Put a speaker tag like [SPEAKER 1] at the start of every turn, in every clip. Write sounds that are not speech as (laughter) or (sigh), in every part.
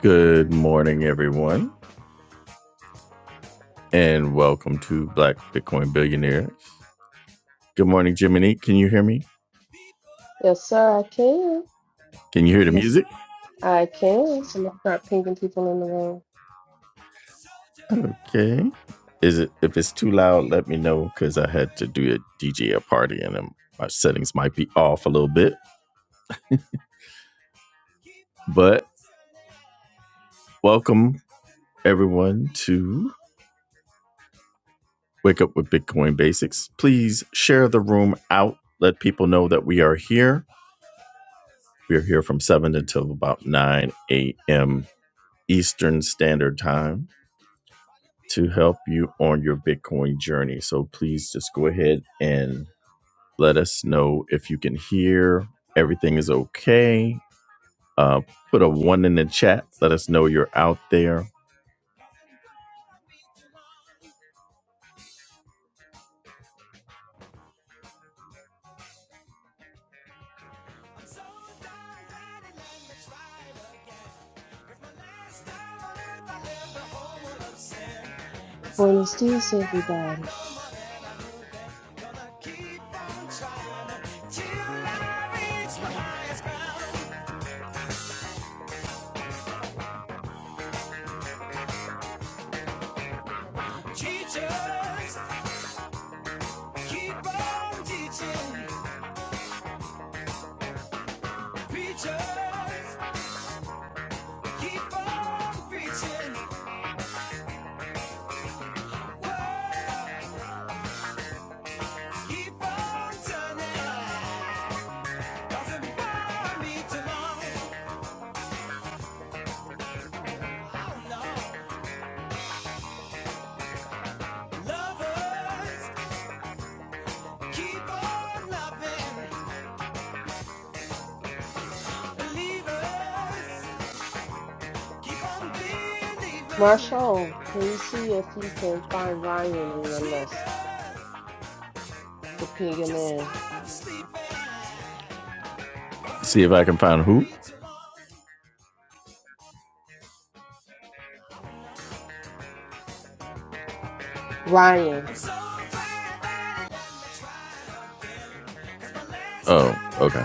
[SPEAKER 1] Good morning, everyone, and welcome to Black Bitcoin Billionaires. Good morning, Jiminy. Can you hear me?
[SPEAKER 2] Yes, sir, I can.
[SPEAKER 1] Can you hear the
[SPEAKER 2] Miss,
[SPEAKER 1] music?
[SPEAKER 2] I can. So I'm gonna start pinging people in the room.
[SPEAKER 1] Okay. Is it if it's too loud? Let me know because I had to do a DJ a party and um, my settings might be off a little bit. But welcome everyone to Wake Up with Bitcoin Basics. Please share the room out. Let people know that we are here. We are here from seven until about nine a.m. Eastern Standard Time to help you on your Bitcoin journey. So please just go ahead and let us know if you can hear. Everything is okay. Uh, put a one in the chat. Let us know you're out there.
[SPEAKER 2] Buenos dias, everybody.
[SPEAKER 1] Till I reach my highest ground. Teachers, keep on teaching. Preachers, keep on preaching. Word, keep on turning. Doesn't bore me too long. Oh no. Lovers, keep on loving. Believers, keep on believing.
[SPEAKER 2] Marshall, can you see if you can find Ryan in your list
[SPEAKER 1] Sleepers,
[SPEAKER 2] to ping him
[SPEAKER 1] just
[SPEAKER 2] in?
[SPEAKER 1] stop sleeping. See if I can find who.
[SPEAKER 2] Ryan.
[SPEAKER 1] Oh, okay.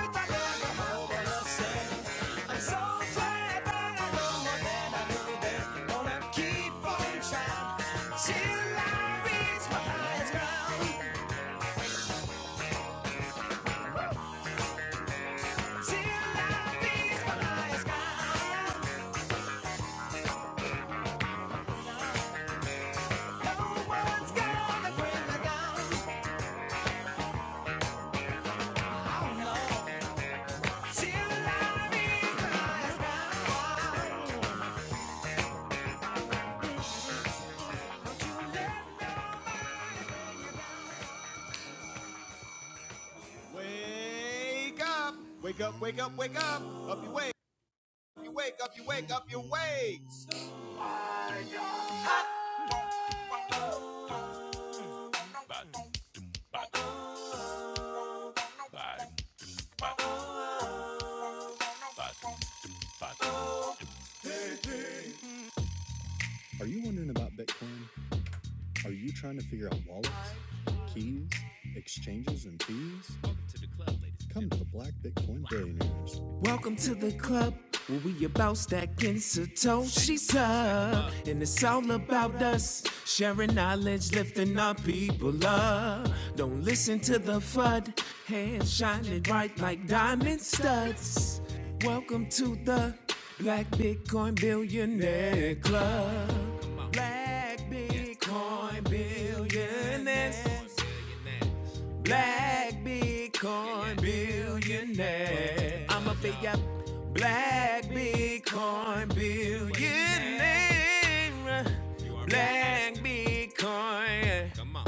[SPEAKER 1] Welcome to the club where we about stacking Satoshi's up. And it's all about us sharing knowledge, lifting our people up. Don't listen to the FUD, hands shining bright like diamond studs. Welcome to the Black Bitcoin Billionaire Club. Black Bitcoin Billionaires black Bitcoin billionaire. I'm a big up black Bitcoin billionaire. Black Bitcoin. Come on.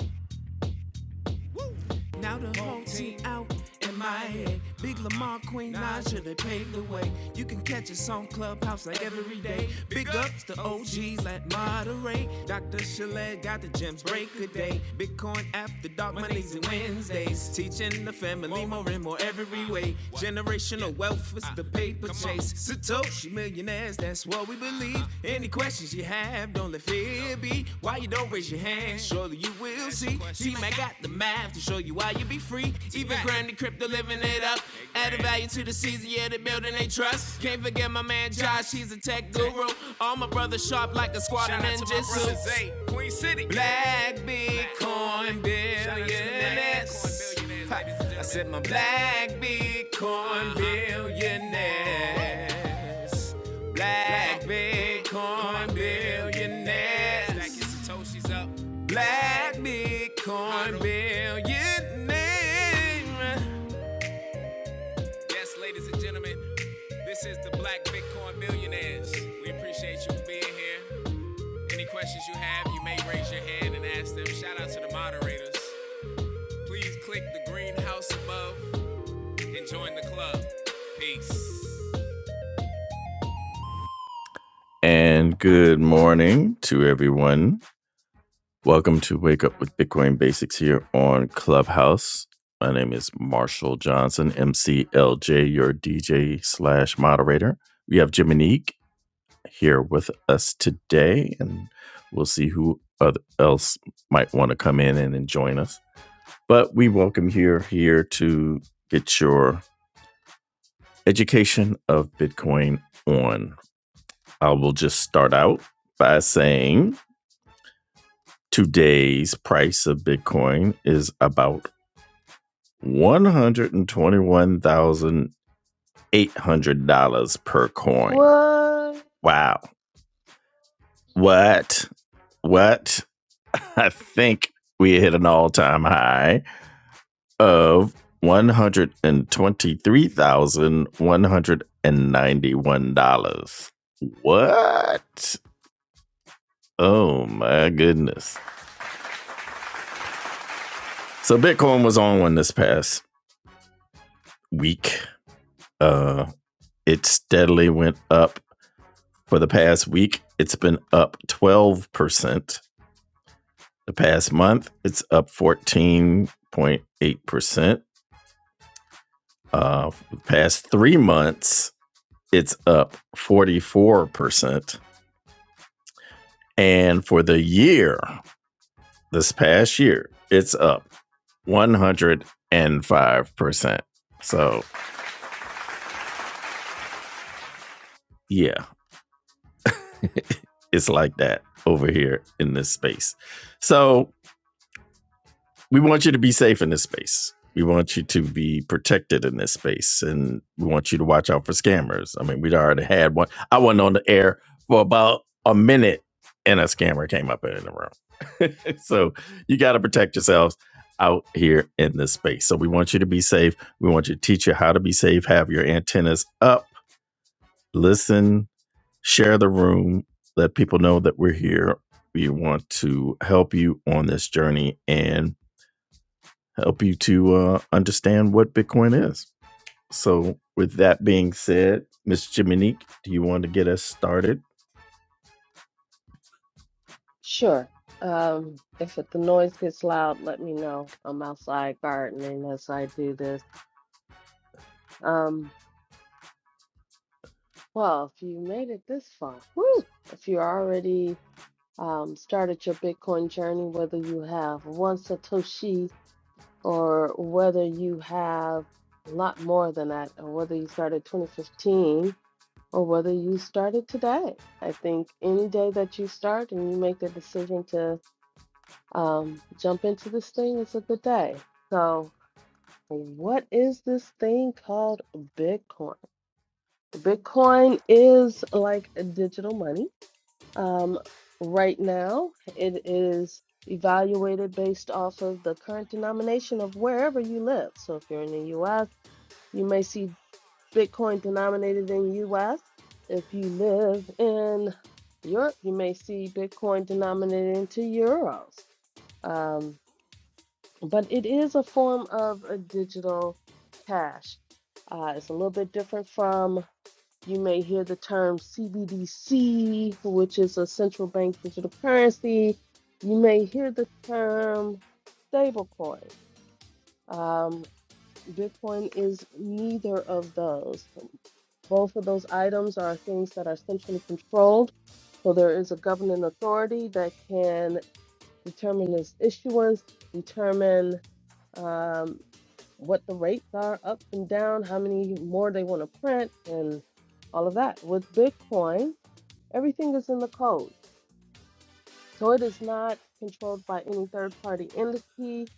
[SPEAKER 1] Now the whole team out in Miami. Big Lamar, Queen Naja, they paved the way. You can catch us on Clubhouse like every day. Big ups to OGs like Monterey. Dr. Chalet got the gems break a day. Bitcoin after dark Mondays and Wednesdays. Teaching the family more and more every way. Generational wealth is the paper chase. Satoshi millionaires, that's what we believe leave. Any questions you have, don't let fear be. Why you don't raise your hand? Surely you will see. See, I got the math to show you why you be free. Even Granny Crypto living it up. Added value to the season, yeah, the building they trust. Can't forget my man Josh, he's a tech guru. All my brothers sharp like a squad of Shout ninjas. hey, Queen City. Black Bitcoin billionaires. billionaires. Said my black Bitcoin billionaires. At Bitcoin billionaires. At Bitcoin billionaires. Yes, ladies and gentlemen, this is the Black Bitcoin Billionaires. We appreciate you being here. Any questions you have, you may raise your hand and ask them. Shout out And good morning to everyone. Welcome to Wake Up with Bitcoin Basics here on Clubhouse. My name is Marshall Johnson, MCLJ, your DJ slash moderator. We have Jiminique here with us today, and we'll see who other, else might want to come in and, join us. But we welcome you here to get your education of Bitcoin on. I will just start out by saying today's price of Bitcoin is about $121,800 per coin.
[SPEAKER 2] What?
[SPEAKER 1] Wow. What? What? (laughs) I think we hit an all time high of 123,191 dollars. What? Oh my goodness. So Bitcoin was on one this past week. Uh it steadily went up for the past week. It's been up 12%. The past month, it's up 14.8%. Uh for the past 3 months, it's up 44%. And for the year, this past year, it's up 105%. So, yeah, it's like that over here in this space. So, we want you to be safe in this space. We want you to be protected in this space, and we want you to watch out for scammers. I mean, we'd already had one. I wasn't on the air for about a minute, and a scammer came up in the room. (laughs) so you got to protect yourselves out here in this space. So we want you to be safe. We want you to teach you how to be safe. Have your antennas up. Listen. Share the room. Let people know that we're here. We want to help you on this journey and help you to uh, understand what Bitcoin is. So, with that being said, Miss Jiminique, do you want to get us started?
[SPEAKER 2] Sure. Um, if it, the noise gets loud, let me know. I'm outside gardening as I do this. Um, well, if you made it this far, woo! If you already um, started your Bitcoin journey, whether you have one Satoshi or whether you have a lot more than that, or whether you started 2015, or whether you started today. I think any day that you start and you make the decision to um, jump into this thing is a good day. So, what is this thing called Bitcoin? Bitcoin is like digital money um, right now, it is evaluated based off of the current denomination of wherever you live. So if you're in the US, you may see Bitcoin denominated in US. If you live in Europe, you may see Bitcoin denominated into euros. Um, but it is a form of a digital cash. Uh, it's a little bit different from you may hear the term CBDC, which is a central bank digital currency. You may hear the term stablecoin. Um, Bitcoin is neither of those. Both of those items are things that are centrally controlled. So there is a governing authority that can determine this issuance, determine um, what the rates are up and down, how many more they want to print, and all of that. With Bitcoin, everything is in the code. So it is not controlled by any third party entity.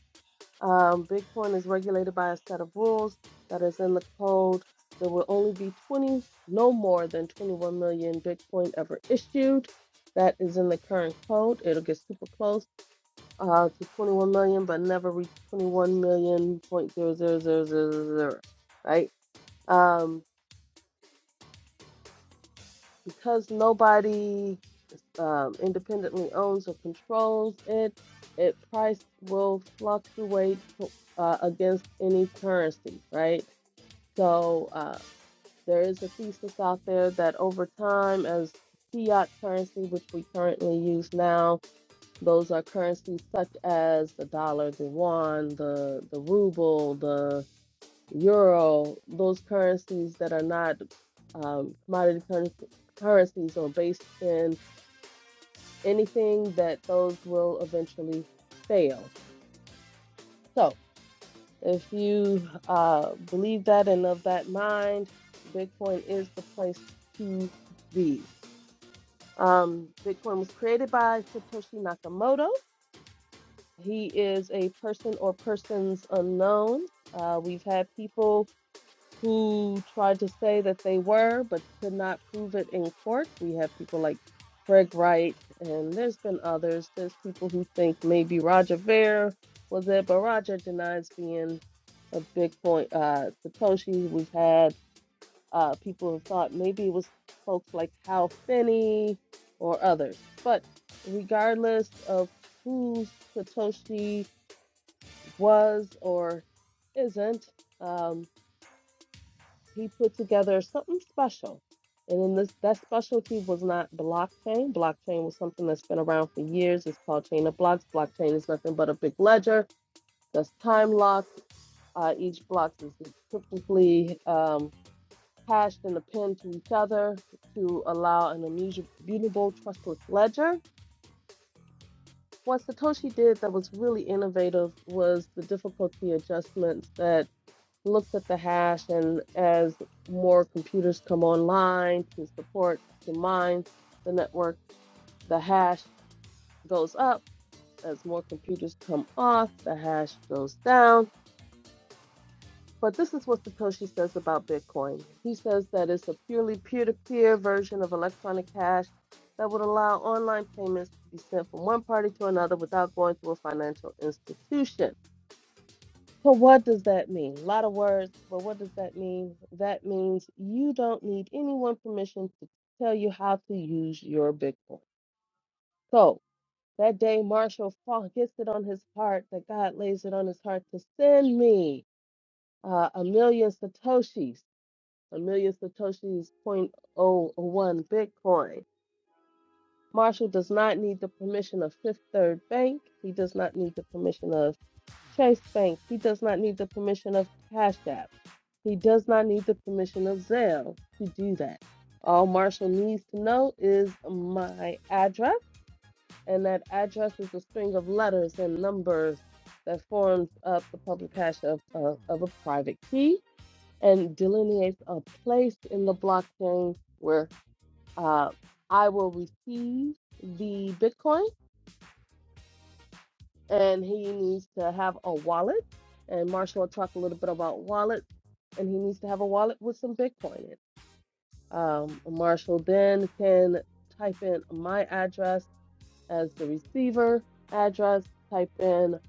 [SPEAKER 2] Um, Bitcoin is regulated by a set of rules that is in the code. There will only be 20, no more than 21 million Bitcoin ever issued. That is in the current code. It'll get super close uh, to 21 million, but never reached 21 million point zero zero zero zero zero zero, right? Um, because nobody um, independently owns or controls it, it price will fluctuate uh, against any currency, right? So uh, there is a thesis out there that over time, as fiat currency, which we currently use now, Those are currencies such as the dollar, the yuan, the, the ruble, the euro, those currencies that are not um, commodity curren currencies or based in anything that those will eventually fail. So if you uh, believe that and of that mind, Bitcoin is the place to be. Um, Bitcoin was created by Satoshi Nakamoto He is a person or persons unknown. Uh, we've had people who tried to say that they were, but could not prove it in court. We have people like Craig Wright, and there's been others. There's people who think maybe Roger Ver was it, but Roger denies being a Bitcoin uh, Satoshi. We've had uh, people who thought maybe it was folks like Hal Finney or others. But regardless of who Satoshi was or isn't, um, he put together something special. And then this that specialty was not blockchain. Blockchain was something that's been around for years. It's called chain of blocks. Blockchain is nothing but a big ledger that's time locked. Uh, each block is cryptically um, hashed and append to each other to allow an immutable, trustless ledger. What Satoshi did that was really innovative was the difficulty adjustments that Looks at the hash and as more computers come online to support to mine the network the hash goes up as more computers come off the hash goes down but this is what satoshi says about bitcoin he says that it's a purely peer-to-peer version of electronic cash that would allow online payments to be sent from one party to another without going through a financial institution So what does that mean? A lot of words, but what does that mean? That means you don't need anyone's permission to tell you how to use your Bitcoin. So that day Marshall Falk gets it on his heart that God lays it on his heart to send me uh, a million Satoshis, a million Satoshis point oh one Bitcoin. Marshall does not need the permission of Fifth Third Bank. He does not need the permission of Chase Bank. He does not need the permission of Cash App. He does not need the permission of Zell to do that. All Marshall needs to know is my address, and that address is a string of letters and numbers that forms up the public hash of, of, of a private key and delineates a place in the blockchain where uh, I will receive the Bitcoin, and he needs to have a wallet. And Marshall will talk a little bit about wallets, and he needs to have a wallet with some Bitcoin in it Um, Marshall then can type in my address as the receiver address, type in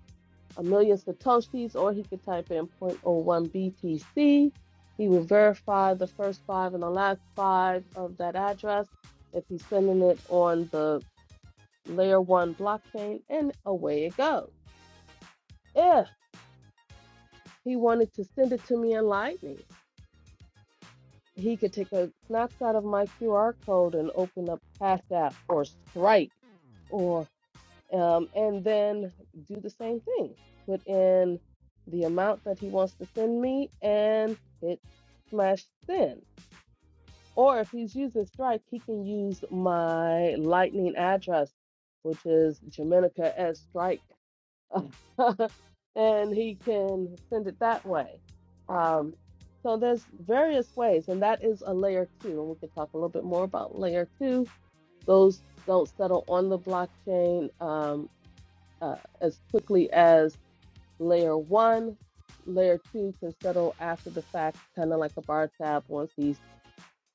[SPEAKER 2] a million Satoshis, or he could type in zero point zero 0.01 BTC. He will verify the first five and the last five of that address if he's sending it on the layer one blockchain, and away it goes. If he wanted to send it to me in Lightning, he could take a snapshot of my QR code and open up Cash App or Strike or um, and then do the same thing. Put in the amount that he wants to send me and hit smash send. Or if he's using Strike, he can use my Lightning address, which is Jamenica at Stripe (laughs) and he can send it that way. Um, so there's various ways, and that is a layer two, and we can talk a little bit more about layer two. Those don't settle on the blockchain um, uh, as quickly as layer one. Layer two can settle after the fact, kind of like a bar tab once he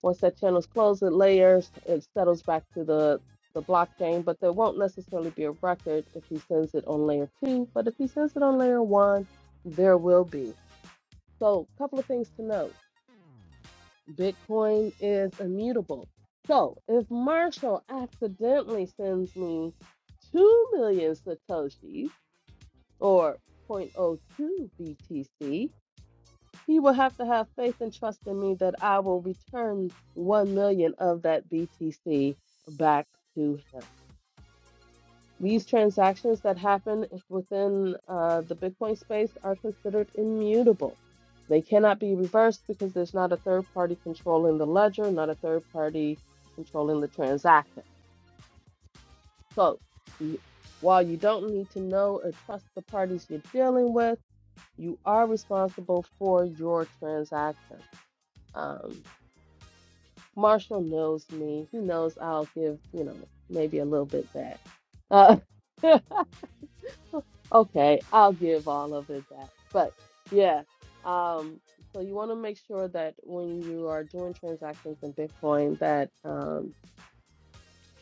[SPEAKER 2] once that channel's closed, it layers, it settles back to the the blockchain, but there won't necessarily be a record if he sends it on layer two. But if he sends it on layer one, there will be. So, a couple of things to note: Bitcoin is immutable. So, if Marshall accidentally sends me two million satoshis or zero point zero 0.02 BTC, He will have to have faith and trust in me that I will return 1 million of that BTC back to him. These transactions that happen within uh, the Bitcoin space are considered immutable. They cannot be reversed because there's not a third party controlling the ledger, not a third party controlling the transaction. So, you, while you don't need to know or trust the parties you're dealing with, you are responsible for your transaction. Um, Marshall knows me. He knows I'll give, you know, maybe a little bit back. Uh, (laughs) okay, I'll give all of it back. But yeah, um, so you want to make sure that when you are doing transactions in Bitcoin, that um,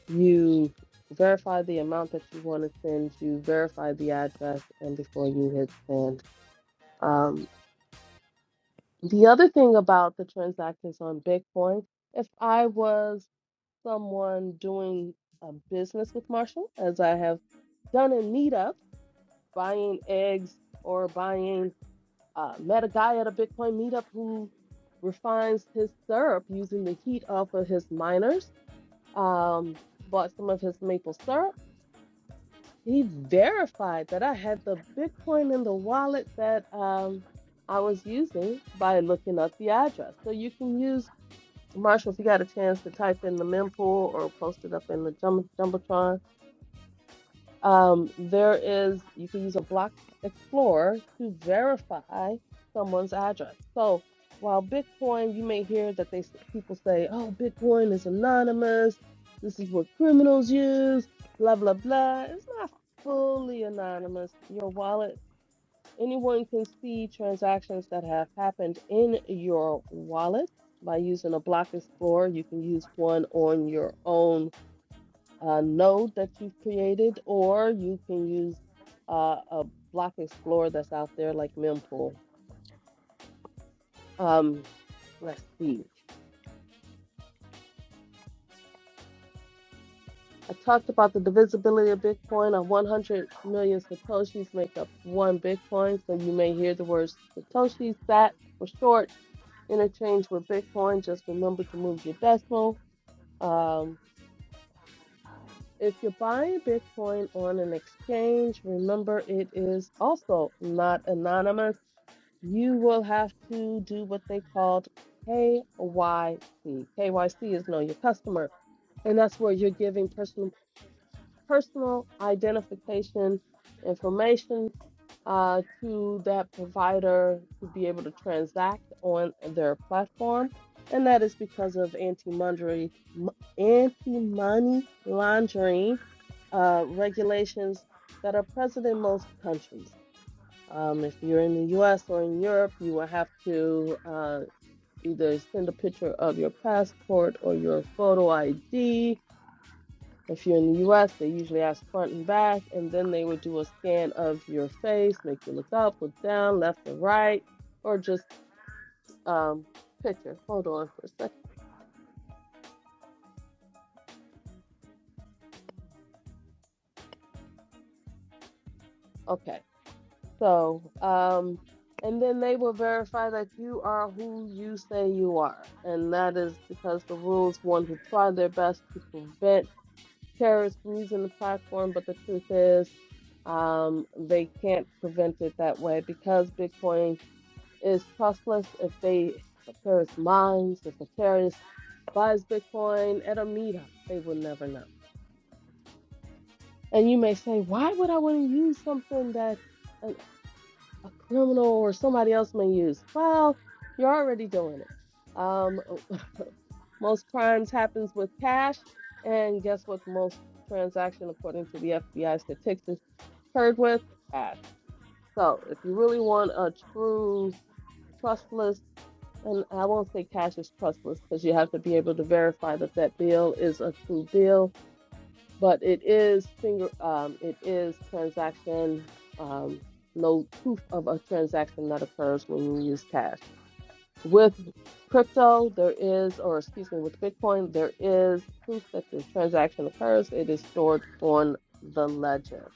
[SPEAKER 2] you verify the amount that you want to send, you verify the address, and before you hit send. Um, the other thing about the transactions on Bitcoin, if I was someone doing a business with Marshall, as I have done in meetups, buying eggs or buying. Uh, met a guy at a Bitcoin meetup who refines his syrup using the heat off of his miners. Um, bought some of his maple syrup. He verified that I had the Bitcoin in the wallet that um, I was using by looking up the address. So you can use Marshall if you got a chance to type in the mempool or post it up in the jumbo jumbotron Um, there is, you can use a block explorer to verify someone's address. So while Bitcoin, you may hear that they s- people say, "Oh, Bitcoin is anonymous. This is what criminals use." Blah blah blah. It's not fully anonymous. Your wallet, anyone can see transactions that have happened in your wallet by using a block explorer. You can use one on your own uh, node that you've created, or you can use uh, a block explorer that's out there like Mempool. Um, let's see. I talked about the divisibility of Bitcoin. A 100 million Satoshis make up one Bitcoin. So you may hear the words Satoshi, SAT for short, interchange with Bitcoin. Just remember to move your decimal. Um, if you're buying Bitcoin on an exchange, remember it is also not anonymous. you will have to do what they called KYC. KYC is know your customer, and that's where you're giving personal personal identification information uh, to that provider to be able to transact on their platform, and that is because of anti-money anti-money laundering uh, regulations that are present in most countries. Um, if you're in the US or in Europe, you will have to uh, either send a picture of your passport or your photo ID. If you're in the US, they usually ask front and back, and then they would do a scan of your face, make you look up, look down, left or right, or just um, picture. Hold on for a second. Okay. So, um, and then they will verify that you are who you say you are. And that is because the rules want to try their best to prevent terrorists using the platform, but the truth is, um, they can't prevent it that way because Bitcoin is trustless. If they, if a terrorist mines, if a terrorist buys Bitcoin at a meetup, they will never know. And you may say, why would I want to use something that an, a criminal or somebody else may use? Well, you're already doing it. Um, (laughs) most crimes happens with cash, and guess what? Most transaction, according to the FBI statistics. paired with cash. So if you really want a true trustless, and I won't say cash is trustless because you have to be able to verify that that bill is a true bill, but it is finger, um, it is transaction, um, no proof of a transaction that occurs when you use cash. With crypto, there is, or excuse me, with Bitcoin, there is proof that the transaction occurs. It is stored on the ledger.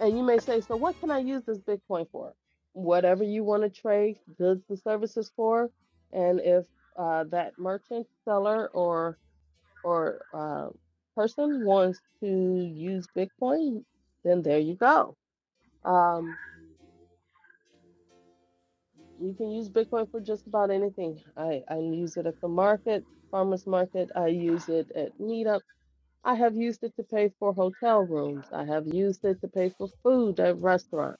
[SPEAKER 2] And you may say, so what can I use this Bitcoin for? Whatever you want to trade goods and services for. And if uh, that merchant, seller, or or uh, person wants to use Bitcoin, then there you go. Um, you can use Bitcoin for just about anything. I, I use it at the market, farmers market. I use it at meetup. I have used it to pay for hotel rooms. I have used it to pay for food at restaurants.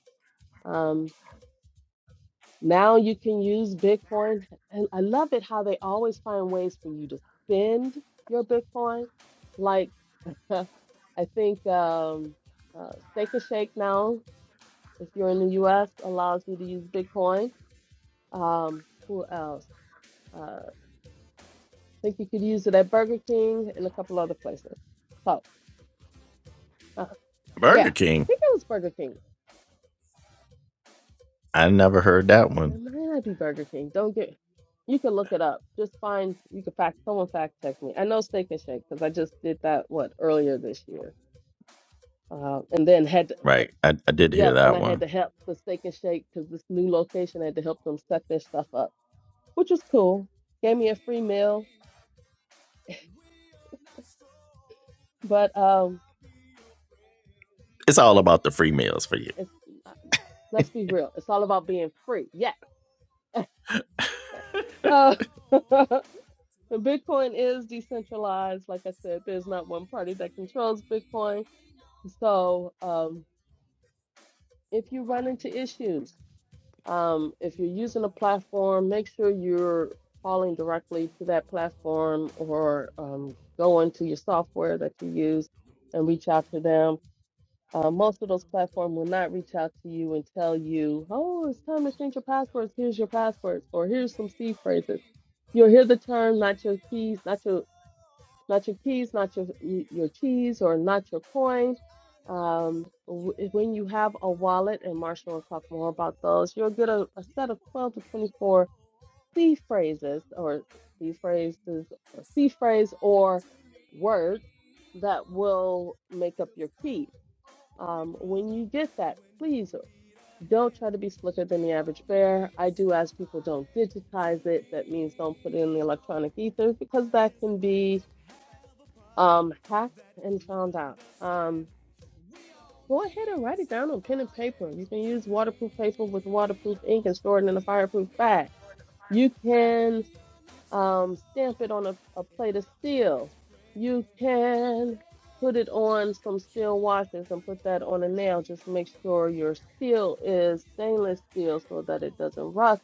[SPEAKER 2] Now you can use Bitcoin. And I love it how they always find ways for you to spend your Bitcoin. Like (laughs) I think um, uh, Steak and Shake now, if you're in the US, allows you to use Bitcoin. Um, who else? Uh, I think you could use it at Burger King and a couple other places. So uh, yeah,
[SPEAKER 1] Burger
[SPEAKER 2] I
[SPEAKER 1] King.
[SPEAKER 2] think it was Burger King.
[SPEAKER 1] I never heard that one.
[SPEAKER 2] It might not be Burger King. Don't get. You can look it up. Just find. You can fact. Someone fact check me. I know Steak and Shake because I just did that what earlier this year. Uh, and then had to, eh,
[SPEAKER 1] Right. I, I did hear
[SPEAKER 2] yep, and
[SPEAKER 1] that
[SPEAKER 2] I had
[SPEAKER 1] one.
[SPEAKER 2] to help the Steak and Shake because this new location had to help them set their stuff up, which was cool. Gave me a free meal, but um,
[SPEAKER 1] It's all about the free meals for you.
[SPEAKER 2] it's uh, let's be real. It's all about being free. Yeah. Uh, (laughs) Bitcoin is decentralized. Like I said, there's not one party that controls Bitcoin. So, um, if you run into issues. Um, if you're using a platform, make sure you're calling directly to that platform or um, go into your software that you use and reach out to them. Uh, most of those platforms will not reach out to you and tell you, oh, it's time to change your passwords. Here's your passwords, or here's some C phrases. You'll hear the term, not your keys, not your not your keys, not your your keys, or not your coin. Um, w- when you have a wallet, and Marshall will talk more about those, you'll get a, a set of 12 to 24 C phrases or C phrases, or C phrase or words that will make up your key. Um, when you get that, please don't try to be slicker than the average bear. I do ask people don't digitize it. That means don't put it in the electronic ether because that can be um, hacked and found out. Um, go ahead and write it down on pen and paper. You can use waterproof paper with waterproof ink and store it in a fireproof bag. You can um, stamp it on a, a plate of steel. You can put it on some steel washers and put that on a nail. Just make sure your steel is stainless steel so that it doesn't rust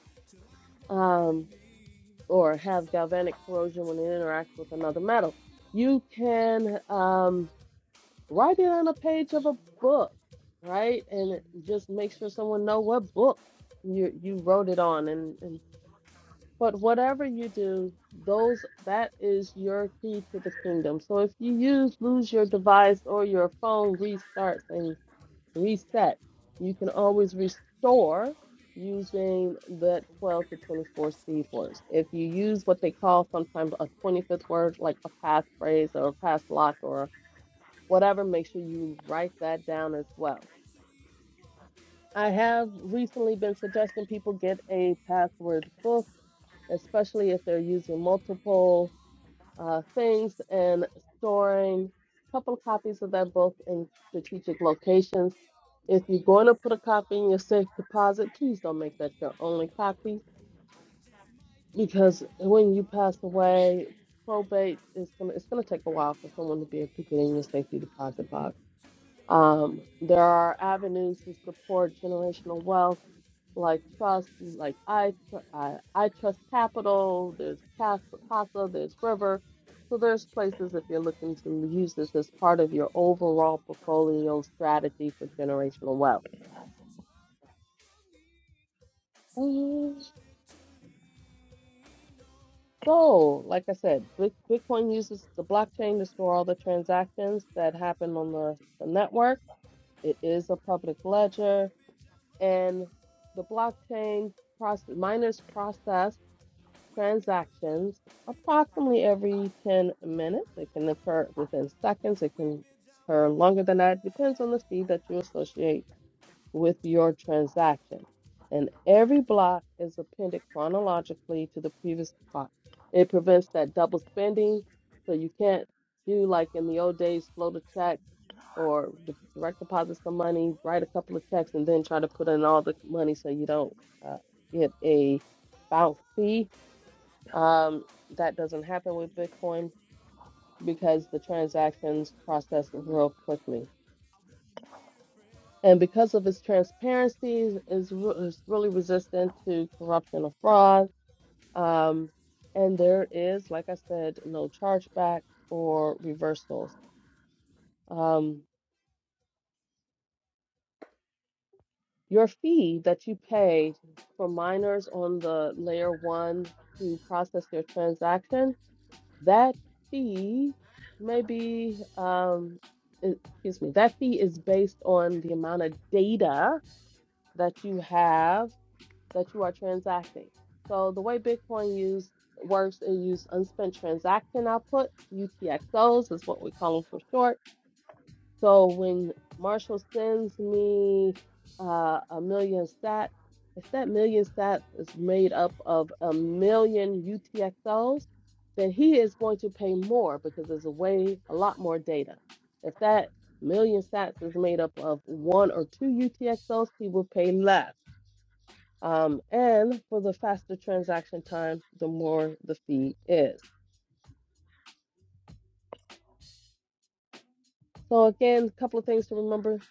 [SPEAKER 2] um, or have galvanic corrosion when it interacts with another metal. You can um, write it on a page of a book, right? And just make sure someone know what book you you wrote it on and, and but whatever you do, those that is your key to the kingdom. So if you use lose your device or your phone restarts and reset, you can always restore using the 12 to 24 C words. If you use what they call sometimes a 25th word, like a passphrase or a pass lock or whatever, make sure you write that down as well. I have recently been suggesting people get a password book, especially if they're using multiple uh, things and storing a couple of copies of that book in strategic locations. If you're going to put a copy in your safe deposit, please don't make that your only copy because when you pass away, probate is gonna it's gonna take a while for someone to be able to get in your safety deposit box Um, there are avenues to support generational wealth, like trust, like I, Tr- I, I Trust Capital. There's Cas- Casa, there's River. So there's places if you're looking to use this as part of your overall portfolio strategy for generational wealth. Mhm. So, like I said, Bit- Bitcoin uses the blockchain to store all the transactions that happen on the, the network. It is a public ledger and the blockchain process, miners process transactions approximately every 10 minutes. It can occur within seconds, it can occur longer than that, It depends on the fee that you associate with your transaction. And every block is appended chronologically to the previous block. It prevents that double spending, so you can't do like in the old days, float a check or d- direct deposit some money, write a couple of checks, and then try to put in all the money so you don't uh, get a bounce fee. Um, that doesn't happen with Bitcoin because the transactions process real quickly. And because of its transparency, is is re- is really resistant to corruption or fraud. Um, and there is, like I said, no chargeback or reversals. Um, Your fee that you pay for miners on the layer one to process their transaction, that fee may be, um, e- excuse me, that fee is based on the amount of data that you have that you are transacting. So the way Bitcoin use works, it use unspent transaction output, UTXOs is what we call them for short so when Marshall sends me uh, a million sats, if that million sats is made up of a million UTXOs, then he is going to pay more because there's a way, a lot more data. If that million sats is made up of one or two UTXOs, he will pay less. Um, and for the faster transaction time, the more the fee is. So again, a couple of things to remember.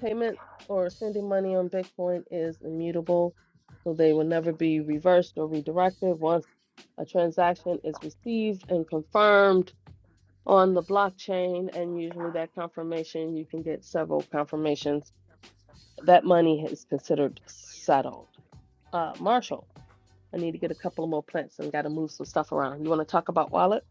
[SPEAKER 2] payment or sending money on Bitcoin is immutable, so they will never be reversed or redirected. Once a transaction is received and confirmed on the blockchain, and usually that confirmation, you can get several confirmations, that money is considered settled. Uh, Marshall, I need to get a couple of more plants and got to move some stuff around. You want to talk about wallets?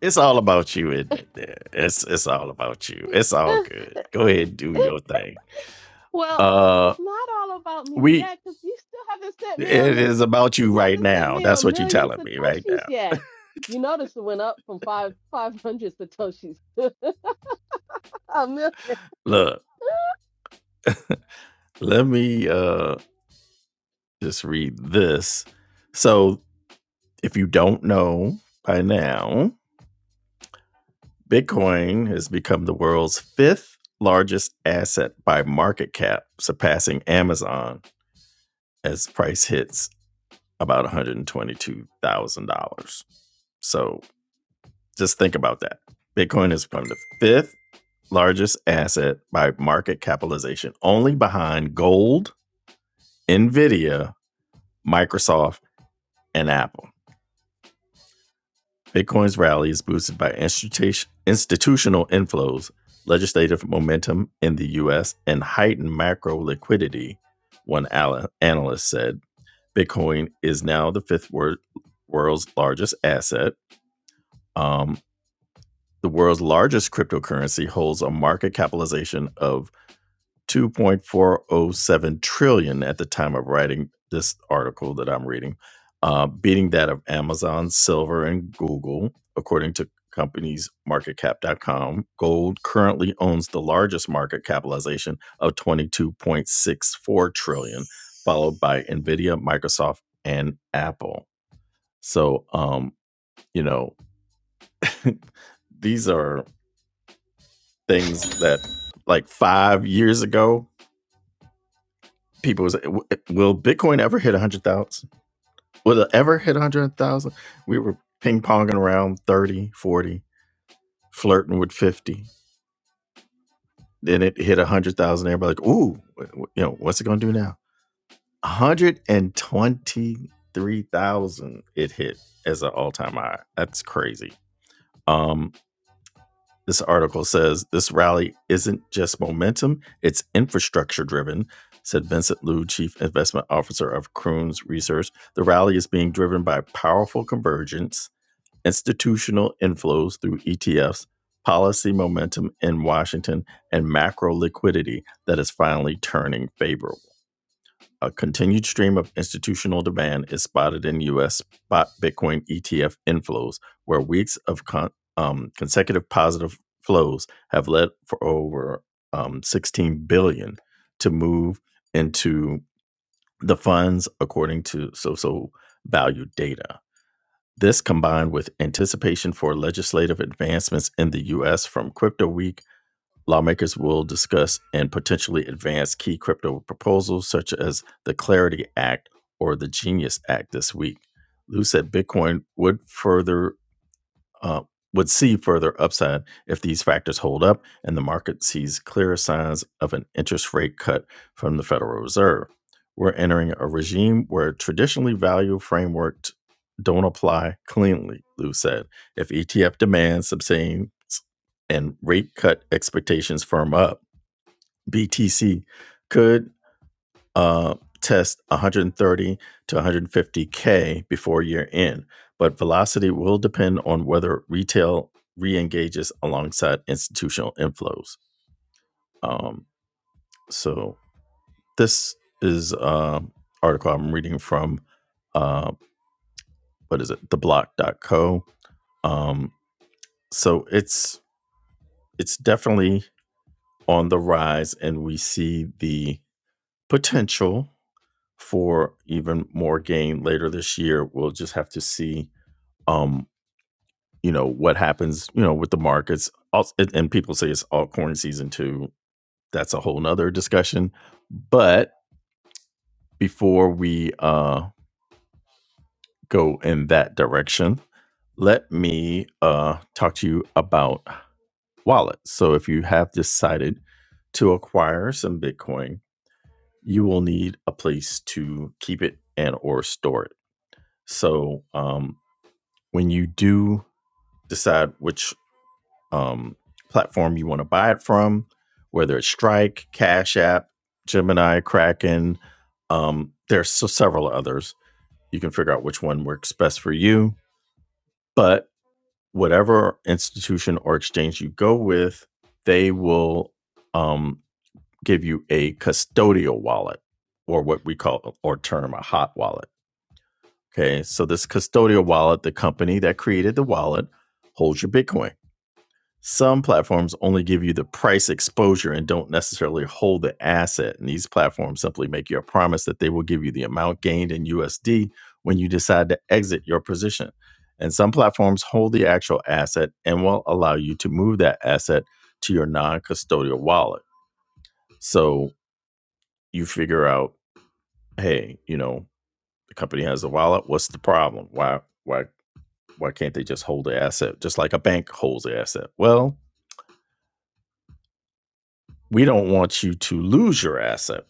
[SPEAKER 1] It's all about you, isn't it? Yeah, It's it's all about you. It's all good. Go ahead and do your
[SPEAKER 2] (laughs)
[SPEAKER 1] thing.
[SPEAKER 2] well,
[SPEAKER 1] Uh
[SPEAKER 2] it's not all about me
[SPEAKER 1] we
[SPEAKER 2] yet because you still haven't sent me a
[SPEAKER 1] it is about you
[SPEAKER 2] You
[SPEAKER 1] right
[SPEAKER 2] haven't sent
[SPEAKER 1] now.
[SPEAKER 2] me a
[SPEAKER 1] That's what you're
[SPEAKER 2] million
[SPEAKER 1] telling me right
[SPEAKER 2] satoshis
[SPEAKER 1] now.
[SPEAKER 2] yet. You notice it went up from five (laughs) five hundred satoshis (laughs) a million.
[SPEAKER 1] Look, let me uh just read this. So, if you don't know by now, Bitcoin has become the world's fifth largest asset by market cap, surpassing Amazon as price hits about $122,000. So, just think about that. Bitcoin has become the fifth largest asset by market capitalization, only behind gold, Nvidia, Microsoft, and Apple. Bitcoin's rally is boosted by institution, institutional inflows, legislative momentum in the US, and heightened macro liquidity, one analyst said. Bitcoin is now the fifth wor- world's largest asset. Um, the world's largest cryptocurrency holds a market capitalization of 2.407 trillion dollars at the time of writing this article that I'm reading, uh, beating that of Amazon, Silver, and Google, according to companies marketcap.com. Gold currently owns the largest market capitalization of 22.64 trillion, dollars, followed by Nvidia, Microsoft, and Apple. So, um, you know, (laughs) these are things that like five years ago people was will bitcoin ever hit 100000 will it ever hit 100000 we were ping-ponging around 30, 40, flirting with 50 then it hit 100000 everybody like ooh you know what's it going to do now 123000 it hit as an all-time high that's crazy um this article says this rally isn't just momentum, it's infrastructure driven, said Vincent Liu, chief investment officer of Kroon's Research. The rally is being driven by powerful convergence, institutional inflows through ETFs, policy momentum in Washington, and macro liquidity that is finally turning favorable. A continued stream of institutional demand is spotted in U.S. spot Bitcoin ETF inflows, where weeks of con- um, consecutive positive flows have led for over um, 16 billion dollars to move into the funds, according to social value data. This combined with anticipation for legislative advancements in the U.S. from Crypto Week Lawmakers will discuss and potentially advance key crypto proposals such as the Clarity Act or the Genius Act this week. Lou said Bitcoin would further uh, would see further upside if these factors hold up and the market sees clearer signs of an interest rate cut from the Federal Reserve. We're entering a regime where traditionally value frameworks don't apply cleanly, Lou said. If ETF demand subsides and rate cut expectations firm up, BTC could uh, test 130 to 150K before year end, but velocity will depend on whether retail re engages alongside institutional inflows. Um, so, this is an uh, article I'm reading from, uh, what is it, The theblock.co. Um, so, it's it's definitely on the rise, and we see the potential for even more gain later this year. We'll just have to see um, you know what happens you know with the markets also, and and people say it's altcoin season two that's a whole nother discussion but before we uh, go in that direction let me uh, talk to you about wallets so if you have decided to acquire some bitcoin you will need a place to keep it and or store it so um, when you do decide which um, platform you want to buy it from, whether it's Strike, Cash App, Gemini, Kraken. Um, there's so several others. You can figure out which one works best for you. But whatever institution or exchange you go with, they will um, give you a custodial wallet or what we call or term a hot wallet. Okay. So this custodial wallet, the company that created the wallet holds your Bitcoin. Some platforms only give you the price exposure and don't necessarily hold the asset. And these platforms simply make you a promise that they will give you the amount gained in USD when you decide to exit your position. And some platforms hold the actual asset and will allow you to move that asset to your non custodial wallet. So you figure out, hey, you know, the company has a wallet. What's the problem? Why, why, why can't they just hold the asset just like a bank holds the asset? Well, we don't want you to lose your asset.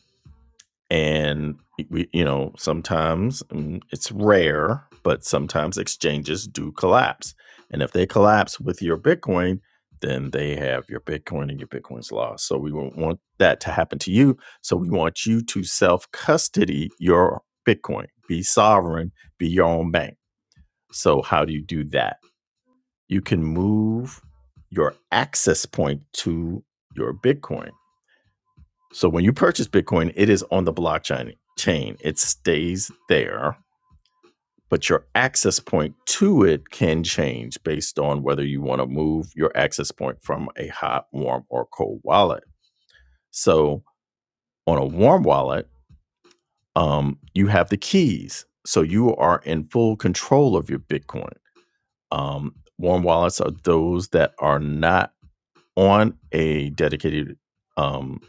[SPEAKER 1] And we, you know, sometimes mm, it's rare, but sometimes exchanges do collapse. And if they collapse with your Bitcoin, then they have your Bitcoin and your Bitcoin's lost. So we won't want that to happen to you. So we want you to self custody your Bitcoin, be sovereign, be your own bank. So, how do you do that? You can move your access point to your Bitcoin so when you purchase Bitcoin, it is on the blockchain chain. It stays there, but your access point to it can change based on whether you want to move your access point from a hot, warm, or cold wallet. So on a warm wallet, um, you have the keys. So you are in full control of your Bitcoin. Um, warm wallets are those that are not on a dedicated um,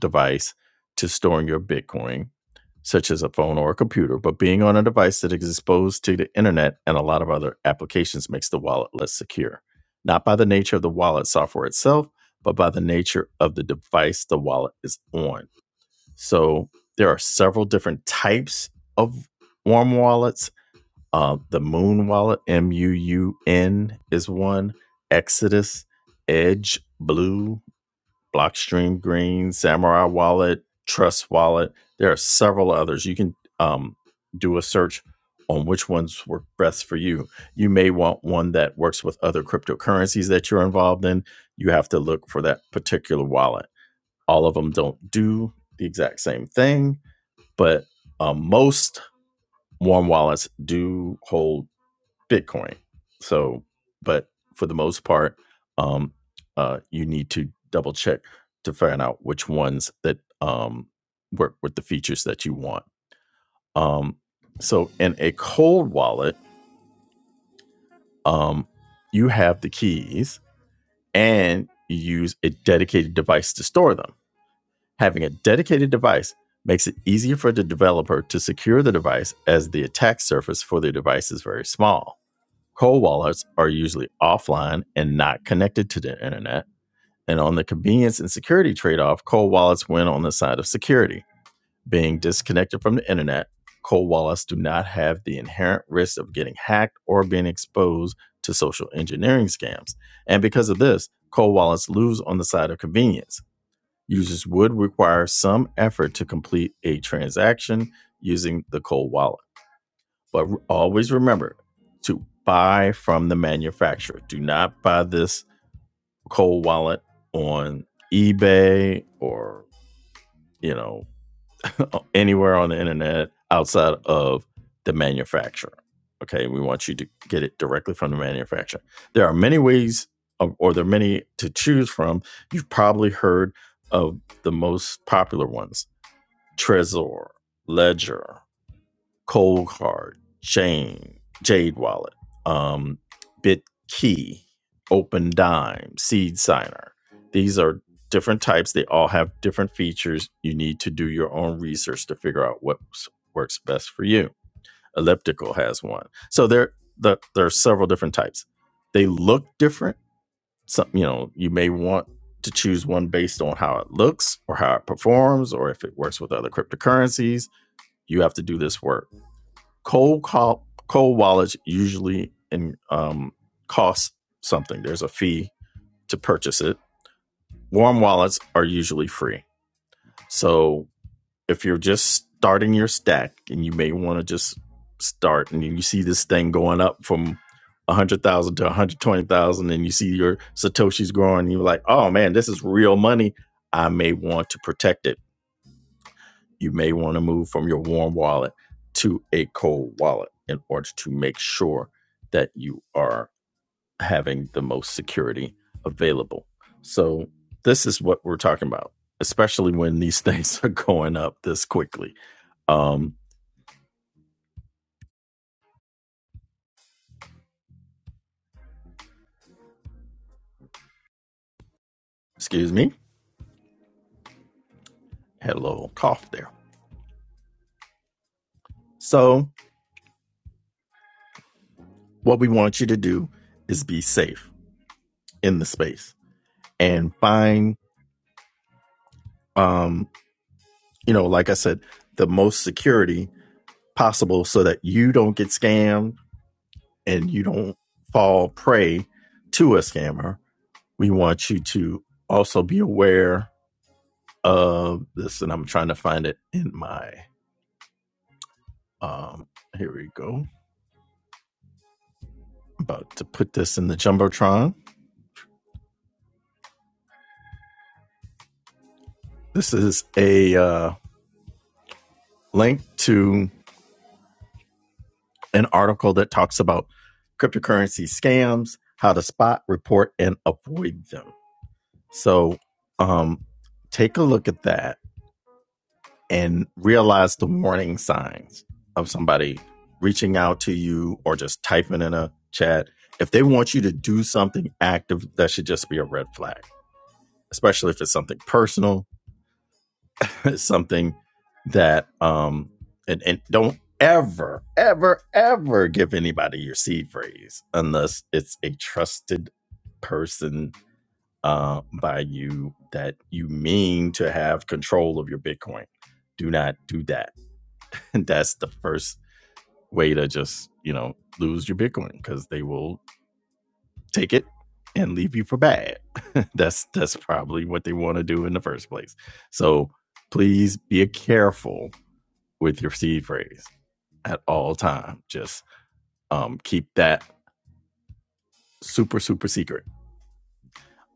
[SPEAKER 1] device to storing your Bitcoin, such as a phone or a computer, but being on a device that is exposed to the internet and a lot of other applications makes the wallet less secure. Not by the nature of the wallet software itself, but by the nature of the device the wallet is on. So there are several different types of warm wallets. Uh, the Moon Wallet, M U U N, is one. Exodus, Edge, Blue, Blockstream Green, Samurai Wallet, Trust Wallet. There are several others. You can um, do a search on which ones work best for you. You may want one that works with other cryptocurrencies that you're involved in. You have to look for that particular wallet. All of them don't do the exact same thing, but um, most warm wallets do hold Bitcoin. So, but for the most part, um, uh, you need to double check to find out which ones that um, work with the features that you want. Um, so, in a cold wallet, um, you have the keys and you use a dedicated device to store them. Having a dedicated device makes it easier for the developer to secure the device as the attack surface for the device is very small. Cold wallets are usually offline and not connected to the internet. And on the convenience and security trade off, cold wallets win on the side of security. Being disconnected from the internet, cold wallets do not have the inherent risk of getting hacked or being exposed to social engineering scams. And because of this, cold wallets lose on the side of convenience. Users would require some effort to complete a transaction using the cold wallet. But always remember to buy from the manufacturer. Do not buy this cold wallet on eBay or, you know, (laughs) anywhere on the internet outside of the manufacturer. Okay, we want you to get it directly from the manufacturer. There are many ways of, or there are many to choose from. You've probably heard of the most popular ones Trezor, Ledger, Cold Card, Jane, Jade Wallet, um, BitKey, Open Dime, Seed Signer. These are different types. They all have different features. You need to do your own research to figure out what works best for you. Elliptical has one. So there, the, there are several different types. They look different. Some, you know, you may want to choose one based on how it looks or how it performs or if it works with other cryptocurrencies. You have to do this work cold call, cold wallets usually in, um, cost something. There's a fee to purchase it. Warm wallets are usually free. So if you're just starting your stack and you may want to just start and you see this thing going up from 100,000 to 120,000 and you see your satoshis growing and you're like, "Oh man, this is real money. I may want to protect it." you may want to move from your warm wallet to a cold wallet in order to make sure that you are having the most security available. So, this is what we're talking about, especially when these (laughs) things are going up this quickly. Um, excuse me, had a little cough there. So, what we want you to do is be safe in the space and find, um, you know, like I said, the most security possible so that you don't get scammed and you don't fall prey to a scammer, we want you to also be aware of this. And I'm trying to find it in my um here we go. I'm About to put this in the Jumbotron. This is a uh, link to an article that talks about cryptocurrency scams, how to spot, report, and avoid them. So um take a look at that and realize the warning signs of somebody reaching out to you or just typing in a chat. If they want you to do something active, that should just be a red flag, especially if it's something personal, (laughs) it's something that, um, and, and don't ever, ever, ever give anybody your seed phrase unless it's a trusted person uh, by you that you mean to have control of your Bitcoin. Do not do that (laughs) And that's the first way to just, you know, lose your Bitcoin because they will take it and leave you for bad. (laughs) that's that's probably what they want to do in the first place. So please be careful with your seed phrase at all time. Just um, keep that super super secret.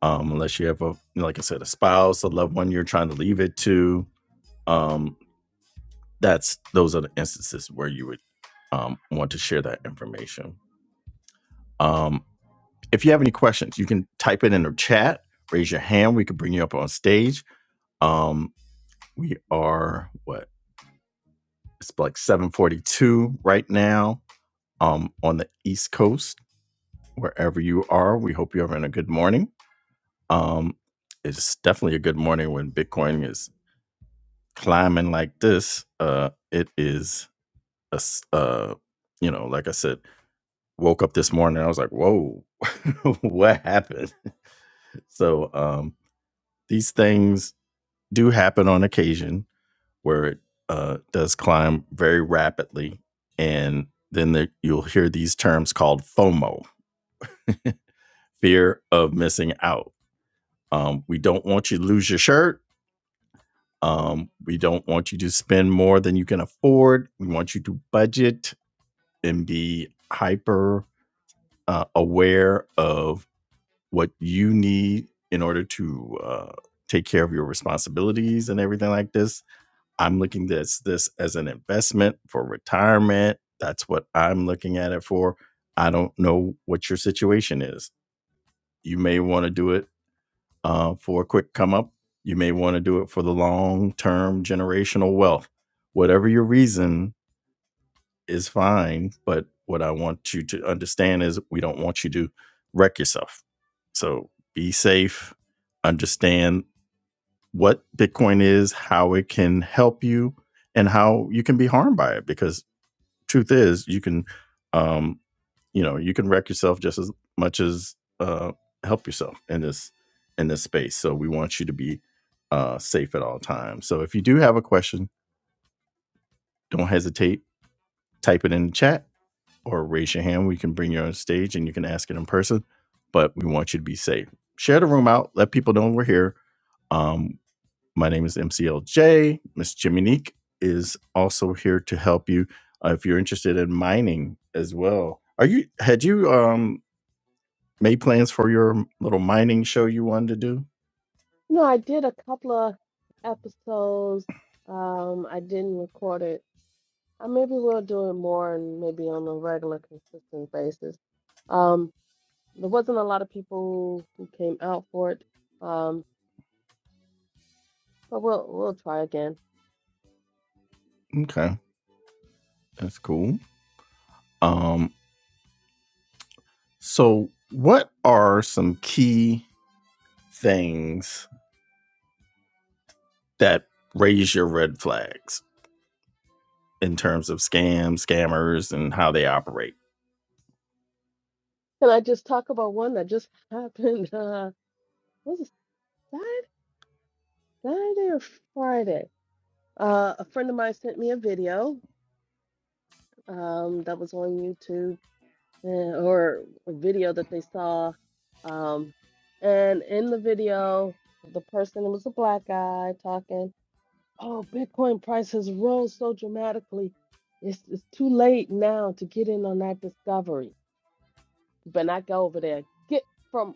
[SPEAKER 1] Um, unless you have a like I said, a spouse, a loved one you're trying to leave it to. Um, that's those are the instances where you would um, want to share that information. Um, If you have any questions, you can type it in the chat, raise your hand. We can bring you up on stage. Um, we are what? It's like 7:42 right now um, on the East Coast. Wherever you are, we hope you're having a good morning. Um, it's definitely a good morning when Bitcoin is climbing like this. Uh, it is a, s- uh, you know, like I said, woke up this morning. I was like, whoa, (laughs) what happened? So um, these things do happen on occasion where it uh, does climb very rapidly. And then the, you'll hear these terms called FOMO, (laughs) fear of missing out. Um, we don't want you to lose your shirt. Um, we don't want you to spend more than you can afford. We want you to budget and be hyper uh, aware of what you need in order to uh, take care of your responsibilities and everything like this. I'm looking at this this as an investment for retirement. That's what I'm looking at it for. I don't know what your situation is. You may want to do it uh, for a quick come up. You may want to do it for the long term generational wealth. Whatever your reason is fine. But what I want you to understand is we don't want you to wreck yourself. So be safe. Understand what Bitcoin is, how it can help you, and how you can be harmed by it. Because truth is, you can, um, you know, you can wreck yourself just as much as uh, help yourself in this in this space. So we want you to be uh, safe at all times. So if you do have a question, don't hesitate. Type it in the chat or raise your hand. We can bring you on stage and you can ask it in person. But we want you to be safe. Share the room out. Let people know we're here. Um, my name is MCLJ. Miss Jiminique is also here to help you uh, if you're interested in mining as well. Are you had you um made plans for your little mining show you wanted to do?
[SPEAKER 2] No, I did a couple of episodes. Um, I didn't record it. Uh, maybe we'll do it more and maybe on a regular, consistent basis. Um, there wasn't a lot of people who came out for it. Um, but we'll we'll try again.
[SPEAKER 1] Okay, that's cool. Um, so what are some key things that raise your red flags in terms of scams, scammers, and how they operate?
[SPEAKER 2] Can I just talk about one that just (laughs) happened? Uh, was it Saturday, Saturday or Friday? Uh, a friend of mine sent me a video um, that was on YouTube eh, or a video that they saw. Um, and in the video, the person it was a black guy talking, Oh, Bitcoin price has rose so dramatically. It's, it's too late now to get in on that discovery. You better not go over there. Get from,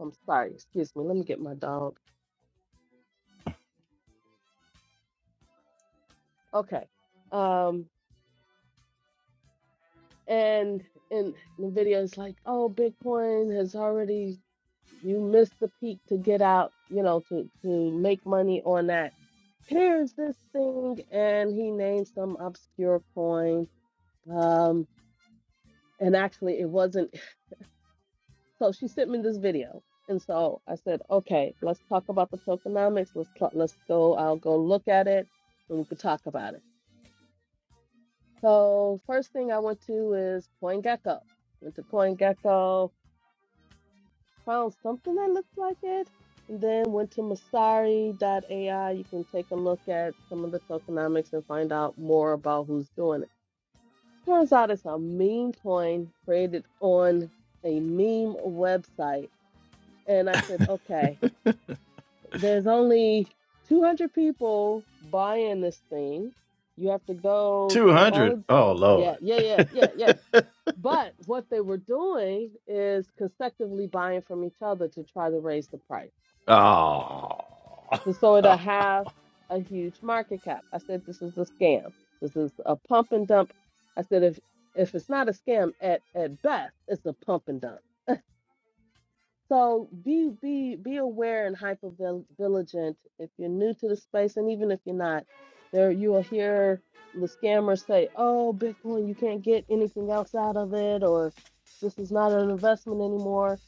[SPEAKER 2] I'm sorry, excuse me. Let me get my dog. Okay. Um, and in the video, it's like, Oh, Bitcoin has already you missed the peak to get out, you know, to to make money on that. Here's this thing, and he named some obscure coin. Um, and actually, it wasn't. (laughs) So she sent me this video, and so I said, okay, let's talk about the tokenomics. Let's cl- let's go. I'll go look at it, and we could talk about it. So first thing I went to is CoinGecko. Went to CoinGecko, found something that looks like it. And then went to Masari AI. You can take a look at some of the tokenomics and find out more about who's doing it. Turns out it's a meme coin created on a meme website. And I said, okay, there's only 200 people buying this thing. You have to go
[SPEAKER 1] Two
[SPEAKER 2] to all
[SPEAKER 1] hundred.
[SPEAKER 2] of,
[SPEAKER 1] Oh
[SPEAKER 2] yeah,
[SPEAKER 1] Lord.
[SPEAKER 2] yeah, yeah, yeah, yeah. But what they were doing is consecutively buying from each other to try to raise the price.
[SPEAKER 1] Oh.
[SPEAKER 2] to sort
[SPEAKER 1] (laughs)
[SPEAKER 2] of have a huge market cap. I said this is a scam. This is a pump and dump. I said if if it's not a scam at at best, it's a pump and dump. So be be be aware and hyper vigilant if you're new to the space, and even if you're not, there you will hear the scammers say, "Oh, Bitcoin, you can't get anything else out of it," or "This is not an investment anymore."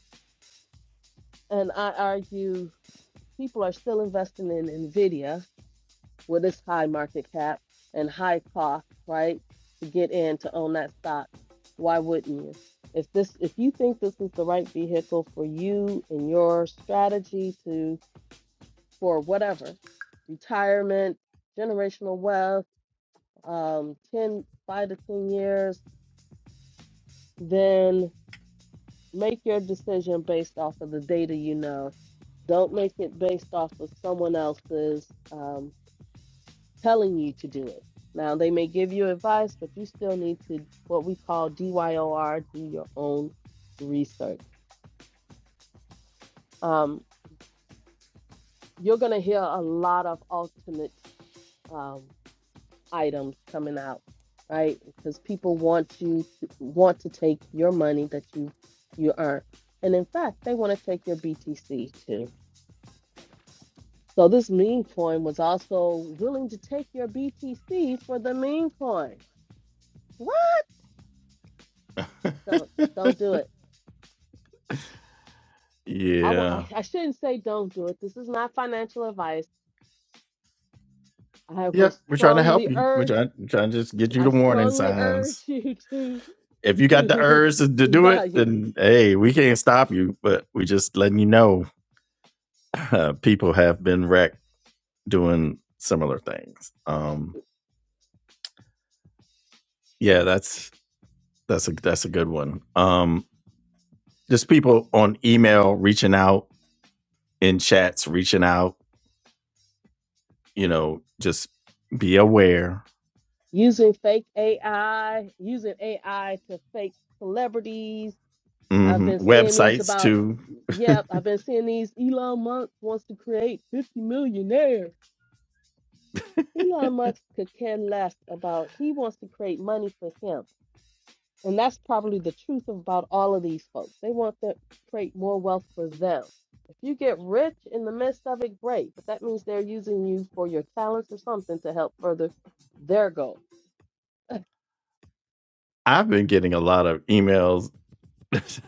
[SPEAKER 2] And I argue people are still investing in Nvidia with its high market cap and high cost, right, to get in to own that stock, why wouldn't you? If this, if you think this is the right vehicle for you and your strategy to for whatever, retirement, generational wealth, um, ten five to 10 years, then make your decision based off of the data you know. Don't make it based off of someone else's. Um, telling you to do it. Now, they may give you advice, but you still need to, what we call DYOR, do your own research. Um, you're going to hear a lot of alternate um, items coming out, right? Because people want you to want to take your money that you you earn, and in fact, they want to take your BTC too. So this meme coin was also willing to take your BTC for the meme coin. What? Don't don't do it I won't,
[SPEAKER 1] yeah.
[SPEAKER 2] I, I shouldn't say don't do it. This is not financial advice. I
[SPEAKER 1] Yeah.
[SPEAKER 2] will
[SPEAKER 1] We're trying to help
[SPEAKER 2] strongly
[SPEAKER 1] you. We're
[SPEAKER 2] urge,
[SPEAKER 1] trying, we're trying to just get you
[SPEAKER 2] I
[SPEAKER 1] the warning
[SPEAKER 2] strongly urge
[SPEAKER 1] signs.
[SPEAKER 2] (laughs) you to,
[SPEAKER 1] If you got the
[SPEAKER 2] to
[SPEAKER 1] urge to,
[SPEAKER 2] (laughs)
[SPEAKER 1] to do it,
[SPEAKER 2] evaluate
[SPEAKER 1] then hey, we can't stop you, but we just letting you know uh, people have been wrecked doing similar things. Um, yeah, that's that's a that's a good one. Um, just people on email reaching out in chats, reaching out. You know, just be aware
[SPEAKER 2] using fake AI, using AI to fake celebrities. I've
[SPEAKER 1] hmm
[SPEAKER 2] been seeing these
[SPEAKER 1] Websites
[SPEAKER 2] about,
[SPEAKER 1] too.
[SPEAKER 2] yep, I've been seeing these. Elon Musk wants to create 50 millionaires. Elon Musk could care less about, he wants to create money for him And that's probably the truth about all of these folks. They want to create more wealth for them. If you get rich in the midst of it, great, but that means they're using you for your talents or something to help further their goal.
[SPEAKER 1] I've been getting a lot of emails (laughs)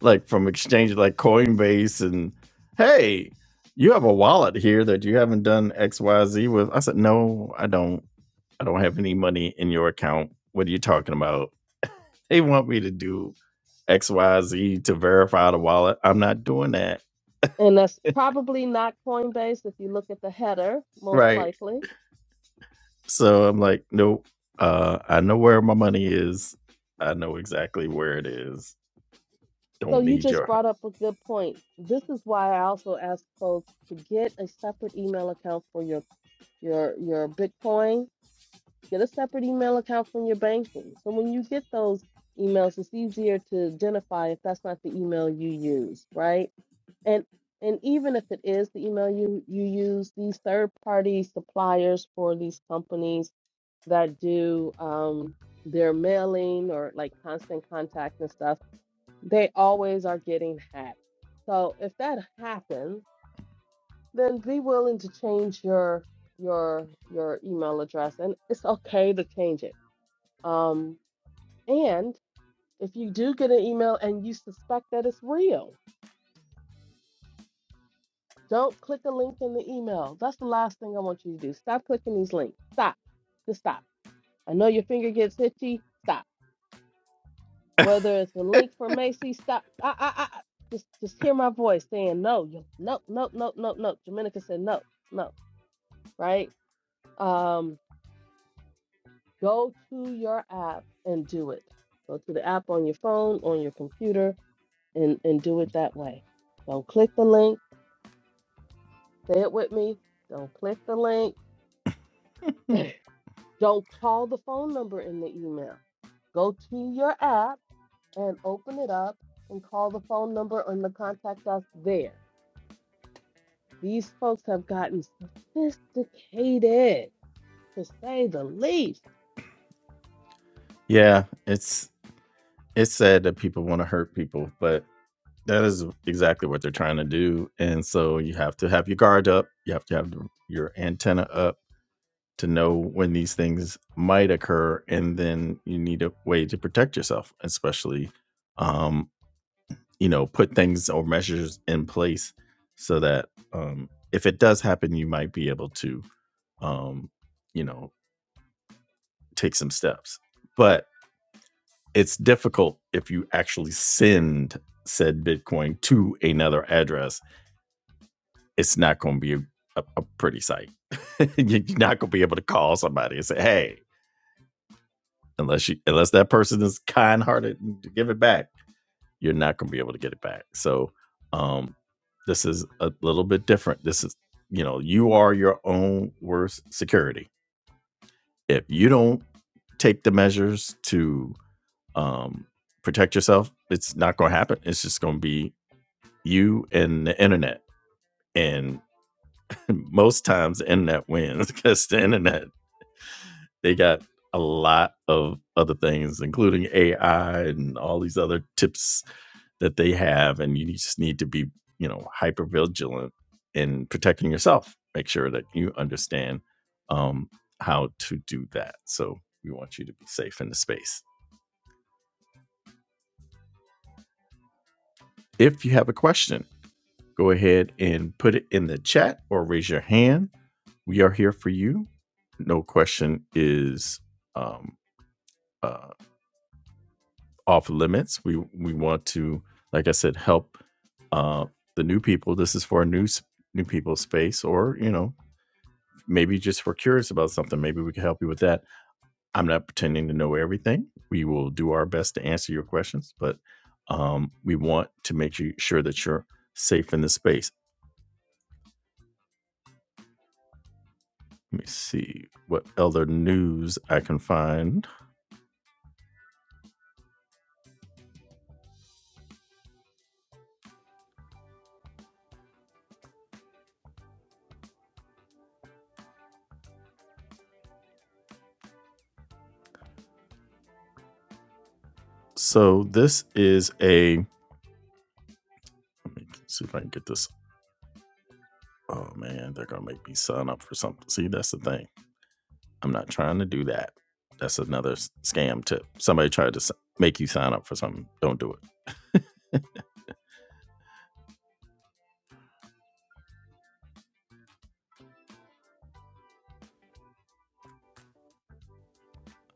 [SPEAKER 1] like from exchanges like Coinbase and hey, you have a wallet here that you haven't done XYZ with. I said, No, I don't. I don't have any money in your account. What are you talking about? They want me to do XYZ to verify the wallet. I'm not doing that.
[SPEAKER 2] And that's probably not Coinbase if you look at the header, most
[SPEAKER 1] Right.
[SPEAKER 2] likely.
[SPEAKER 1] So I'm like, nope. Uh, I know where my money is. I know exactly where it is.
[SPEAKER 2] So
[SPEAKER 1] Don't
[SPEAKER 2] you
[SPEAKER 1] need
[SPEAKER 2] just
[SPEAKER 1] your
[SPEAKER 2] brought up a good point. This is why I also ask folks to get a separate email account for your your your Bitcoin Get a separate email account from your banking. So when you get those emails, it's easier to identify if that's not the email you use, right? And and even if it is the email you, you use, these third party suppliers for these companies that do um, their mailing or like constant contact and stuff, they always are getting hacked. So if that happens, then be willing to change your your your email address and it's okay to change it um, and if you do get an email and you suspect that it's real, don't click a link in the email. That's the last thing I want you to do. Stop clicking these links. Stop. Just stop. I know your finger gets itchy. Stop. Whether it's a link for Macy, stop. I, I, I. I- Just, just hear my voice saying no. You, no, no, no, no, no. Dominica said no, no. Right? Um, go to your app and do it. Go to the app on your phone, on your computer, and and do it that way. Don't click the link Say it with me. Don't click the link. Don't call the phone number in the email. Go to your app and open it up and call the phone number and the contact us there. These folks have gotten sophisticated, to say the least.
[SPEAKER 1] Yeah, it's it's sad that people want to hurt people, but that is exactly what they're trying to do. And so you have to have your guard up. You have to have your antenna up to know when these things might occur, and then you need a way to protect yourself, especially, um, you know, put things or measures in place so that um, if it does happen, you might be able to, um, you know, take some steps. But It's difficult if you actually send said Bitcoin to another address. It's not going to be a, a pretty sight. (laughs) You're not going to be able to call somebody and say, "Hey," unless you unless that person is kind-hearted to give it back. You're not going to be able to get it back. So, um, this is a little bit different. This is, you know, you are your own worst security. If you don't take the measures to um, protect yourself, it's not going to happen. It's just going to be you and the internet. And (laughs) most times the internet wins (laughs) because the internet, they got a lot of other things, including AI and all these other tips that they have. And you just need to be, you know, hyper vigilant in protecting yourself. Make sure that you understand um, how to do that. So we want you to be safe in the space. If you have a question, go ahead and put it in the chat or raise your hand. We are here for you. No question is um, uh, off limits. We we want to, like I said, help uh, the new people. This is for a new new people space, or you know, maybe just we're curious about something. Maybe we can help you with that. I'm not pretending to know everything. We will do our best to answer your questions, but um, we want to make you sure that you're safe in the space. Let me see what other news I can find. So this is a. Let me see if I can get this. Oh man, they're gonna make me sign up for something. See, that's the thing. I'm not trying to do that. That's another scam tip. Somebody tried to make you sign up for something. Don't do it.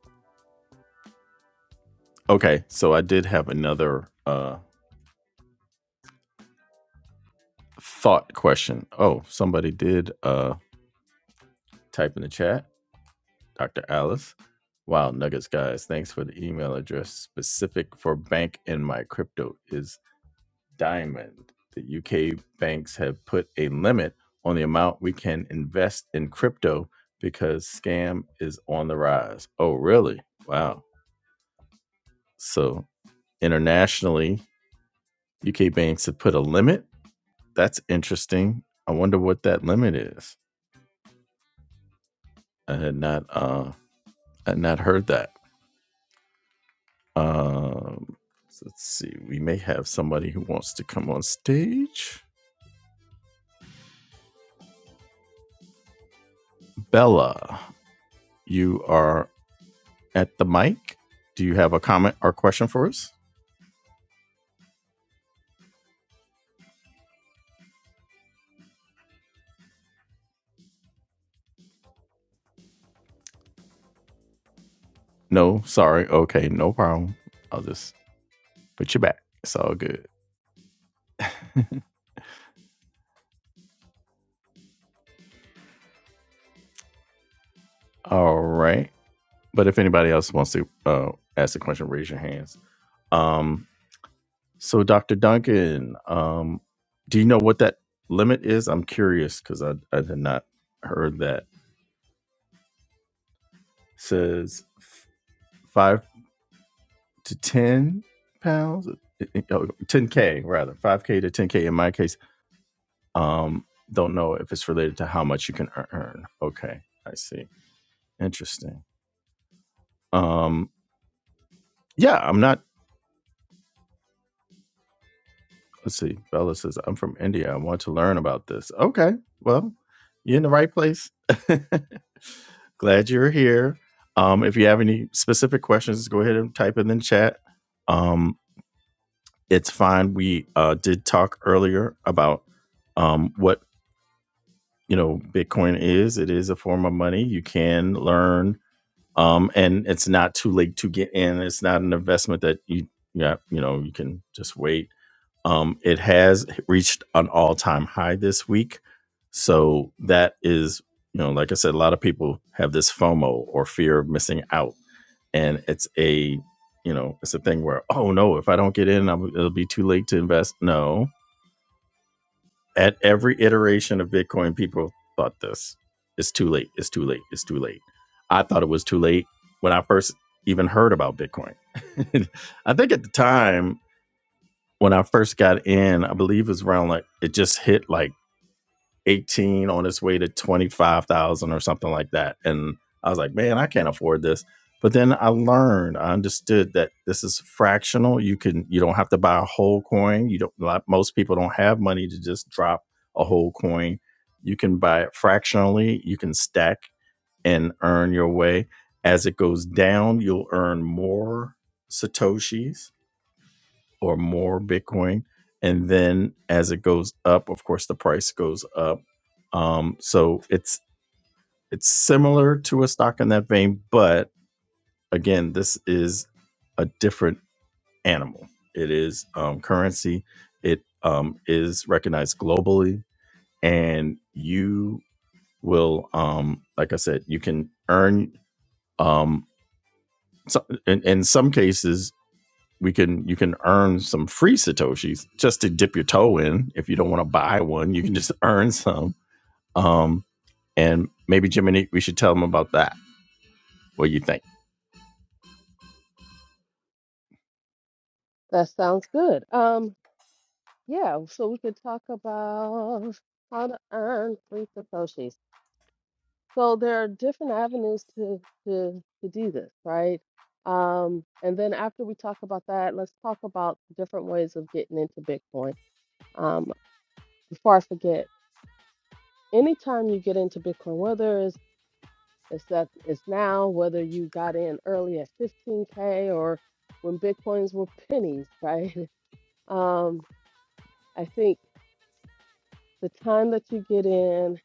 [SPEAKER 1] (laughs) Okay, so I did have another uh, thought question. Oh, somebody did uh, type in the chat, Dr. Alice. Wow, Nuggets guys, thanks for the email address specific for bank in my crypto is Diamond. The UK banks have put a limit on the amount we can invest in crypto because scam is on the rise. Oh, really? Wow. So internationally, UK banks have put a limit That's interesting. I wonder what that limit is. I had not uh I had not heard that. Um so let's see. We may have somebody who wants to come on stage. Bella, you are at the mic. Do you have a comment or question for us? No, sorry. Okay, no problem. I'll just put you back. It's all good. All right. But if anybody else wants to uh, ask a question, raise your hands. Um. So, Dr. Duncan, um, do you know what that limit is? I'm curious because I, I had not heard that. Says f- five to 10 pounds, eh, eh, oh, 10K rather, 5K to 10K in my case. Um, don't know if it's related to how much you can ear- earn. Okay, I see. Interesting. Um, yeah, I'm not. Let's see. Bella says, I'm from India. I want to learn about this. Okay. Well, you're in the right place. (laughs) Glad you're here. Um, if you have any specific questions, go ahead and type it in the chat. Um, it's fine. We uh, did talk earlier about um, what you know Bitcoin is. It is a form of money. You can learn, um, and it's not too late to get in. It's not an investment that you yeah you know you can just wait um, it has reached an all time high this week. So that is, you know, like I said, a lot of people have this FOMO or fear of missing out. And it's a, you know, it's a thing where, oh no, if I don't get in, I'm, it'll be too late to invest. No. At every iteration of Bitcoin, people thought this it's too late. It's too late. It's too late. I thought it was too late when I first even heard about Bitcoin. (laughs) I think at the time, when I first got in, I believe it was around like it just hit like 18 on its way to 25,000 or something like that. And I was like, man, I can't afford this. But then I learned, I understood that this is fractional. You can you don't have to buy a whole coin. You don't like most people don't have money to just drop a whole coin. You can buy it fractionally, you can stack and earn your way. As it goes down, you'll earn more satoshis or more Bitcoin. And then as it goes up, of course, the price goes up. Um, so it's it's similar to a stock in that vein, but again, this is a different animal. It is um, currency. It um, is recognized globally, and you will, um, like I said, you can earn um, so, in, in some cases we can you can earn some free satoshis just to dip your toe in if you don't want to buy one you can just (laughs) earn some um and maybe jiminy we should tell them about that what do you think
[SPEAKER 2] That sounds good. Um, yeah, so we could talk about how to earn free satoshis. So there are different avenues to to to do this, right? Um, and then after we talk about that, let's talk about different ways of getting into Bitcoin. Um, before I forget, anytime you get into Bitcoin, whether it's it's that it's now, whether you got in early at 15K or when Bitcoins were pennies, right? (laughs) Um, I think the time that you get in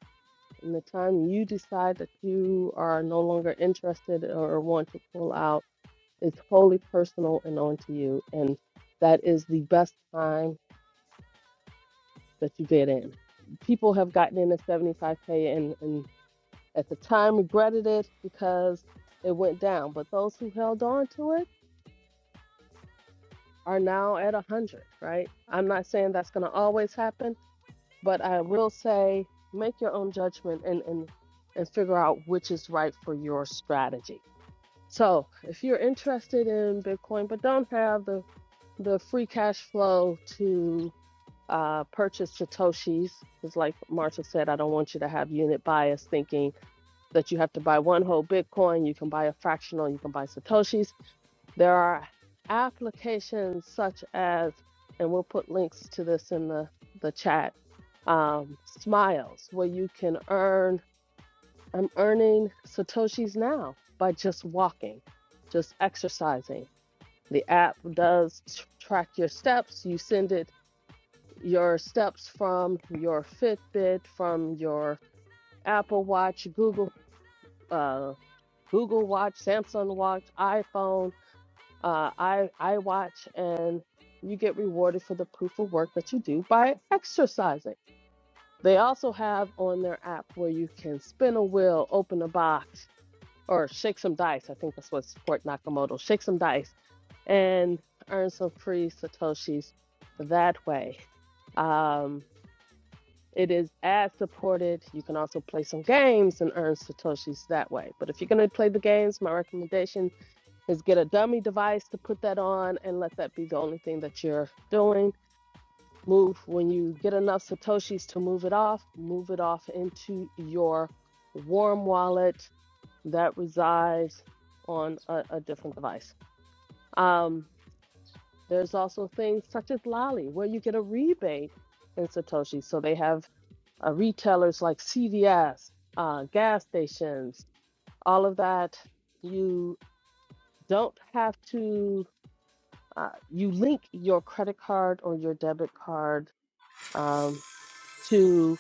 [SPEAKER 2] and the time you decide that you are no longer interested or want to pull out It's wholly personal and onto you. And that is the best time that you get in. People have gotten in at 75K and, and at the time regretted it because it went down. But those who held on to it are now at 100, right? I'm not saying that's going to always happen, but I will say make your own judgment and, and, and figure out which is right for your strategy So if you're interested in Bitcoin but don't have the the free cash flow to uh, purchase Satoshis, because like Marshall said, I don't want you to have unit bias thinking that you have to buy one whole Bitcoin, you can buy a fractional, you can buy Satoshis. There are applications such as, and we'll put links to this in the, the chat, um, Smiles, where you can earn I'm earning Satoshis now by just walking, just exercising. The app does t- track your steps. You send it your steps from your Fitbit, from your Apple Watch, Google uh, Google Watch, Samsung Watch, iPhone, uh, i iWatch, and you get rewarded for the proof of work that you do by exercising. They also have on their app where you can spin a wheel, open a box, or shake some dice. I think that's what's Fort Nakamoto. Shake some dice and earn some free satoshis that way. Um, it is ad supported. You can also play some games and earn satoshis that way. But if you're going to play the games, my recommendation is get a dummy device to put that on and let that be the only thing that you're doing. Move when you get enough satoshis to move it off, move it off into your warm wallet that resides on a, a different device. Um, there's also things such as Lally, where you get a rebate in Satoshi. So they have uh, retailers like CVS, uh, gas stations, all of that. You don't have to, uh, you link your credit card or your debit card um, to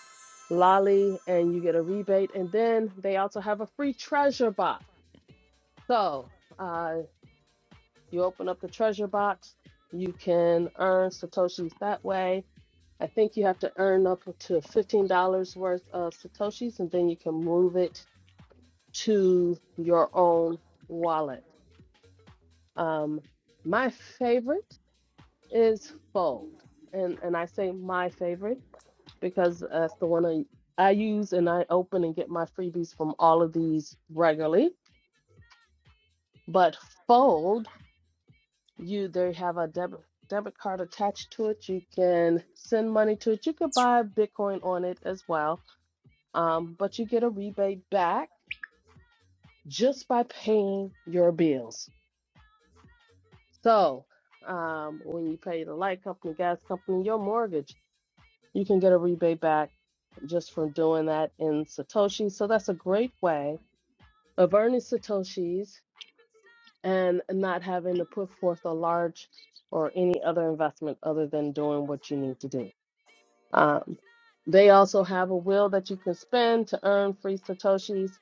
[SPEAKER 2] Lolly and you get a rebate. And then they also have a free treasure box. So, uh, You open up the treasure box. You can earn Satoshis that way. I think you have to earn up to $15 worth of Satoshis and then you can move it to your own wallet. Um, my favorite is Fold. And, and I say my favorite because that's the one I, I use and I open and get my freebies from all of these regularly. But Fold you they have a debit debit card attached to it you can send money to it you could buy bitcoin on it as well um, but you get a rebate back just by paying your bills so um, when you pay the light company gas company your mortgage you can get a rebate back just from doing that in satoshi so that's a great way of earning satoshis and not having to put forth a large or any other investment other than doing what you need to do Um, they also have a will that you can spend to earn free Satoshis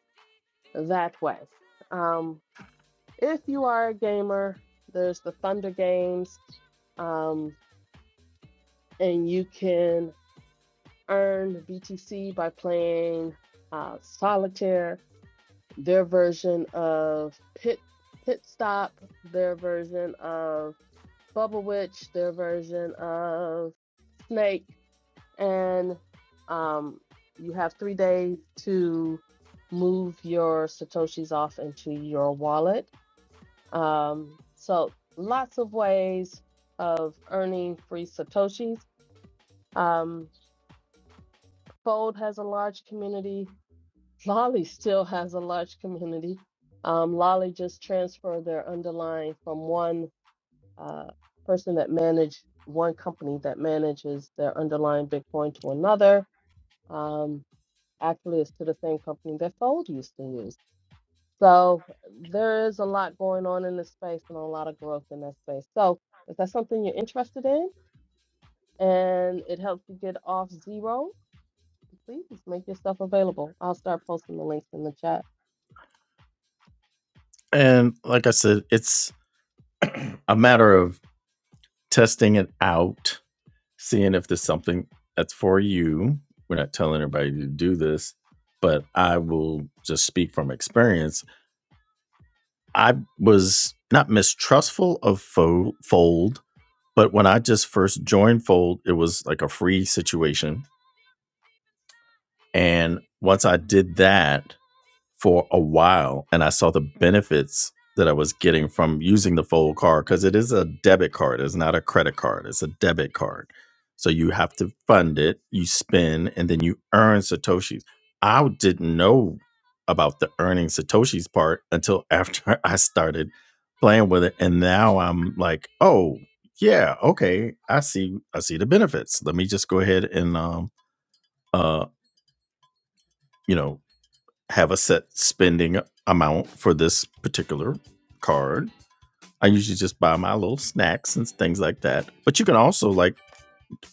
[SPEAKER 2] that way. Um, if you are a gamer, there's the Thunder Games, um, and you can earn BTC by playing uh, Solitaire, their version of Pit, Pit Stop, their version of Bubble Witch, their version of Snake and um, you have three days to move your satoshis off into your wallet. Um, so lots of ways of earning free satoshis. Um, Fold has a large community. (laughs) Lolly still has a large community. Um, Lolly just transferred their underlying from one uh, person that managed one company that manages their underlying Bitcoin to another. Um, Actually, it's to the same company that Fold used to use. So there is a lot going on in this space and a lot of growth in that space. So if that's something you're interested in and it helps you get off zero, please make yourself available. I'll start posting the links in the chat.
[SPEAKER 1] and like i said it's (clears throat) a matter of testing it out seeing if there's something that's for you we're not telling everybody to do this but i will just speak from experience I was not mistrustful of Fo- Fold, but when I just first joined Fold, it was like a free situation. And once I did that, for a while and I saw the benefits that I was getting from using the fold card because it is a debit card. It's not a credit card. It's a debit card. So you have to fund it, you spend, and then you earn Satoshis. I didn't know about the earning Satoshis part until after (laughs) I started playing with it. And now I'm like, oh yeah, okay. I see I see the benefits. Let me just go ahead and um uh you know have a set spending amount for this particular card. I usually just buy my little snacks and things like that. But you can also, like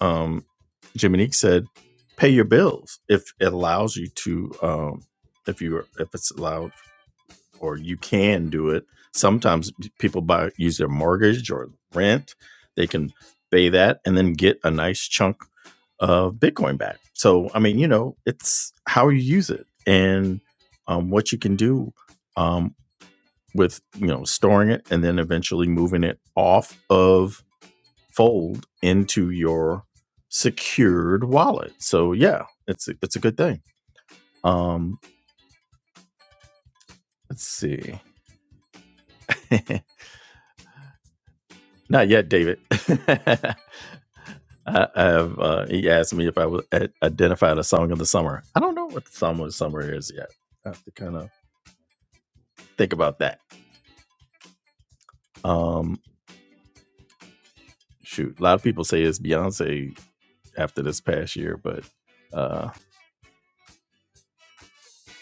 [SPEAKER 1] um, Jiminique said, pay your bills if it allows you to, um, if you are if it's allowed or you can do it. Sometimes people buy use their mortgage or rent. They can pay that and then get a nice chunk of Bitcoin back. So I mean, you know, it's how you use it and um, what you can do um, with you know storing it and then eventually moving it off of Fold into your secured wallet. So yeah, it's a, it's a good thing. Um, let's see. (laughs) Not yet, David. (laughs) I, I have, uh, he asked me if I would a- identify the song of the summer. I don't know what the song of the summer is yet. I have to kind of think about that. Um, shoot, a lot of people say it's Beyonce after this past year, but uh,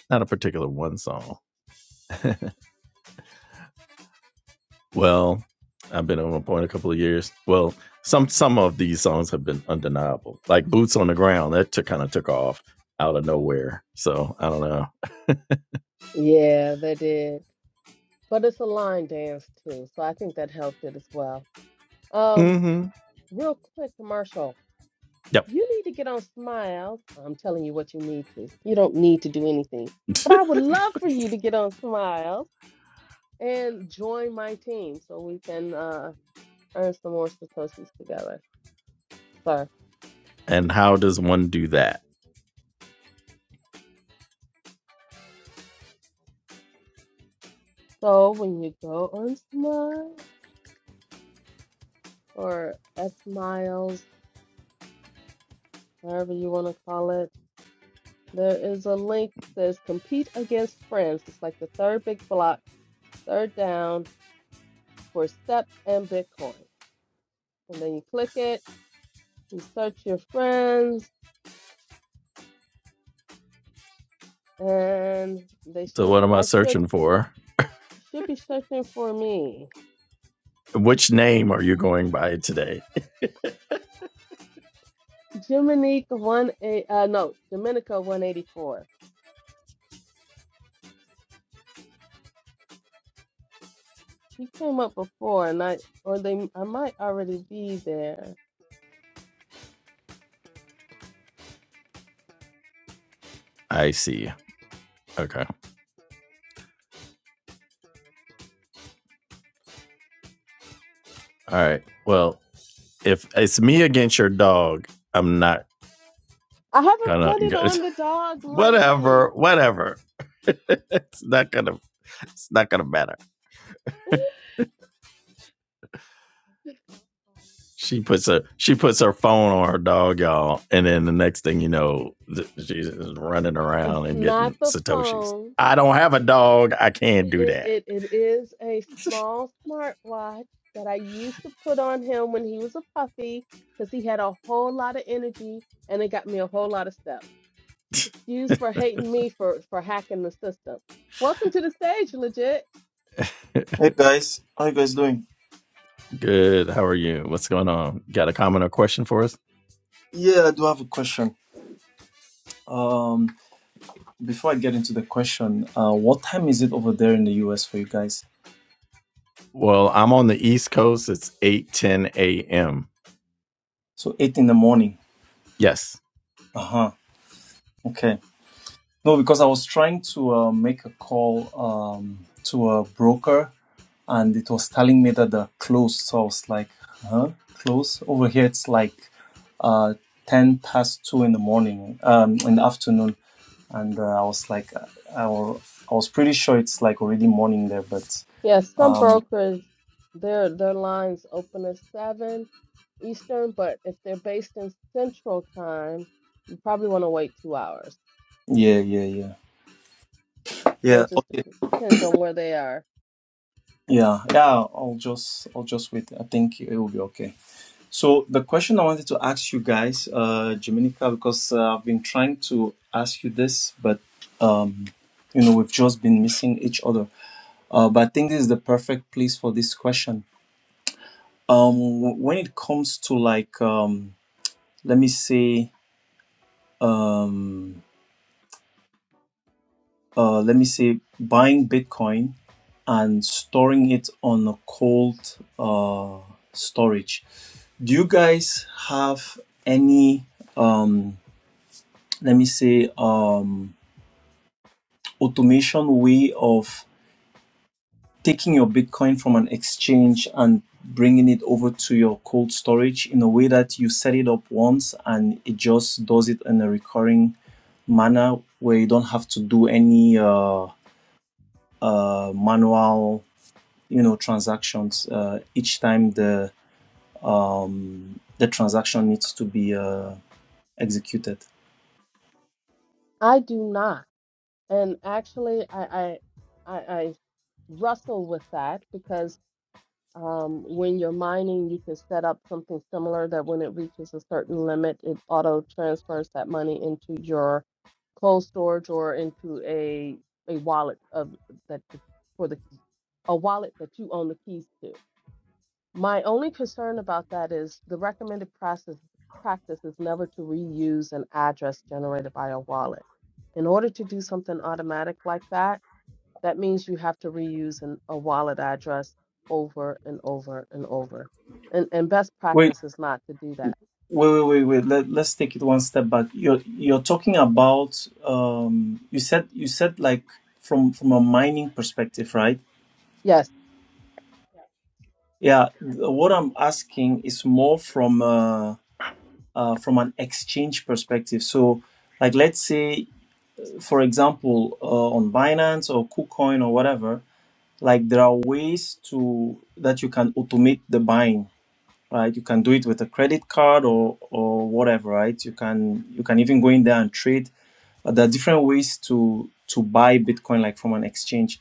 [SPEAKER 1] not a particular one song. Well, I've been on a point a couple of years. Well, some some of these songs have been undeniable, like "Boots on the Ground." That took, kind of took off out of nowhere. So I don't know.
[SPEAKER 2] Yeah, they did. But it's a line dance too, so I think that helped it as well. Um,
[SPEAKER 1] hmm
[SPEAKER 2] real quick commercial.
[SPEAKER 1] Yep.
[SPEAKER 2] You need to get on Smiles. I'm telling you what you need to. You don't need to do anything.
[SPEAKER 1] (laughs)
[SPEAKER 2] But I would love for you to get on Smiles and join my team so we can uh, earn some more Satoshis together, sir.
[SPEAKER 1] And how does one do that?
[SPEAKER 2] So when you go on Smile or S Miles, whatever you want to call it, there is a link that says compete against friends. It's like the third big block, third down for steps and Bitcoin. And then you click it, you search your friends And they
[SPEAKER 1] So,
[SPEAKER 2] should
[SPEAKER 1] what am I
[SPEAKER 2] I should
[SPEAKER 1] searching for?
[SPEAKER 2] should be searching for me.
[SPEAKER 1] Which name are you going by today?
[SPEAKER 2] Jiminica one eight uh no, Dominica one eighty four. He
[SPEAKER 1] (laughs)
[SPEAKER 2] came up before and I or they I might already be there.
[SPEAKER 1] I see. Okay. All right. Well, if it's me against your dog, I'm not
[SPEAKER 2] I haven't
[SPEAKER 1] gonna
[SPEAKER 2] put it
[SPEAKER 1] (laughs)
[SPEAKER 2] on the dog lately.
[SPEAKER 1] whatever, whatever. (laughs) it's not gonna it's not gonna matter. She puts her she puts her phone on her dog, y'all, and then the next thing you know, she's running
[SPEAKER 2] It's
[SPEAKER 1] around and
[SPEAKER 2] not
[SPEAKER 1] getting
[SPEAKER 2] the
[SPEAKER 1] satoshis.
[SPEAKER 2] phone.
[SPEAKER 1] I don't have a dog. I can't do
[SPEAKER 2] It
[SPEAKER 1] that.
[SPEAKER 2] it, it is a small smartwatch that I used to put on him when he was a puppy because he had a whole lot of energy and it got me a whole lot of stuff. excuse for hating me for for hacking the system. Welcome to the stage, legit.
[SPEAKER 1] (laughs)
[SPEAKER 3] Hey guys, how you guys doing?
[SPEAKER 1] Good. How are you? What's going on? Got a comment or question for us?
[SPEAKER 3] Yeah, I do have a question. Um, before I get into the question, uh, what time is it over there in the US for you guys?
[SPEAKER 1] Well, I'm on the East Coast. It's eight ten a.m.
[SPEAKER 3] So eight in the morning.
[SPEAKER 1] Yes.
[SPEAKER 3] Uh huh. Okay. No, because I was trying to uh, make a call um to a broker, and it was telling me that they're closed. So I was like, huh, closed over here. It's like uh ten past two in the morning, um, in the afternoon, and uh, I was like, I, I wa- I was pretty sure it's like already morning there, but.
[SPEAKER 2] Yes, some
[SPEAKER 3] Um,
[SPEAKER 2] brokers their their lines open at seven Eastern, but if they're based in Central Time, you probably want to wait two hours.
[SPEAKER 3] yeah, yeah, yeah,
[SPEAKER 2] So
[SPEAKER 3] Yeah.
[SPEAKER 2] it just
[SPEAKER 3] okay,
[SPEAKER 2] dep- depends on where they are.
[SPEAKER 3] yeah, yeah. I'll just, I'll just wait. I think it will be okay. So the question I wanted to ask you guys, uh, Dominica, because uh, I've been trying to ask you this, but um, you know, we've just been missing each other. Uh, but I think this is the perfect place for this question. Um, when it comes to like, um, let me say, um. uh, let me say buying Bitcoin and storing it on a cold uh, storage. Do you guys have any, um, let me say, um, automation way of taking your Bitcoin from an exchange and bringing it over to your cold storage in a way that you set it up once and it just does it in a recurring manner where you don't have to do any uh, uh, manual you know transactions uh, each time the um, the transaction needs to be uh, executed.
[SPEAKER 2] I do not, and actually, I I I, I wrestle with that because. Um, when you're mining, you can set up something similar that when it reaches a certain limit, it auto transfers that money into your cold storage or into a a wallet of that the- for the a wallet that you own the keys to. My only concern about that is the recommended process practice is never to reuse an address generated by a wallet. In order to do something automatic like that, that means you have to reuse an, a wallet address over and over and over. And and best
[SPEAKER 3] Wait,
[SPEAKER 2] practice is not to do that.
[SPEAKER 3] wait, wait, wait, wait. Let, let's take it one step back. You're you're talking about um, you said you said like from from a mining perspective, right?
[SPEAKER 2] Yes.
[SPEAKER 3] Yeah. th- What I'm asking is more from uh, uh, from an exchange perspective. So, like, let's say, for example, uh, on Binance or KuCoin or whatever, like there are ways to that you can automate the buying right you can do it with a credit card or or whatever right you can you can even go in there and trade Uh, there are different ways to to buy bitcoin like from an exchange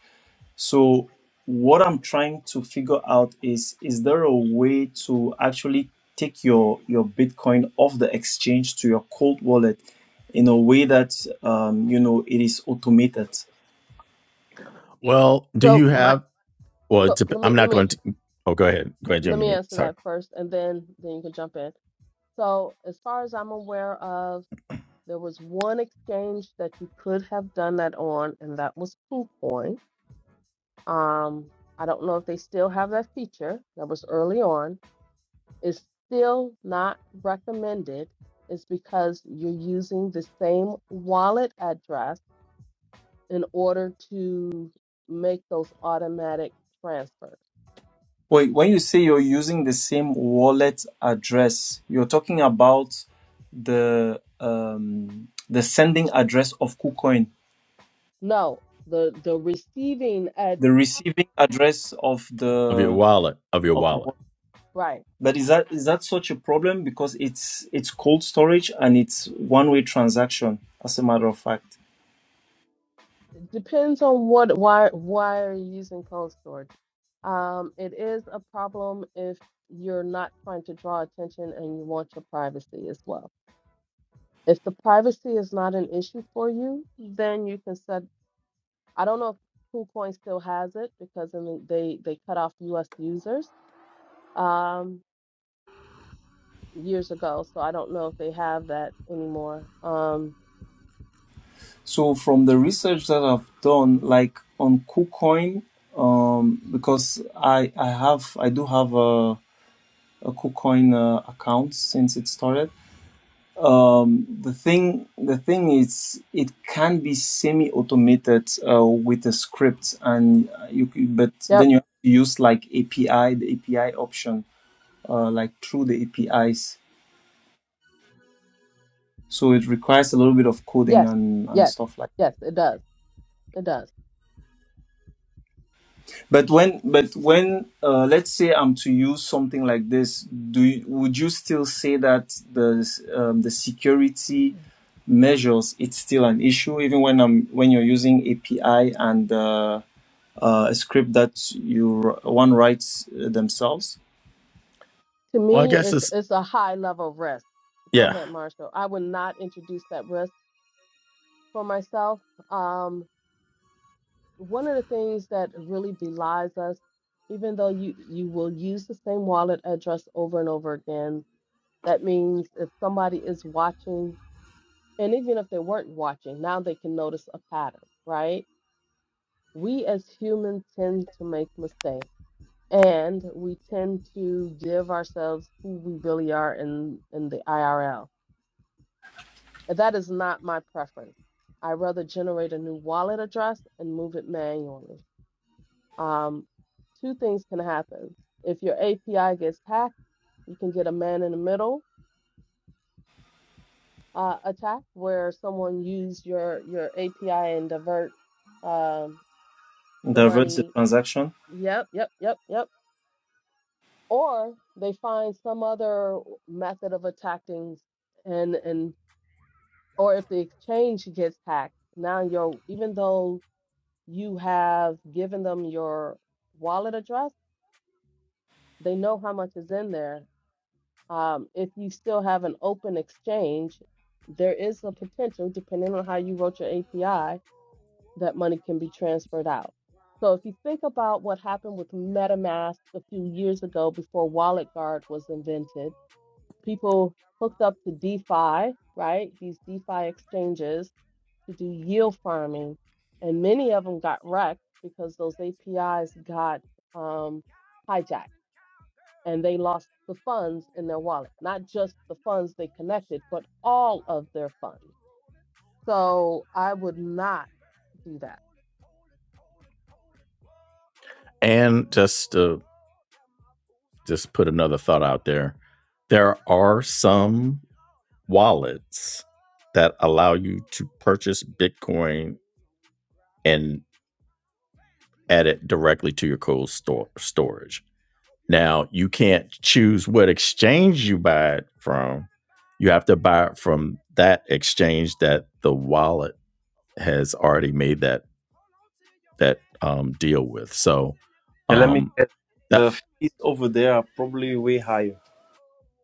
[SPEAKER 3] so what i'm trying to figure out is is there a way to actually take your your bitcoin off the exchange to your cold wallet in a way that um, you know it is automated
[SPEAKER 1] Well, do
[SPEAKER 2] So
[SPEAKER 1] you
[SPEAKER 2] my
[SPEAKER 1] have, well, it
[SPEAKER 2] so let me
[SPEAKER 1] I'm
[SPEAKER 2] let
[SPEAKER 1] not going
[SPEAKER 2] me
[SPEAKER 1] to, oh, go ahead. Go ahead,
[SPEAKER 2] let me
[SPEAKER 1] Jiminy.
[SPEAKER 2] answer
[SPEAKER 1] Sorry.
[SPEAKER 2] that first and then then you can jump in. So as far as I'm aware of, there was one exchange that you could have done that on, and that was KuCoin. Um, I don't know if they still have that feature. That was early on is still not recommended is because you're using the same wallet address in order to make those automatic transfers.
[SPEAKER 3] Wait, when you say you're using the same wallet address, you're talking about the um, the sending address of KuCoin,
[SPEAKER 2] No, the the receiving ad
[SPEAKER 3] the receiving address of
[SPEAKER 1] Of your
[SPEAKER 3] the
[SPEAKER 1] wallet, of your
[SPEAKER 3] of the
[SPEAKER 1] wallet.
[SPEAKER 3] wallet.
[SPEAKER 2] right
[SPEAKER 3] But is that is that such a problem? Because it's it's cold storage and it's one way transaction, as a matter of fact.
[SPEAKER 2] it depends on what why why are you using cold storage. Um, it is a problem if you're not trying to draw attention and you want your privacy as well. If the privacy is not an issue for you, then you can set I don't know if KuCoin still has it because I mean they they cut off U.S. users um, years ago, so I don't know if they have that anymore. Um,
[SPEAKER 3] So from the research that I've done, like on KuCoin, um, because I I have I do have a a KuCoin uh, account since it started um, the thing the thing is it can be semi automated uh, with a script and you c- but
[SPEAKER 2] yep.
[SPEAKER 3] then you have to use like API the API option uh, like through the APIs so it requires a little bit of coding
[SPEAKER 2] Yes.
[SPEAKER 3] and and
[SPEAKER 2] Yes.
[SPEAKER 3] stuff like
[SPEAKER 2] Yes. It does. It does.
[SPEAKER 3] But when, but when, uh, let's say I'm to use something like this, do you, would you still say that the um, the security measures it's still an issue even when I'm when you're using API and uh, uh, a script that you one writes uh, themselves
[SPEAKER 2] To
[SPEAKER 1] Well, I
[SPEAKER 2] me,
[SPEAKER 1] guess
[SPEAKER 2] it's
[SPEAKER 1] it's,
[SPEAKER 2] it's a high level of risk. Go
[SPEAKER 1] yeah.
[SPEAKER 2] ahead, Marshall. I would not introduce that risk for myself. Um, one of the things that really belies us, even though you you will use the same wallet address over and over again, that means if somebody is watching And even if they weren't watching, now they can notice a pattern, right? We as humans tend to make mistakes and we tend to give ourselves who we really are in, in the IRL. And that is not my preference. I rather generate a new wallet address and move it manually. Um, two things can happen. If your API gets hacked, you can get a man in the middle uh, attack where someone use your, your API and divert um, the
[SPEAKER 3] diverts the
[SPEAKER 2] money.
[SPEAKER 3] transaction?
[SPEAKER 2] Yep, yep, yep, yep. Or they find some other method of attacking and and or if the exchange gets hacked, now you're even though you have given them your wallet address, they know how much is in there. Um, if you still have an open exchange, there is a potential, depending on how you wrote your API, that money can be transferred out. So if you think about what happened with MetaMask a few years ago before Wallet Guard was invented, people hooked up to DeFi, right? These DeFi exchanges to do yield farming. And many of them got wrecked because those APIs got um, hijacked and they lost the funds in their wallet, not just the funds they connected, but all of their funds. So I would not do that.
[SPEAKER 1] And just to just put another thought out there, there are some wallets that allow you to purchase Bitcoin and add it directly to your cold store storage. Now, you can't choose what exchange you buy it from. You have to buy it from that exchange that the wallet has already made that that um, deal with. So,
[SPEAKER 3] Yeah, let me
[SPEAKER 1] um,
[SPEAKER 3] guess.
[SPEAKER 1] that,
[SPEAKER 3] The fees over there are probably way higher.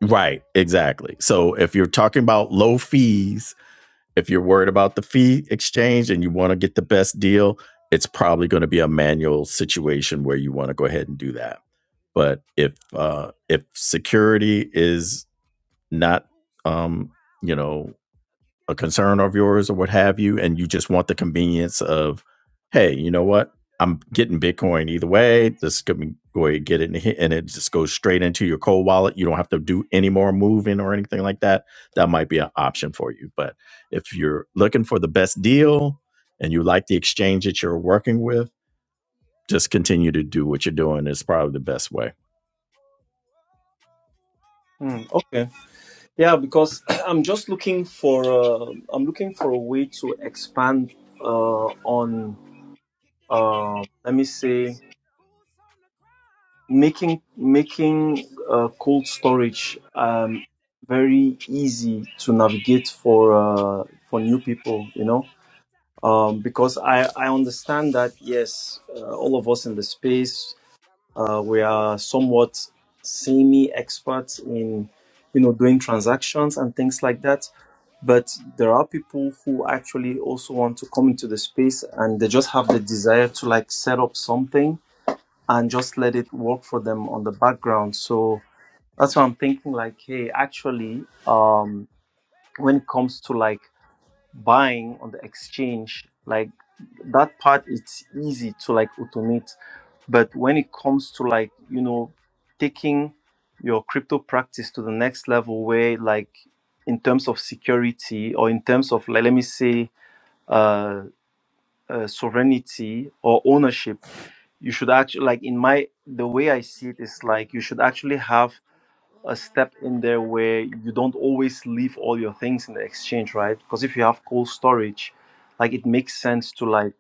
[SPEAKER 1] right, exactly. So, if you're talking about low fees, If you're worried about the fee exchange and you want to get the best deal, it's probably going to be a manual situation where you want to go ahead and do that. But if uh, if security is not um, you know a concern of yours or what have you, and you just want the convenience of, hey, you know what? I'm getting Bitcoin either way. This could be go ahead and get it, and it just goes straight into your cold wallet. You don't have to do any more moving or anything like that. That might be an option for you. But if you're looking for the best deal and you like the exchange that you're working with, just continue to do what you're doing. It's probably the best way.
[SPEAKER 3] Hmm, okay. Yeah, because (clears throat) I'm just looking for uh, I'm looking for a way to expand uh, on uh, let me say making making uh, cold storage um, very easy to navigate for uh, for new people, you know, um, because I I understand that yes, uh, all of us in the space Uh, we are somewhat semi-experts in, you know, doing transactions and things like that. But there are people who actually also want to come into the space and they just have the desire to like set up something and just let it work for them on the background. So that's why I'm thinking like, hey, actually, um, when it comes to like buying on the exchange, like that part it's easy to like automate but when it comes to like, you know, taking your crypto practice to the next level where like in terms of security or in terms of like, let me say uh, uh, sovereignty or ownership, you should actually like in my the way I see it is like you should actually have a step in there where you don't always leave all your things in the exchange, right? Because if you have cold storage, like it makes sense to like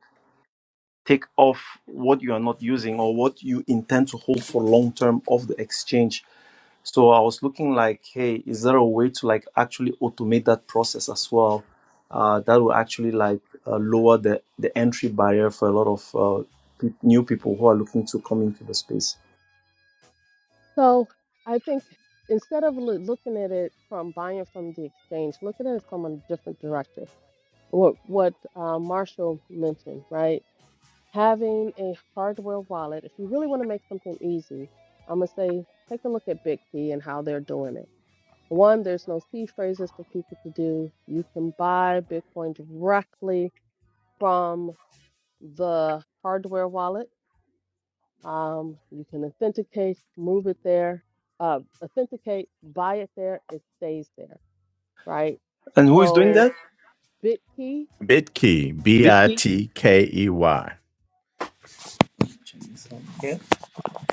[SPEAKER 3] take off what you are not using or what you intend to hold for long term of the exchange so i was looking like hey is there a way to like actually automate that process as well uh, that will actually like uh, lower the the entry barrier for a lot of uh, pe- new people who are looking to come into the space
[SPEAKER 2] So I think instead of loo- looking at it from buying from the exchange, look at it from a different direction. What what uh, Marshall mentioned, right? Having a hardware wallet. If you really want to make something easy, I'm gonna say take a look at Big T and how they're doing it. One, there's no C phrases for people to do. You can buy Bitcoin directly from the hardware wallet. Um, you can authenticate, move it there, uh, authenticate, buy it there, it stays there, right?
[SPEAKER 3] and who is doing
[SPEAKER 2] So
[SPEAKER 3] that
[SPEAKER 2] BitKey,
[SPEAKER 1] Bitkey, B I
[SPEAKER 3] bitkey
[SPEAKER 1] T K E Y.
[SPEAKER 3] yeah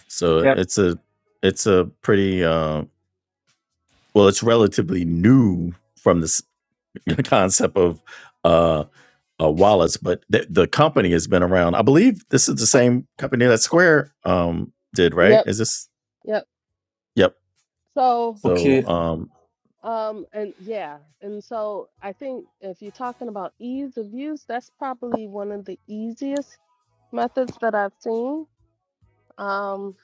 [SPEAKER 1] So
[SPEAKER 3] yeah
[SPEAKER 1] it's a it's a pretty uh, well, it's relatively new from this (laughs) concept of uh, uh, wallets, but th- the company has been around. I believe this is the same company that Square um, did, right?
[SPEAKER 2] yep,
[SPEAKER 1] Is this?
[SPEAKER 2] yep.
[SPEAKER 1] Yep.
[SPEAKER 2] So,
[SPEAKER 1] So
[SPEAKER 3] okay
[SPEAKER 1] um,
[SPEAKER 2] um, and yeah, and so I think if you're talking about ease of use, that's probably one of the easiest methods that I've seen. Um,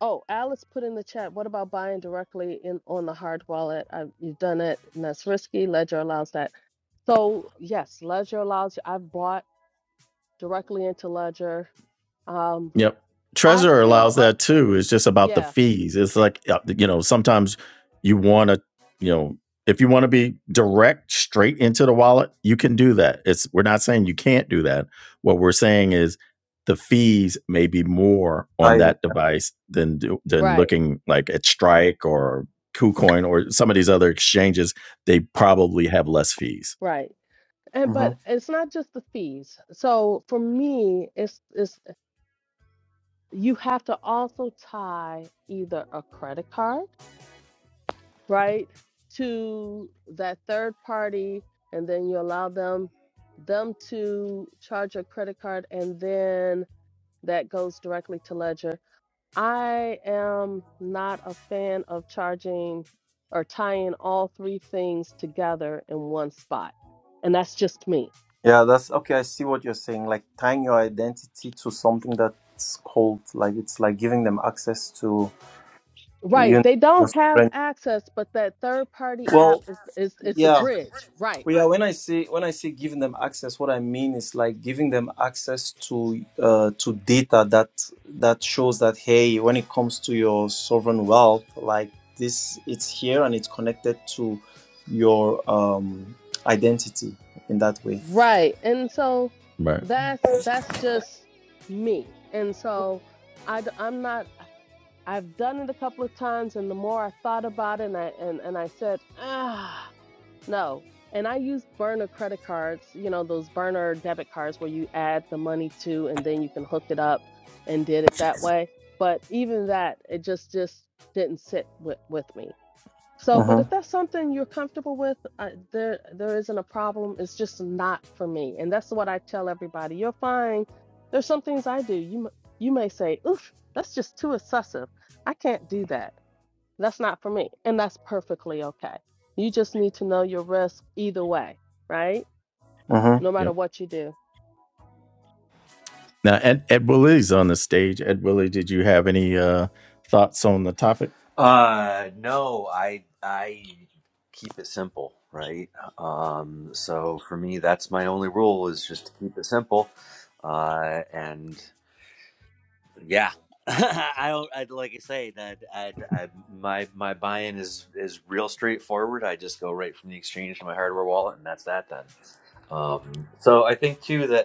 [SPEAKER 2] oh, Alice put in the chat, what about buying directly in on the hard wallet? I've, you've done it, and that's risky. Ledger allows that. So yes, Ledger allows you. I've bought. directly into Ledger. Um,
[SPEAKER 1] Yep.
[SPEAKER 2] I
[SPEAKER 1] Trezor
[SPEAKER 2] feel,
[SPEAKER 1] allows
[SPEAKER 2] uh,
[SPEAKER 1] that too. It's just about the
[SPEAKER 2] yeah,
[SPEAKER 1] fees. It's like uh, you know, sometimes you want to, you know, if you want to be direct straight into the wallet, you can do that. It's we're not saying you can't do that. What we're saying is the fees may be more
[SPEAKER 3] i
[SPEAKER 1] on
[SPEAKER 3] uh,
[SPEAKER 1] that device than than
[SPEAKER 2] right,
[SPEAKER 1] looking like at Strike or KuCoin or some of these other exchanges. They probably have less fees.
[SPEAKER 2] right. And
[SPEAKER 3] mm-hmm.
[SPEAKER 2] but it's not just the fees. So for me, it's it's you have to also tie either a credit card, right, to that third party, and then you allow them them to charge a credit card, and then that goes directly to Ledger I am not a fan of charging or tying all three things together in one spot. And that's just me.
[SPEAKER 3] Yeah, that's okay. I see what you're saying. Like tying your identity to something that's called, like it's like giving them access to you
[SPEAKER 2] Right.
[SPEAKER 3] know
[SPEAKER 2] They
[SPEAKER 3] your
[SPEAKER 2] don't have
[SPEAKER 3] strength.
[SPEAKER 2] access, but that third party app
[SPEAKER 3] Well,
[SPEAKER 2] is is is the
[SPEAKER 3] yeah,
[SPEAKER 2] bridge. Right.
[SPEAKER 3] well, yeah. When I say when I say giving them access, what I mean is like giving them access to uh, to data that that shows that hey, when it comes to your sovereign wealth, like this, it's here and it's connected to your um identity in that way.
[SPEAKER 2] Right. And so
[SPEAKER 1] Right.
[SPEAKER 2] that's that's just me. And so I d- I'm not I've done it a couple of times and the more I thought about it and I and, and I said, "Ah, No. And I use burner credit cards, you know, those burner debit cards where you add the money to and then you can hook it up and did it that way. But even that, it just just didn't sit with with me. So, but if
[SPEAKER 3] Mm-hmm.
[SPEAKER 2] that's something you're comfortable with, uh, there there isn't a problem. It's just not for me. And that's what I tell everybody. You're fine. There's some things I do. You m- you may say, "Oof, that's just too excessive. I can't do that." That's not for me. And that's perfectly okay. You just need to know your risk either way, right? No matter
[SPEAKER 1] Yep.
[SPEAKER 2] what you do.
[SPEAKER 1] Now, Ed, Ed Willie's on the stage. Ed Willie, did you have any uh, thoughts on the topic?
[SPEAKER 4] Uh, no, I I keep it simple, right? Um, so for me, that's my only rule is just to keep it simple. Uh, and yeah, (laughs) I don't. I like I say that I, I my my buy-in is is real straightforward. I just go right from the exchange to my hardware wallet, and that's that. Then. Um, so I think too that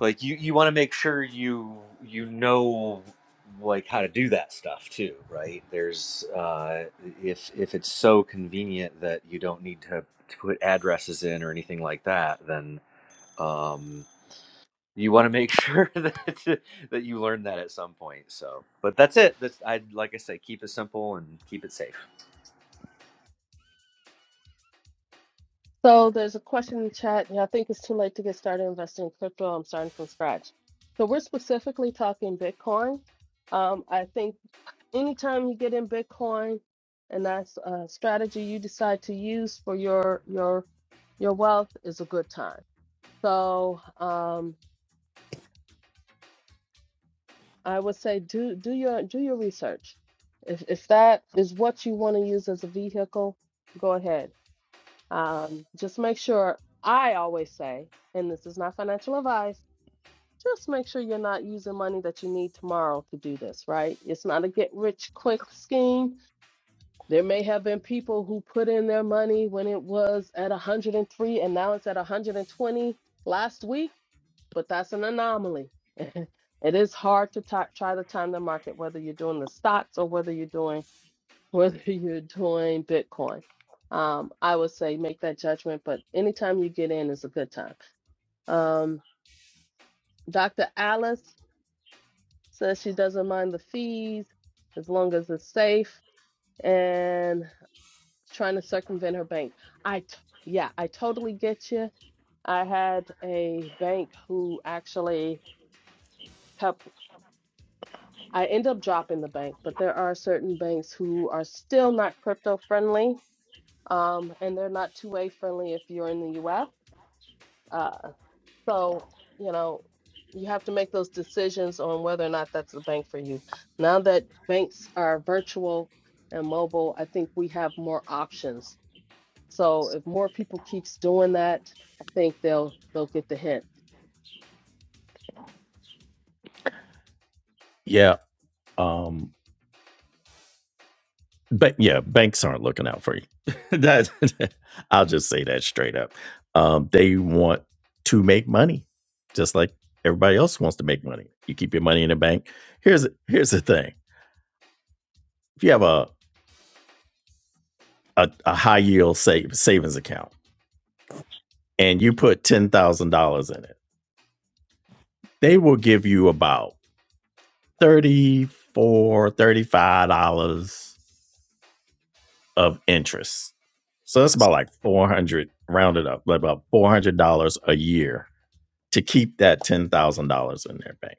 [SPEAKER 4] like you you want to make sure you you know like how to do that stuff too right there's uh if if it's so convenient that you don't need to, to put addresses in or anything like that then um you want to make (laughs) sure that that you learn that at some point so but that's it that's i like i say keep it simple and keep it safe
[SPEAKER 2] So there's a question in the chat. Yeah, I think it's too late to get started investing in crypto. I'm starting from scratch. So we're specifically talking Bitcoin. Um, I think anytime you get in Bitcoin, and that's a strategy you decide to use for your your your wealth is a good time. So, um, I would say do do your do your research. If if that is what you want to use as a vehicle, go ahead. Um, just make sure I always say, and this is not financial advice, just make sure you're not using money that you need tomorrow to do this, right? It's not a get rich quick scheme. There may have been people who put in their money when it was at 103 and now it's at 120 last week but that's an anomaly. (laughs) It is hard to ti- try to time the market, whether you're doing the stocks or whether you're doing whether (laughs) you're doing Bitcoin. Um, I would say make that judgment, but anytime you get in is a good time. Um, Dr. Alice says she doesn't mind the fees as long as it's safe and trying to circumvent her bank. I t- yeah, I totally get you. I had a bank who actually kept I end up dropping the bank, but there are certain banks who are still not crypto friendly, um, and they're not two-way friendly if you're in the US. Uh, so, you know, you have to make those decisions on whether or not that's the bank for you. Now that banks are virtual and mobile, I think we have more options. So if more people keeps doing that, I think they'll they'll get the hint.
[SPEAKER 1] Yeah. Um, but yeah, banks aren't looking out for you. (laughs) that, (laughs) I'll just say that straight up. Um, they want to make money, just like everybody else wants to make money. You keep your money in the bank. Here's here's the thing: if you have a a, a high yield save, savings account and you put ten thousand dollars in it, they will give you about 34 dollars, 35 dollars of interest. So that's about like 400 rounded up, like about $400 a year to keep that $10,000 in their bank.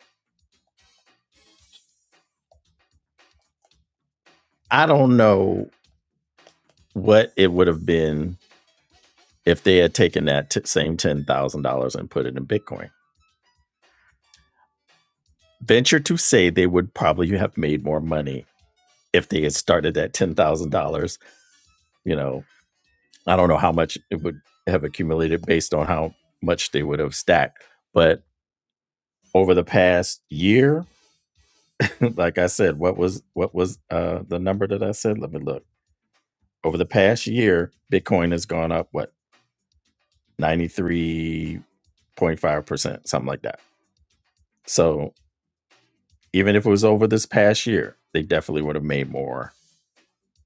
[SPEAKER 1] I don't know what it would have been if they had taken that t- same $10,000 and put it in Bitcoin. Venture to say they would probably have made more money if they had started at $10,000. You know, I don't know how much it would have accumulated based on how much they would have stacked. But over the past year, (laughs) like I said, what was what was uh, the number that I said? Let me look. Over the past year, Bitcoin has gone up what ninety three point five percent, something like that. So even if it was over this past year, they definitely would have made more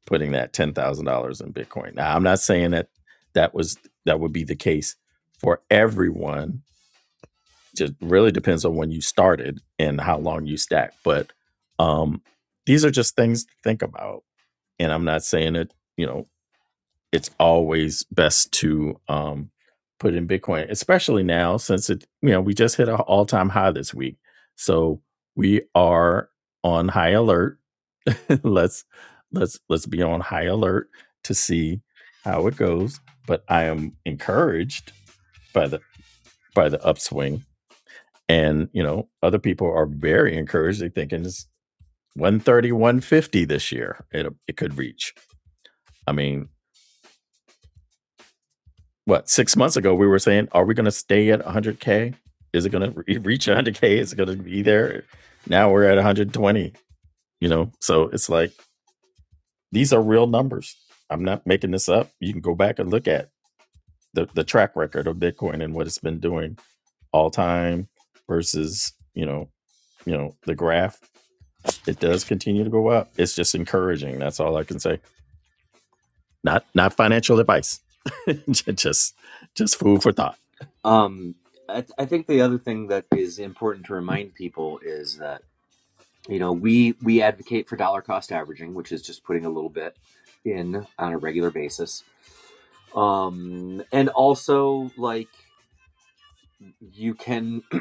[SPEAKER 1] putting that ten thousand dollars in Bitcoin. Now I'm not saying that that was that would be the case for everyone. Just really depends on when you started and how long you stack. But um, these are just things to think about. And I'm not saying it. You know it's always best to um, put in Bitcoin, especially now since it, you know, we just hit an all time high this week. So we are on high alert. (laughs) let's let's let's be on high alert to see how it goes. But I am encouraged by the by the upswing. And you know, other people are very encouraged. They're thinking it's one thirty, one fifty this year. It it could reach. I mean, what six months ago we were saying, are we going to stay at 100k? Is it going to (laughs) reach 100k? Is it going to be there? Now we're at 120. You know, so it's like these are real numbers. I'm not making this up. You can go back and look at the the track record of Bitcoin and what it's been doing all time versus you know you know the graph. It does continue to go up. It's just encouraging. That's all I can say. Not not financial advice. (laughs) just just food for thought.
[SPEAKER 4] um I, th- I think the other thing that is important to remind people is that you know we we advocate for dollar cost averaging which is just putting a little bit in on a regular basis um and also like you can (clears throat)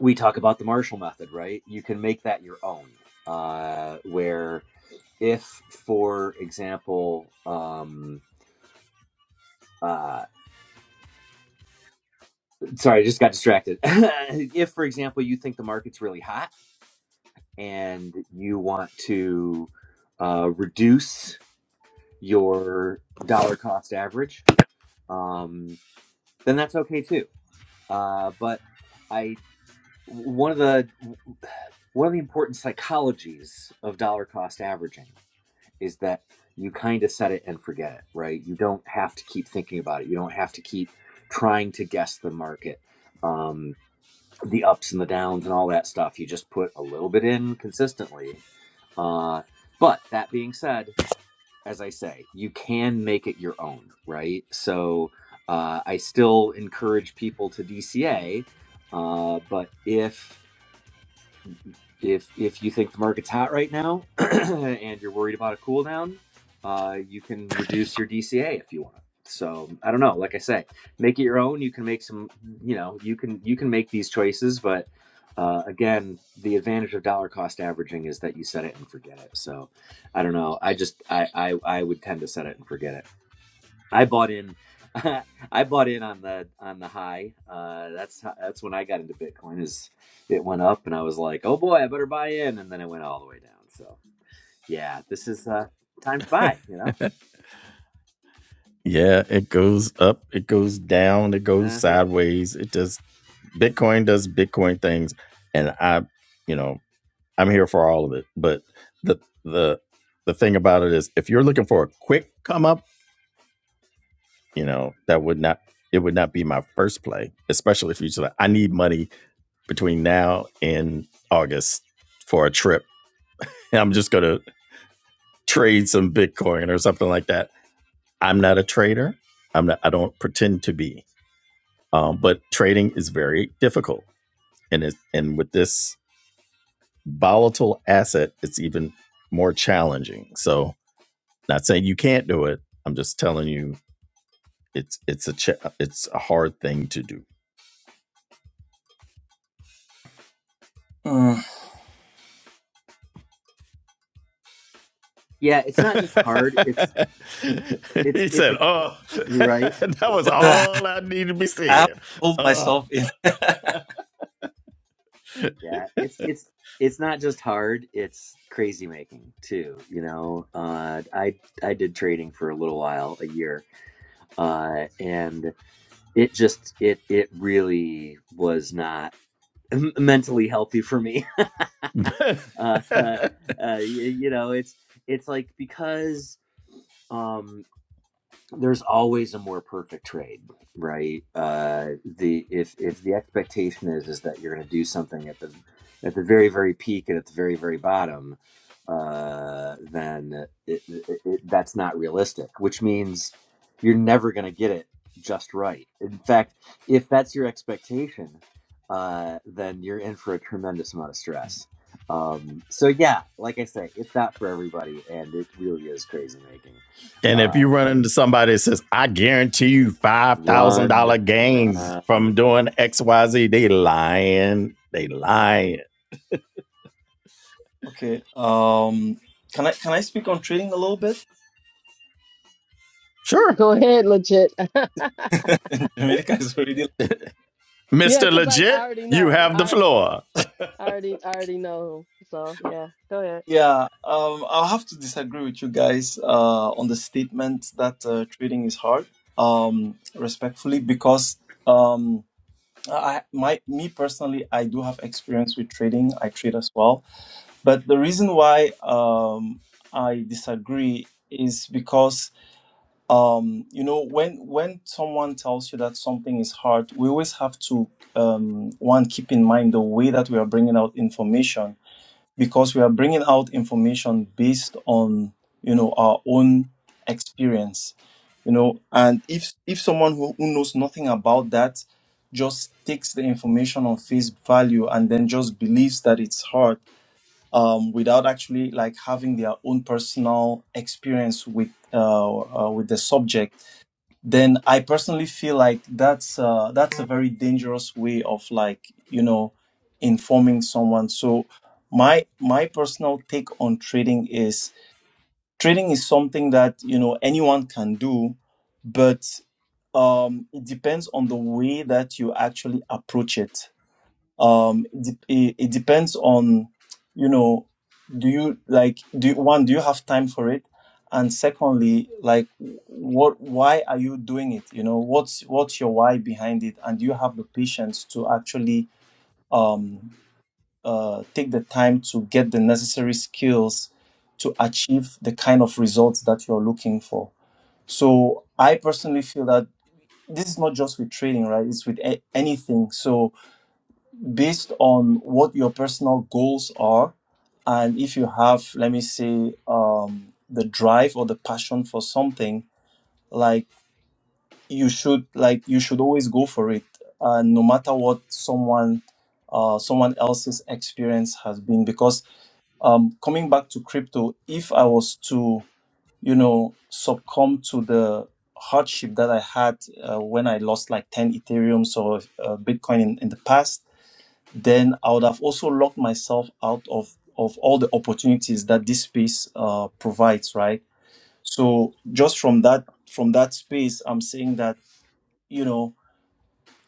[SPEAKER 4] we talk about the marshall method right you can make that your own uh where if for example um uh sorry i just got distracted (laughs) if for example you think the market's really hot and you want to uh, reduce your dollar cost average, um, then that's okay too. Uh, but I one of the one of the important psychologies of dollar cost averaging is that you kind of set it and forget it, right? You don't have to keep thinking about it. You don't have to keep trying to guess the market, um, the ups and the downs and all that stuff. You just put a little bit in consistently. Uh, but that being said, as I say, you can make it your own, right? So uh, I still encourage people to DCA, uh, but if if if you think the market's hot right now (clears throat) and you're worried about a cool down, uh, you can reduce your DCA if you want. So I don't know. Like I say, make it your own. You can make some. You know, you can you can make these choices, but uh, again, the advantage of dollar cost averaging is that you set it and forget it. So I don't know. I just I I, I would tend to set it and forget it. I bought in. (laughs) I bought in on the on the high. Uh, that's ho- that's when I got into Bitcoin. Is it went up and I was like, oh boy, I better buy in, and then it went all the way down. So yeah, this is uh, time to buy. You know.
[SPEAKER 1] Yeah, it goes up, it goes down, it goes
[SPEAKER 4] Uh-huh.
[SPEAKER 1] sideways. It does Bitcoin does Bitcoin things, and I, you know. I'm here for all of it. But the the the thing about it is, if you're looking for a quick come up, you know that would not it would not be my first play, especially if you said I need money between now and August for a trip, and I'm just gonna trade some Bitcoin or something like that. I'm not a trader. I'm not. I don't pretend to be. Um, but trading is very difficult, and it and with this volatile asset, it's even more challenging. So Not saying you can't do it. I'm just telling you it's it's a ch- it's a hard thing to do.
[SPEAKER 3] Mm-hmm.
[SPEAKER 4] Yeah, it's not just hard. It's
[SPEAKER 1] (laughs)
[SPEAKER 4] it's
[SPEAKER 1] he
[SPEAKER 4] it's a
[SPEAKER 1] said, "Oh, (laughs)
[SPEAKER 4] you're right.
[SPEAKER 1] that was
[SPEAKER 3] Mm. (laughs) (sighs)
[SPEAKER 1] all I needed to be
[SPEAKER 3] I have to
[SPEAKER 1] said."
[SPEAKER 3] hold
[SPEAKER 1] Oh.
[SPEAKER 3] myself in. (laughs)
[SPEAKER 4] Yeah, it's it's it's not just hard. It's crazy making too. You know. Uh, I I did trading for a little while, a year, uh, and it just it it really was not m- mentally healthy for me. (laughs) Uh,
[SPEAKER 1] (laughs)
[SPEAKER 4] uh,
[SPEAKER 1] and
[SPEAKER 4] y- you know, it's it's like because um there's always a more perfect trade right uh the if if the expectation is is that you're going to do something at the at the very very peak and at the very very bottom uh then it, it, it that's not realistic which means you're never going to get it just right in fact if that's your expectation uh then you're in for a tremendous amount of stress um so yeah like i say it's not for everybody and it really is crazy making
[SPEAKER 1] if you run into somebody that says, "I guarantee you five thousand
[SPEAKER 4] Run,
[SPEAKER 1] dollar gains
[SPEAKER 4] run.
[SPEAKER 1] from doing X Y Z," they lying. They lying.
[SPEAKER 3] Okay. Um, can I can I speak on trading a little bit?
[SPEAKER 2] (laughs)
[SPEAKER 1] Sure,
[SPEAKER 2] Go ahead, legit. (laughs)
[SPEAKER 3] (laughs) In America is already.
[SPEAKER 2] Yeah,
[SPEAKER 1] Mister
[SPEAKER 2] because I, I
[SPEAKER 1] Legit,
[SPEAKER 2] already
[SPEAKER 1] you
[SPEAKER 2] know.
[SPEAKER 1] have the
[SPEAKER 2] I
[SPEAKER 1] floor.
[SPEAKER 2] I already I already know him. So yeah, go ahead.
[SPEAKER 3] Yeah. Um, I'll have to disagree with you guys uh, on the statement that uh, trading is hard. Um, respectfully, because um, I my me personally, I do have experience with trading. I trade as well, but the reason why um, I disagree is because um you know when when someone tells you that something is hard we always have to um one keep in mind the way that we are bringing out information because we are bringing out information based on you know our own experience you know and if if someone who, who knows nothing about that just takes the information on face value and then just believes that it's hard um, without actually like having their own personal experience with uh, uh, with the subject then I personally feel like that's uh, that's a very dangerous way of like you know informing someone. So my my personal take on trading is trading is something that you know anyone can do, but um, it depends on the way that you actually approach it um it, it, it depends on you know do you like do you, one do you have time for it and secondly like what why are you doing it you know what's what's your why behind it and do you have the patience to actually um uh take the time to get the necessary skills to achieve the kind of results that you're looking for so i personally feel that this is not just with trading right it's with a- anything so based on what your personal goals are and if you have let me say um, the drive or the passion for something like you should like you should always go for it uh, no matter what someone uh, someone else's experience has been because um, coming back to crypto if i was to you know succumb to the hardship that i had uh, when i lost like 10 ethereum or uh, bitcoin in, in the past then I would have also locked myself out of of all the opportunities that this space uh, provides, right? So just from that from that space, I'm saying that you know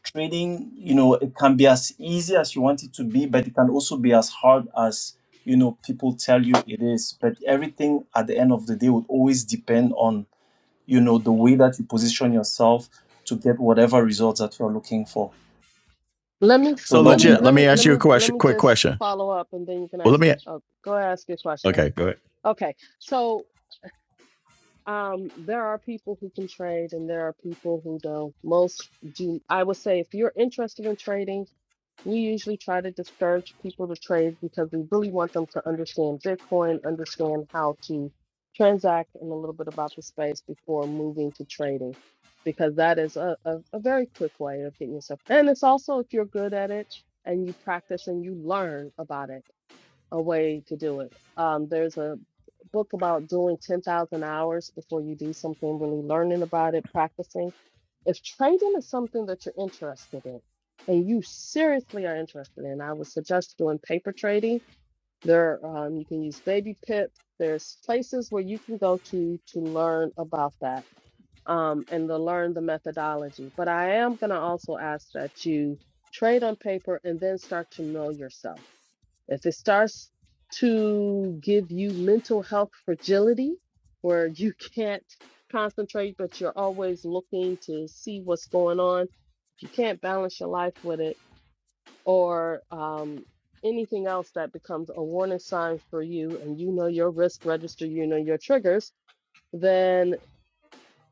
[SPEAKER 3] trading, you know, it can be as easy as you want it to be, but it can also be as hard as you know people tell you it is. But everything at the end of the day would always depend on you know the way that you position yourself to get whatever results that you're looking for.
[SPEAKER 2] Let me
[SPEAKER 3] So
[SPEAKER 1] So
[SPEAKER 3] that
[SPEAKER 2] let
[SPEAKER 3] would be
[SPEAKER 2] me
[SPEAKER 1] legit. Let
[SPEAKER 2] let
[SPEAKER 1] me
[SPEAKER 2] me
[SPEAKER 1] ask
[SPEAKER 2] let
[SPEAKER 1] you a
[SPEAKER 2] me let
[SPEAKER 1] question.
[SPEAKER 2] me
[SPEAKER 1] Quick
[SPEAKER 2] just
[SPEAKER 1] question.
[SPEAKER 2] follow up and then you can
[SPEAKER 1] Well,
[SPEAKER 2] ask
[SPEAKER 1] let me.
[SPEAKER 2] oh, go ahead, ask your question.
[SPEAKER 1] Okay. Go ahead.
[SPEAKER 2] Okay. So um there are people who can trade and there are people who don't. Most do I would say if you're interested in trading We usually try to discourage people to trade because we really want them to understand Bitcoin, understand how to transact, and a little bit about the space before moving to trading, because that is a, a, a very quick way of getting yourself. And it's also if you're good at it and you practice and you learn about it a way to do it. Um, there's a book about doing 10,000 hours before you do something, really learning about it, practicing. If trading is something that you're interested in and you seriously are interested in, I would suggest doing paper trading. There, um, you can use Baby Pip. There's places where you can go to to learn about that um, and to learn the methodology. But I am going to also ask that you trade on paper and then start to know yourself if it starts to give you mental health fragility, where you (laughs) can't concentrate, but you're always looking to see what's going on, if you can't balance your life with it, or um, anything else that becomes a warning sign for you, and you know your risk register, you know your triggers, then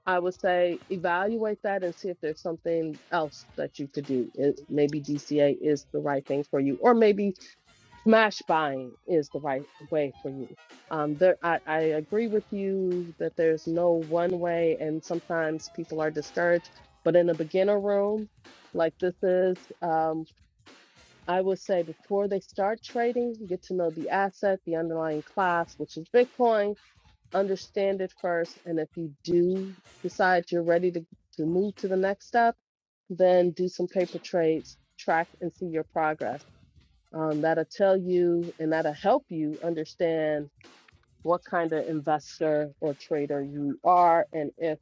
[SPEAKER 2] I would say evaluate that and see if there's something else that you could do. It, maybe DCA is the right thing for you, or maybe smash buying is the right way for you. Um, there, I, I agree with you that there's no one way, and sometimes people are discouraged. But in a beginner room like this is, um, I would say before they start trading, get to know the asset, the underlying class, which is Bitcoin, understand it first. And if you do decide you're ready to, to move to the next step, then do some paper trades, track and see your progress um, that'll tell you and that'll help you understand what kind of investor or trader you are and if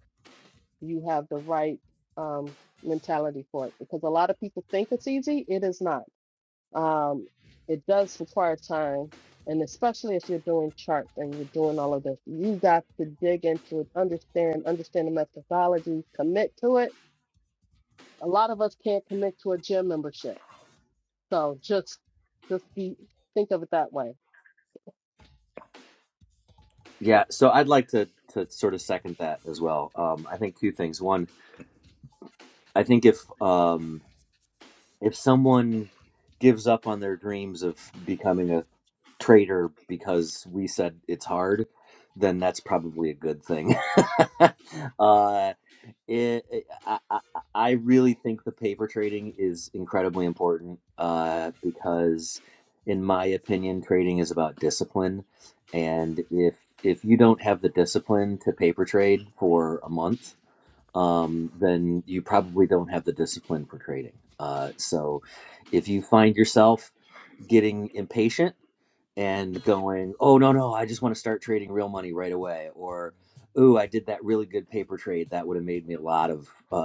[SPEAKER 2] you have the right um, mentality for it. Because a lot of people think it's easy, it is not. Um, it does require time, and especially if you're doing charts and you're doing all of this, you got to dig into it, understand, understand the methodology, commit to it. A lot of us can't commit to a gym membership, so just just be think of it that way.
[SPEAKER 4] Yeah, so I'd like to to sort of second that as well. Um, I think two things. One, I think if um, if someone gives up on their dreams of becoming a trader because we said it's hard, then that's probably a good thing. (laughs) uh, it, it- I, I I really think the paper trading is incredibly important uh, because, in my opinion, trading is about discipline, and if if you don't have the discipline to paper trade for a month, um, then you probably don't have the discipline for trading. Uh, so, if you find yourself getting impatient and going, oh, no, no, I just want to start trading real money right away. Or, ooh, I did that really good paper trade. That would have made me a lot of uh,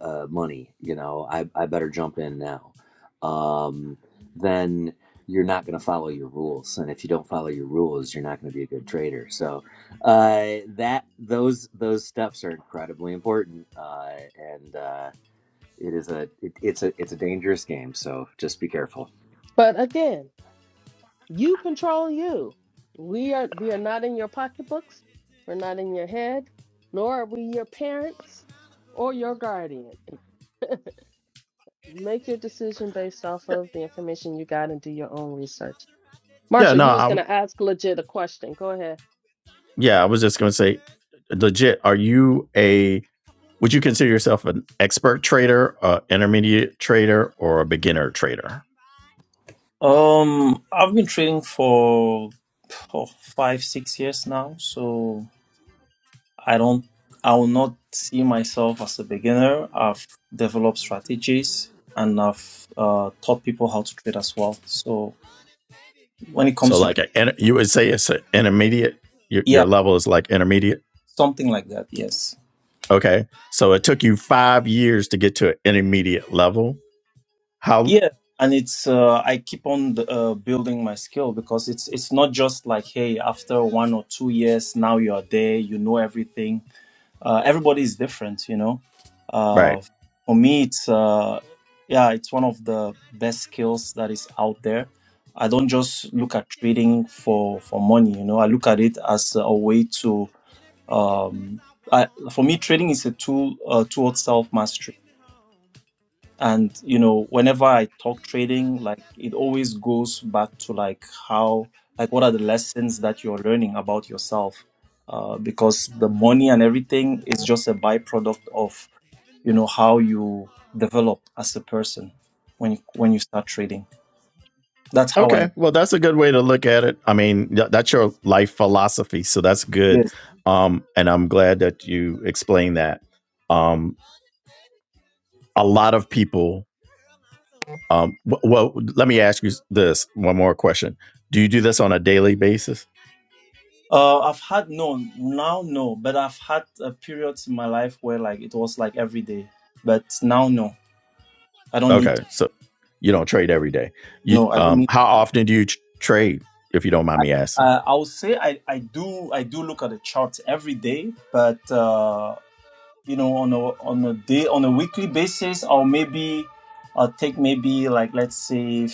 [SPEAKER 4] uh, money. You know, I, I better jump in now. Um, then you're not going to follow your rules. And if you don't follow your rules, you're not going to be a good trader. So uh, that those those steps are incredibly important. Uh, and uh, it is a it, it's a it's a dangerous game. So just be careful.
[SPEAKER 2] But again, You control you. We are we are not in your pocketbooks. We're not in your head, nor are we your parents or your guardian. Make your decision based off of the information you got and do your own research.
[SPEAKER 1] Yeah,
[SPEAKER 2] Marshall,
[SPEAKER 1] no,
[SPEAKER 2] you was
[SPEAKER 1] I,
[SPEAKER 2] gonna ask legit a question. Go ahead.
[SPEAKER 1] yeah, I was just going to say, legit, are you a, would you consider yourself an expert trader, a intermediate trader, or a beginner trader?
[SPEAKER 3] Um, I've been trading for oh, five, six years now, so I don't, I will not see myself as a beginner. I've developed strategies and I've uh, taught people how to trade as well. So when it
[SPEAKER 1] So,
[SPEAKER 3] comes to,
[SPEAKER 1] like, a, you would say it's an intermediate, your,
[SPEAKER 3] yeah,
[SPEAKER 1] your level is like intermediate.
[SPEAKER 3] something like that, yes,
[SPEAKER 1] Okay. So it took you five years to get to an intermediate level. How,
[SPEAKER 3] yeah. And it's uh, I keep on uh, building my skill because it's it's not just like hey after one or two years now you are there you know everything uh, everybody is different you know
[SPEAKER 1] right.
[SPEAKER 3] uh, for me it's uh, yeah it's one of the best skills that is out there i don't just look at trading for for money you know i look at it as a way to um, I, for me trading is a tool uh, towards self and you know whenever i talk trading like it always goes back to like how like what are the lessons that you're learning about yourself uh, because the money and everything is just a byproduct of you know how you develop as a person when you when you start trading that's how i
[SPEAKER 1] Okay. Well, that's a good way to look at it. I mean, th- that's your life philosophy. So that's good.
[SPEAKER 3] yes
[SPEAKER 1] Um, and I'm glad that you explained that. Um, a lot of people. Um, well, let me ask you this one more question. Do you do this on a daily basis?
[SPEAKER 3] uh, i've had no now no but i've had uh, periods in my life where like it was like every day but now no i don't need to,
[SPEAKER 1] Okay, so you don't trade every day. You
[SPEAKER 3] no i don't need
[SPEAKER 1] um, how often do you tr- trade? If you don't mind
[SPEAKER 3] I,
[SPEAKER 1] me asking,
[SPEAKER 3] uh, I would say I, I do I do look at the charts every day, but uh, you know on a on a day on a weekly basis, I'll maybe I'll take maybe like let's say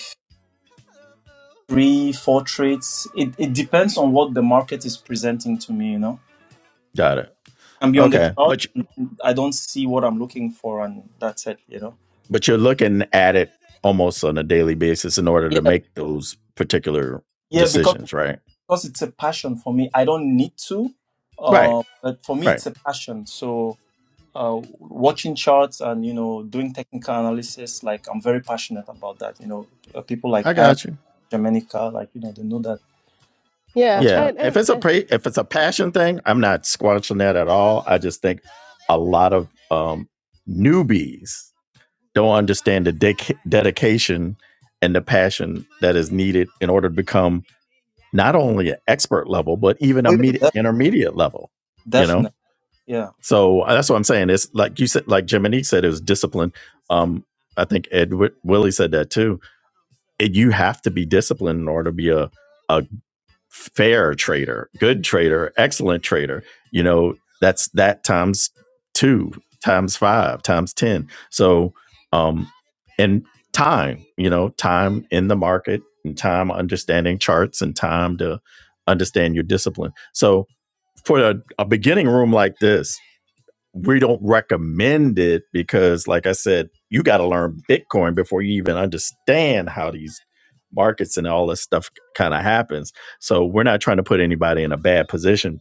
[SPEAKER 3] three four trades. It it depends on what the market is presenting to me. You know,
[SPEAKER 1] got it.
[SPEAKER 3] I'm on the
[SPEAKER 1] Okay,
[SPEAKER 3] chart.
[SPEAKER 1] but
[SPEAKER 3] and I don't see what I'm looking for, and that's it. You know.
[SPEAKER 1] but you're looking at it almost on a daily basis in order to
[SPEAKER 3] Yeah,
[SPEAKER 1] make those particular
[SPEAKER 3] yeah, because
[SPEAKER 1] decisions, right?
[SPEAKER 3] because it's a passion for me. I don't need to,
[SPEAKER 1] Right,
[SPEAKER 3] uh, but for me
[SPEAKER 1] right.
[SPEAKER 3] it's a passion. So uh, watching charts and you know doing technical analysis like i'm very passionate about that you know uh, people like
[SPEAKER 1] I
[SPEAKER 3] am
[SPEAKER 1] got you.
[SPEAKER 3] Germanica, like you know they know that
[SPEAKER 2] Yeah,
[SPEAKER 3] that's what
[SPEAKER 1] Yeah,
[SPEAKER 3] i
[SPEAKER 2] and
[SPEAKER 1] if
[SPEAKER 2] and,
[SPEAKER 1] it's a
[SPEAKER 2] and
[SPEAKER 1] pra- if it's a passion thing, I'm not squashing that at all. I just think a lot of um, newbies don't understand the dec dedication and the passion that is needed in order to become not only an expert level but even
[SPEAKER 3] oh,
[SPEAKER 1] a
[SPEAKER 3] yeah,
[SPEAKER 1] medi-
[SPEAKER 3] def-
[SPEAKER 1] intermediate level. You know,
[SPEAKER 3] definitely yeah
[SPEAKER 1] so uh, that's what I'm saying. It's like you said, like Jiminy said, it was discipline. Um, I think Ed Wi- Willie said that too. It, you have to be disciplined in order to be a, a fair trader, good trader, excellent trader, you know, that's that times two, times five, times 10. So, um, and time, you know, time in the market and time understanding charts and time to understand your discipline. So, for a, a beginning room like this, we don't recommend it because like i said you got to learn bitcoin before you even understand how these markets and all this stuff kind of happens so we're not trying to put anybody in a bad position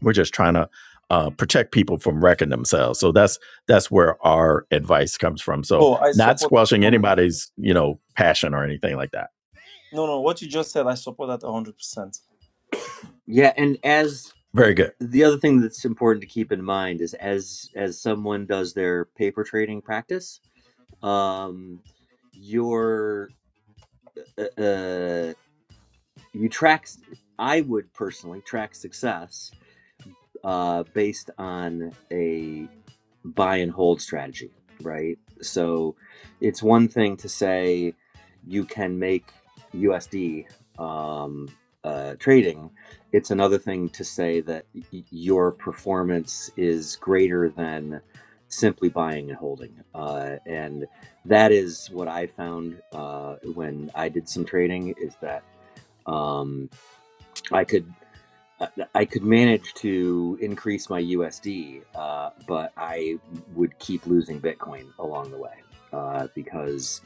[SPEAKER 1] we're just trying to uh, protect people from wrecking themselves so that's that's where our advice comes from so
[SPEAKER 3] oh i
[SPEAKER 1] not
[SPEAKER 3] support
[SPEAKER 1] squashing
[SPEAKER 3] 100
[SPEAKER 1] anybody's you know passion or anything like that
[SPEAKER 3] no no what you just said i support that 100%
[SPEAKER 4] Yeah, and as
[SPEAKER 1] very good
[SPEAKER 4] the other thing that's important to keep in mind is as as someone does their paper trading practice, um, your uh, uh, you track. s- I would personally track success uh, based on a buy and hold strategy, right? So it's one thing to say you can make USD um, uh, trading. It's another thing to say that y- your performance is greater than simply buying and holding. Uh, and that is what I found uh, when I did some trading is that um, I could I I could manage to increase my USD, uh, but I would keep losing Bitcoin along the way uh, because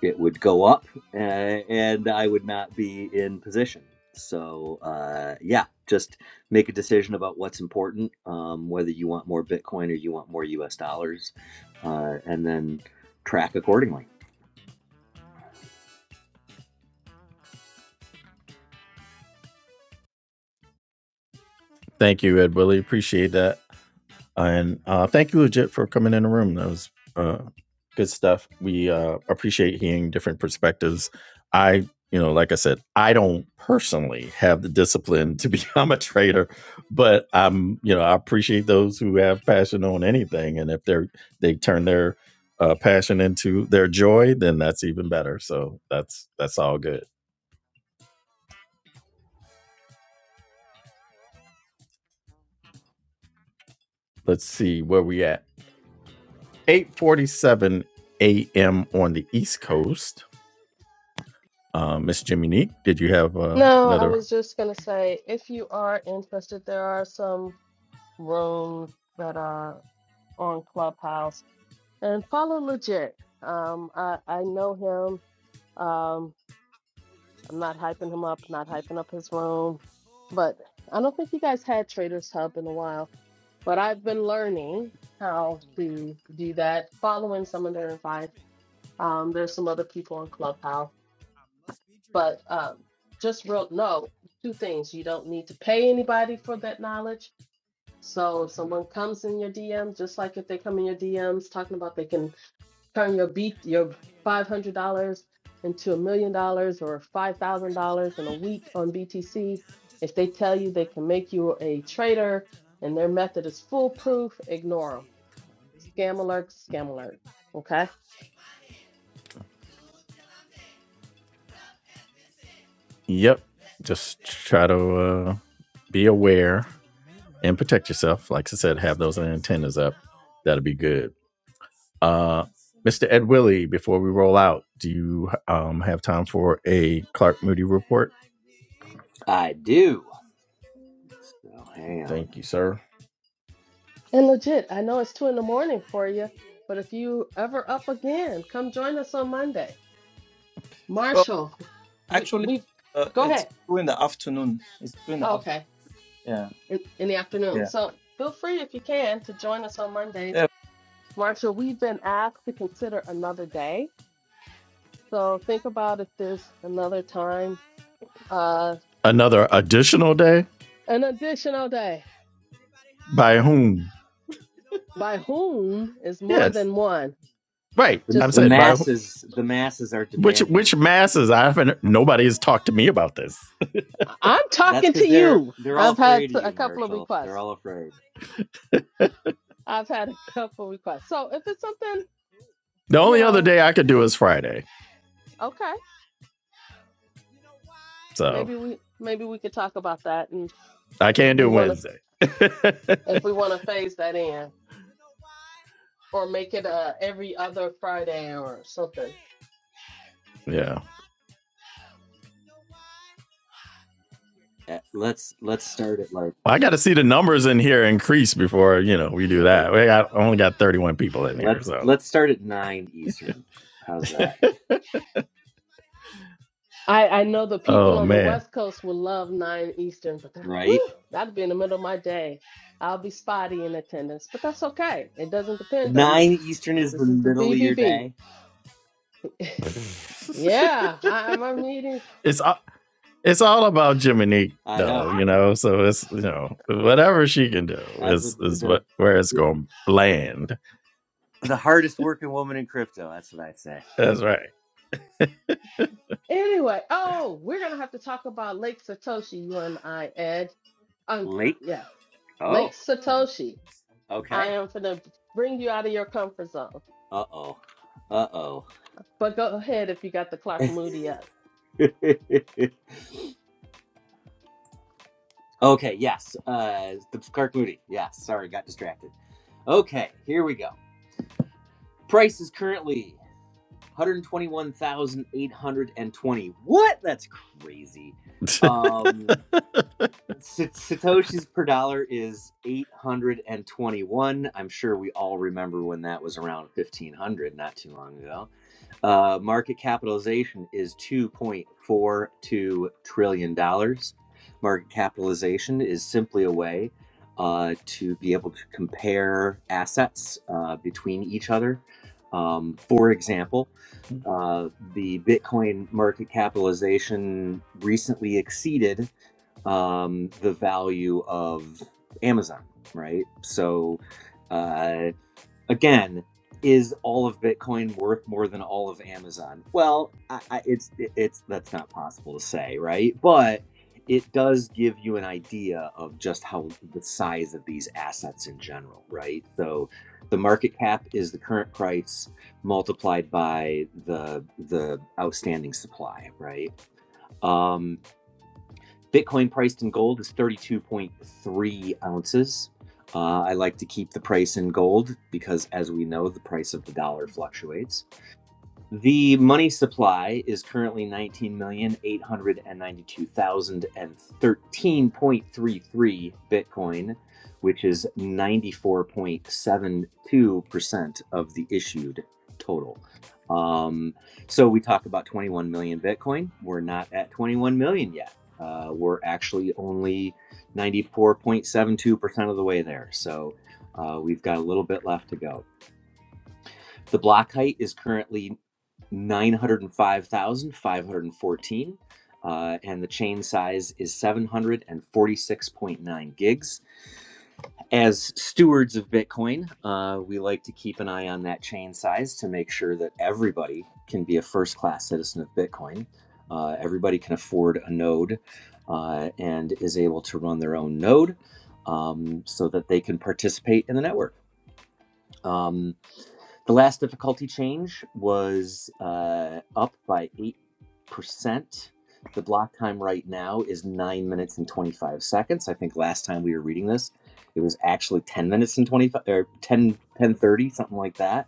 [SPEAKER 4] it would go up uh, and I would not be in position. So, uh, yeah, just make a decision about what's important, um, whether you want more Bitcoin or you want more US dollars, uh, and then track accordingly.
[SPEAKER 1] thank you ed willie appreciate that And uh, thank you, Legit, for coming in the room. That was uh, good stuff. We uh, appreciate hearing different perspectives. I, you know, like I said, I don't personally have the discipline to (laughs) become a trader, but I'm, you know, I appreciate those who have passion on anything. And if they're, they turn their uh, passion into their joy, then that's even better. So that's, that's all good. Let's see where we at. 847 a.m. on the East Coast. Uh, Miss Jimmy Neat, did you have uh,
[SPEAKER 2] no, I
[SPEAKER 1] another?
[SPEAKER 2] was just gonna say if you are interested, there are some rooms that are on Clubhouse and follow legit. Um, I I know him. I'm not hyping him up, not hyping up his room. But I don't think you guys had Traders Hub in a while. But I've been learning how to do that, following some of their advice. Um, there's some other people on Clubhouse, but um, just real no two things. You don't need to pay anybody for that knowledge. So if someone comes in your DM, just like if they come in your DMs talking about they can turn your beat your five hundred dollars into a million dollars or five thousand dollars in a week on BTC. If they tell you they can make you a trader and their method is foolproof, ignore them. Scam alert, scam alert. Okay?
[SPEAKER 1] Yep. Just try to uh, be aware and protect yourself. Like I said, have those antennas up. That'll be good. Uh, Mr. Ed Willie, before we roll out, do you um, have time for a Clark Moody report?
[SPEAKER 4] I do. So, hang on.
[SPEAKER 1] Thank you, sir.
[SPEAKER 2] And legit, I know it's two in the morning for you, but if you ever up again, come join us on Monday.
[SPEAKER 3] well
[SPEAKER 2] Marshall, we
[SPEAKER 3] actually
[SPEAKER 2] we
[SPEAKER 3] uh,
[SPEAKER 2] go
[SPEAKER 3] it's
[SPEAKER 2] ahead.
[SPEAKER 3] two in the afternoon it's two in the
[SPEAKER 2] Oh,
[SPEAKER 3] afternoon
[SPEAKER 2] okay.
[SPEAKER 3] yeah
[SPEAKER 2] In, in the afternoon.
[SPEAKER 3] yeah
[SPEAKER 2] So feel free if you can to join us on Mondays
[SPEAKER 3] yeah
[SPEAKER 2] Marcia, we've been asked to consider another day. So think about if there's another time, uh,
[SPEAKER 1] Another additional day
[SPEAKER 2] an additional day.
[SPEAKER 1] by whom?
[SPEAKER 2] By whom is more
[SPEAKER 1] Yes,
[SPEAKER 2] than one?
[SPEAKER 1] right.
[SPEAKER 4] The
[SPEAKER 1] I'm
[SPEAKER 2] Just,
[SPEAKER 4] the
[SPEAKER 1] saying by who-
[SPEAKER 4] masses, the masses are
[SPEAKER 1] which
[SPEAKER 4] demanding
[SPEAKER 1] which masses? I haven't. Nobody has talked to me about this.
[SPEAKER 2] I- am
[SPEAKER 4] That's
[SPEAKER 2] talking
[SPEAKER 4] because
[SPEAKER 2] to
[SPEAKER 4] they're
[SPEAKER 2] you.
[SPEAKER 4] they're all
[SPEAKER 2] I've had
[SPEAKER 4] afraid of
[SPEAKER 2] a
[SPEAKER 4] you,
[SPEAKER 2] couple of
[SPEAKER 4] Marshall. They're
[SPEAKER 2] requests.
[SPEAKER 4] all afraid.
[SPEAKER 2] I've had a (laughs) couple of requests. So if it's something,
[SPEAKER 1] The
[SPEAKER 2] you
[SPEAKER 1] only other
[SPEAKER 2] know,
[SPEAKER 1] day I could do is Friday,
[SPEAKER 2] okay,
[SPEAKER 1] so
[SPEAKER 2] maybe we maybe we could talk about that, and
[SPEAKER 1] I
[SPEAKER 2] if
[SPEAKER 1] can't
[SPEAKER 2] we
[SPEAKER 1] do
[SPEAKER 2] want to
[SPEAKER 1] Wednesday.
[SPEAKER 2] if we want to phase that in or make it uh every other Friday or something.
[SPEAKER 1] (laughs) yeah.
[SPEAKER 4] Uh, Let's let's start at like
[SPEAKER 1] Well, I got to see the numbers in here increase before you know we do
[SPEAKER 4] right.
[SPEAKER 1] that. We got only got 31 people in here,
[SPEAKER 4] Let's
[SPEAKER 1] so
[SPEAKER 4] let's start at nine Eastern. How's that?
[SPEAKER 2] I, I know the people
[SPEAKER 1] oh
[SPEAKER 2] on the
[SPEAKER 1] man,
[SPEAKER 2] West Coast will love 9 Eastern, but that,
[SPEAKER 4] Right.
[SPEAKER 2] whew, that'd be in the middle of my day. I'll be spotty in attendance, but that's okay. It doesn't depend on me.
[SPEAKER 4] Nine Eastern is the
[SPEAKER 2] This is the
[SPEAKER 4] middle of your
[SPEAKER 2] BBB.
[SPEAKER 4] day.
[SPEAKER 1] (laughs) it's
[SPEAKER 2] Yeah, I, my meetings.
[SPEAKER 1] a- it's all about Jiminique
[SPEAKER 4] I
[SPEAKER 1] though,
[SPEAKER 4] know.
[SPEAKER 1] you
[SPEAKER 2] ah.
[SPEAKER 1] know. So it's you know whatever she can do
[SPEAKER 4] That's a,
[SPEAKER 1] is is
[SPEAKER 4] the
[SPEAKER 1] what where it's going to land.
[SPEAKER 4] the hardest working woman in crypto. That's what I'd say.
[SPEAKER 1] That's right.
[SPEAKER 2] Anyway, oh, we're going to have to talk about Lake Satoshi, you and I, Ed. Um,
[SPEAKER 4] Late.
[SPEAKER 2] yeah, Lake
[SPEAKER 4] Oh.
[SPEAKER 2] Satoshi. I
[SPEAKER 4] Okay.
[SPEAKER 2] am going to bring you out of your comfort zone.
[SPEAKER 4] Uh oh. Uh oh.
[SPEAKER 2] But go ahead if you got the clock moody up.
[SPEAKER 4] (laughs) okay. Yes. Uh, the Clark Moody. Yes. Sorry, got distracted. Okay, here we go. Price is currently 121,820. What? That's crazy.
[SPEAKER 1] (laughs)
[SPEAKER 4] Um Satoshis per dollar is 821. I'm sure we all remember when that was around 1500 not too long ago. Uh, market capitalization is $2.42 trillion. dollars. Market capitalization is simply a way uh, to be able to compare assets uh, between each other. Um, for example, uh, the Bitcoin market capitalization recently exceeded um, the value of Amazon, right? So uh, again is all of bitcoin worth more than all of amazon well I, I, it's it's that's not possible to say right but it does give you an idea of just how the size of these assets in general right so the market cap is the current price multiplied by the the outstanding supply right Um, Bitcoin priced in gold is 32.3 ounces. Uh, I like to keep the price in gold because, as we know, the price of the dollar fluctuates. The money supply is currently 19,892,013.33 Bitcoin, which is 94.72% of the issued total. Um, so we talk about 21 million Bitcoin. We're not at 21 million yet. Uh, we're actually only 94.72% of the way there. So uh, we've got a little bit left to go. The block height is currently 905,514, uh, and the chain size is 746.9 gigs. As stewards of Bitcoin, uh, we like to keep an eye on that chain size to make sure that everybody can be a first class citizen of Bitcoin. Uh, everybody can afford a node uh, and is able to run their own node um, so that they can participate in the network. Um, the last difficulty change was uh, up by 8%. The block time right now is 9 minutes and 25 seconds. I think last time we were reading this, it was actually 10 minutes and 25 or 10 1030 something like that.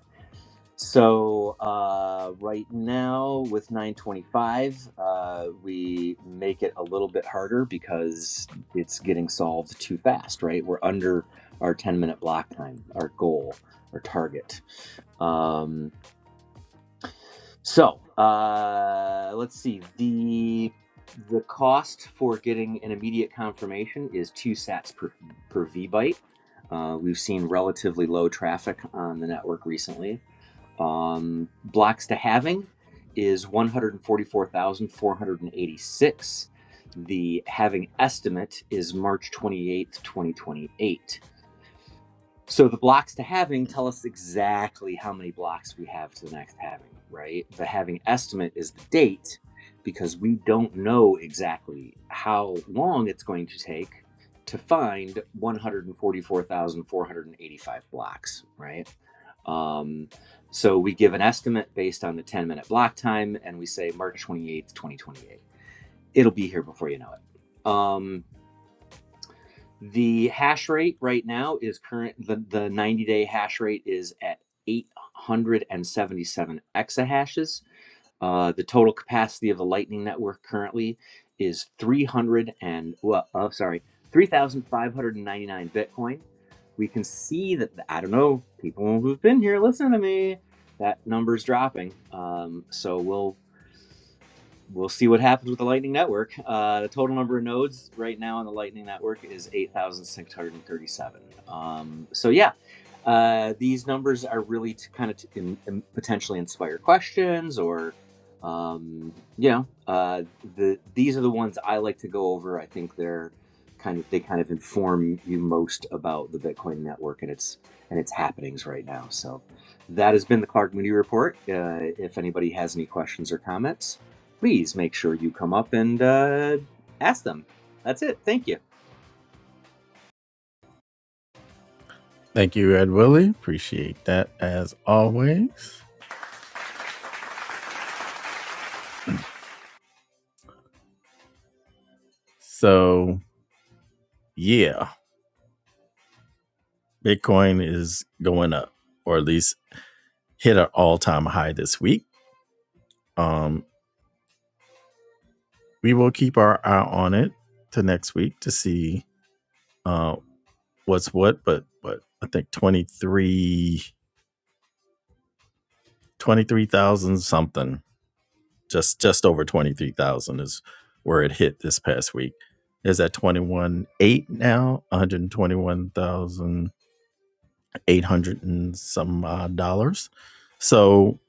[SPEAKER 4] So uh, right now with 925, uh, we make it a little bit harder because it's getting solved too fast, right? We're under our 10 minute block time, our goal, our target. Um, so uh, let's see. The the cost for getting an immediate confirmation is two sats per per vbyte. Uh, we've seen relatively low traffic on the network recently. Um, blocks to having is 144,486. The having estimate is March 28th, 2028. So the blocks to having tell us exactly how many blocks we have to the next having, right? The having estimate is the date because we don't know exactly how long it's going to take to find 144,485 blocks, right? Um, so we give an estimate based on the 10 minute block time and we say March 28th, 2028. It'll be here before you know it. Um, the hash rate right now is current, the, the 90 day hash rate is at 877 exahashes. Uh, the total capacity of the Lightning Network currently is 300 and, well, oh, sorry, 3,599 Bitcoin. We can see that, the, I don't know, people who've been here, listen to me, that number's dropping. Um, so we'll, we'll see what happens with the Lightning Network. Uh, the total number of nodes right now on the Lightning Network is 8,637. Um, so, yeah, uh, these numbers are really to kind of t- in, in- potentially inspire questions or, um, you know, uh, the, these are the ones I like to go over. I think they're kind of, they kind of inform you most about the Bitcoin network and its, and its happenings right now. So that has been the Clark Moody Report. Uh, if anybody has any questions or comments, please make sure you come up and uh, ask them. That's it. Thank you.
[SPEAKER 1] Thank you, Ed Willie. Appreciate that as always. so yeah, Bitcoin is going up, or at least hit an all time high this week. Um, we will keep our eye on it to next week to see uh, what's what. But but I think 23 23,000 something, just just over twenty three thousand is where it hit this past week. Is at twenty one eight now, one hundred twenty one thousand eight hundred and some odd dollars. So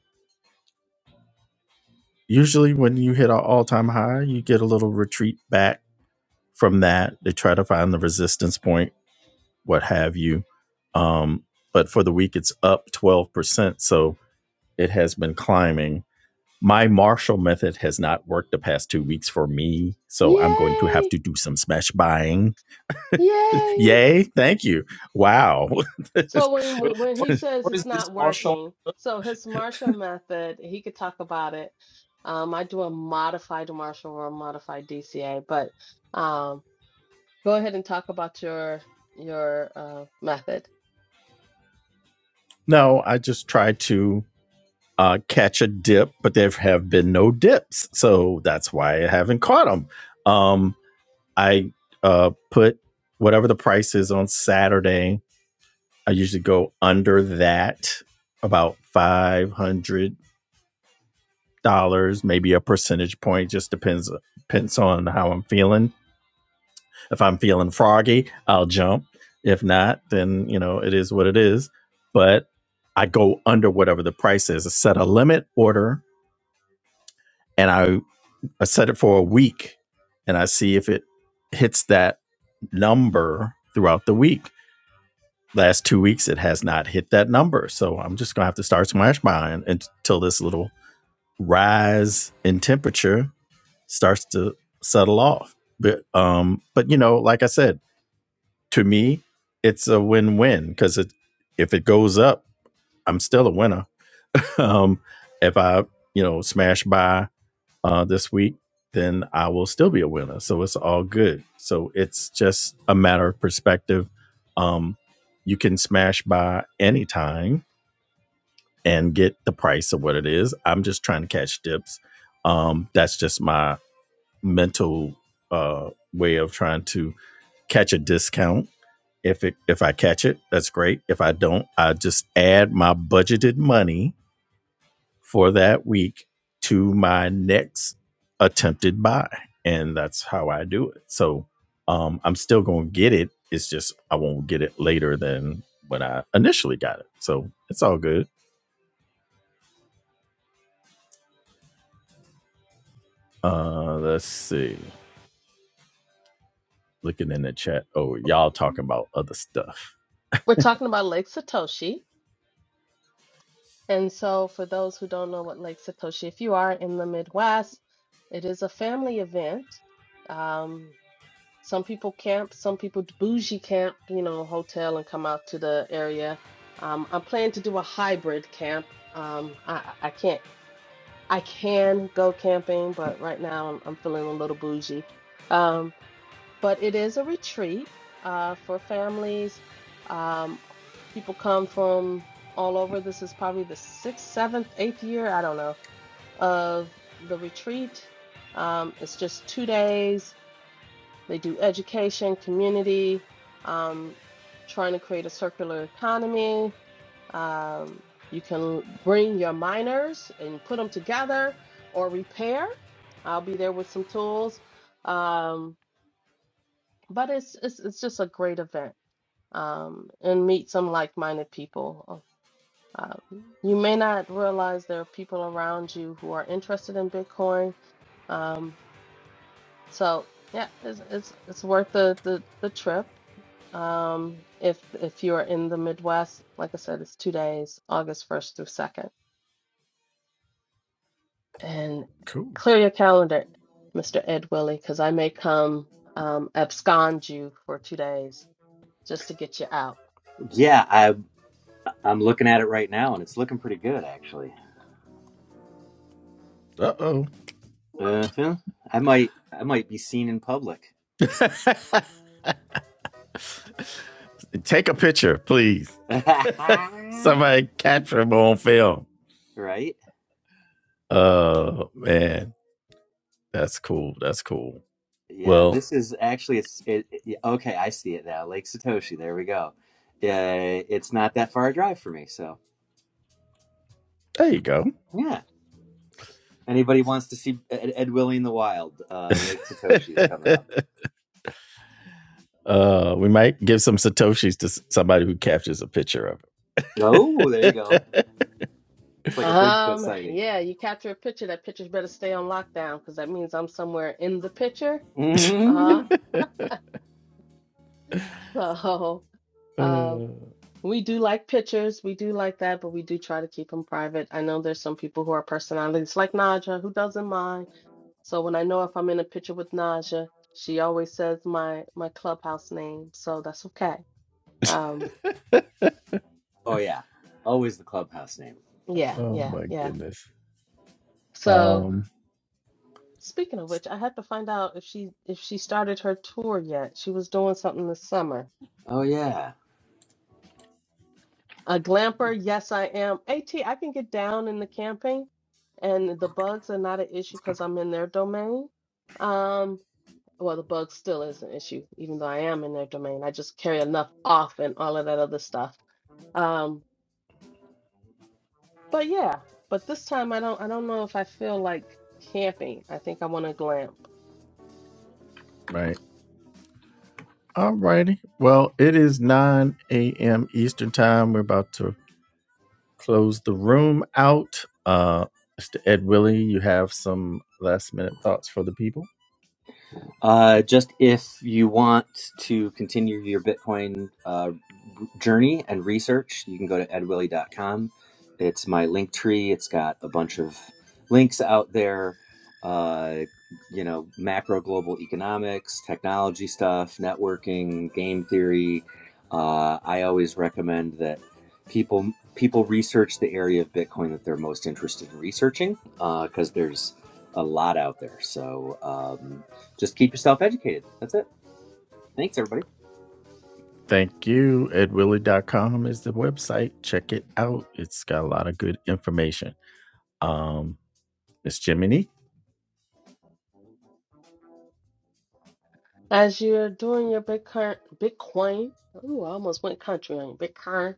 [SPEAKER 1] usually when you hit an all time high, you get a little retreat back from that. They try to find the resistance point what have you. Um, but for the week, it's up 12%. So it has been climbing. My Marshall method has not worked the past two weeks for me. So I'm going to have
[SPEAKER 2] Yay!
[SPEAKER 1] to do some smash buying.
[SPEAKER 2] Yay!
[SPEAKER 1] Yay. Thank you. Wow. (laughs)
[SPEAKER 2] So when
[SPEAKER 3] Wait,
[SPEAKER 2] when when
[SPEAKER 3] what,
[SPEAKER 2] he says
[SPEAKER 3] what
[SPEAKER 2] it's
[SPEAKER 3] is this
[SPEAKER 2] not
[SPEAKER 3] martial
[SPEAKER 2] working, so his Marshall method, he could talk about it. Um, I do a modified Marshall or a modified DCA, but um, go ahead and talk about your your uh, method.
[SPEAKER 1] no, I just try to uh, catch a dip, but there have been no dips, so that's why I haven't caught them. Um, I uh, put whatever the price is on Saturday. I usually go under that, about five hundred dollars, maybe a percentage point. Just depends depends on how I'm feeling. If I'm feeling froggy, I'll jump. If not, then you know it is what it is. But I go under whatever the price is. I set a limit order, and I I set it for a week and I see if it hits that number throughout the week. Last two weeks, it has not hit that number. So I'm just going to have to start smash mine until this little rise in temperature starts to settle off. But, um, but you know, like I said, to me, it's a win win because it, if it goes up, I'm still a winner. (laughs) Um, if I, you know, smash by uh, this week, then I will still be a winner. So it's all good. So it's just a matter of perspective. Um, you can smash by any time and get the price of what it is. I'm just trying to catch dips. Um, that's just my mental uh, way of trying to catch a discount. If it if I catch it, that's great. If I don't, I just add my budgeted money for that week to my next attempted buy. And that's how I do it. So um, I'm still going to get it. It's just I won't get it later than when I initially got it. So it's all good. Uh, let's see. Looking in the chat. Oh, y'all talking about other stuff. (laughs)
[SPEAKER 2] We're talking about Lake Satoshi, and so for those who don't know what Lake Satoshi, if you are in the Midwest, it is a family event. Um, Some people camp, some people bougie camp, you know, hotel and come out to the area. Um, I'm planning to do a hybrid camp. Um, I, I I can't, I can go camping, but right now I'm, I'm feeling a little bougie. Um, but it is a retreat uh, for families. Um, people come from all over. This is probably the sixth, seventh, eighth year, I don't know, of the retreat. Um, it's just two days they do education, community, um, trying to create a circular economy. Um, you can bring your miners and put them together or repair. I'll be there with some tools. Um, but it's, it's it's just a great event um, and meet some like-minded people. Uh, you may not realize there are people around you who are interested in Bitcoin. Um, so yeah, it's it's it's worth the the the trip. Um, if if you are in the Midwest, like I said, it's two days, August 1st through 2nd. And
[SPEAKER 1] Cool.
[SPEAKER 2] clear your calendar, Mr. Ed Willie, because I may come um, abscond you for two days just to get you out.
[SPEAKER 4] Yeah, I, I'm looking at it right now, and it's looking pretty good, actually.
[SPEAKER 1] Uh oh.
[SPEAKER 4] Uh, huh. I might, I might be seen in public.
[SPEAKER 1] Take a picture, please.
[SPEAKER 4] (laughs) right?
[SPEAKER 1] Somebody capture him on film. Oh man, that's cool. That's cool.
[SPEAKER 4] Yeah,
[SPEAKER 1] Well,
[SPEAKER 4] this is actually it's it, it- yeah, okay. I see it now. Lake Satoshi. There we go. Uh, it's not that far a drive for me. So
[SPEAKER 1] there you go.
[SPEAKER 4] yeah, anybody wants to see Ed, Ed Willie in the wild? Uh, Lake Satoshi is coming up.
[SPEAKER 1] (laughs) uh, we might give some satoshis to somebody who captures a picture of
[SPEAKER 4] Oh, there you go.
[SPEAKER 1] it.
[SPEAKER 4] It's like a Bigfoot
[SPEAKER 2] Um,
[SPEAKER 4] sighting.
[SPEAKER 2] yeah, you capture a picture, that picture better stay on lockdown because that means I'm somewhere in the picture.
[SPEAKER 1] (laughs)
[SPEAKER 4] (laughs)
[SPEAKER 2] Uh-huh. (laughs) So, uh,
[SPEAKER 1] Uh,
[SPEAKER 2] we do like pictures. We do like that, but we do try to keep them private. I know there's some people who are personalities like Naja who doesn't mind. So when I know if I'm in a picture with Naja, she always says my my clubhouse name, so that's okay. Um,
[SPEAKER 4] Oh yeah, always the clubhouse name.
[SPEAKER 2] yeah,
[SPEAKER 1] oh
[SPEAKER 2] yeah,
[SPEAKER 1] my
[SPEAKER 2] yeah.
[SPEAKER 1] goodness.
[SPEAKER 2] So
[SPEAKER 1] Um,
[SPEAKER 2] speaking of which, I had to find out if she if she started her tour yet. She was doing something this summer.
[SPEAKER 4] Oh yeah.
[SPEAKER 2] A glamper, yes, I am. AT, I can get down in the camping, and the bugs are not an issue because I'm in their domain. Um, well, the bug still is an issue, even though I am in their domain. I just carry enough off and all of that other stuff. Um, but yeah, but this time I don't. I don't know if I feel like camping. I think I want to glamp.
[SPEAKER 1] right. All righty. Well, it is 9 a.m. Eastern time. We're about to close the room out. Uh, Mr. Ed Willie, you have some last minute thoughts for the people.
[SPEAKER 4] Uh, just if you want to continue your Bitcoin uh, journey and research, you can go to ed willie dot com. It's my link tree. It's got a bunch of links out there, uh, you know, macro global economics, technology stuff, networking, game theory. Uh, I always recommend that people people research the area of Bitcoin that they're most interested in researching because there's a lot out there. So um, just keep yourself educated. That's it. Thanks, everybody.
[SPEAKER 1] Thank you. ed willie dot com is the website. Check it out. It's got a lot of good information. Um, Miss Jiminy.
[SPEAKER 2] As you're doing your Bitcoin, Bitcoin. Ooh, I almost went country on you. Bitcoin,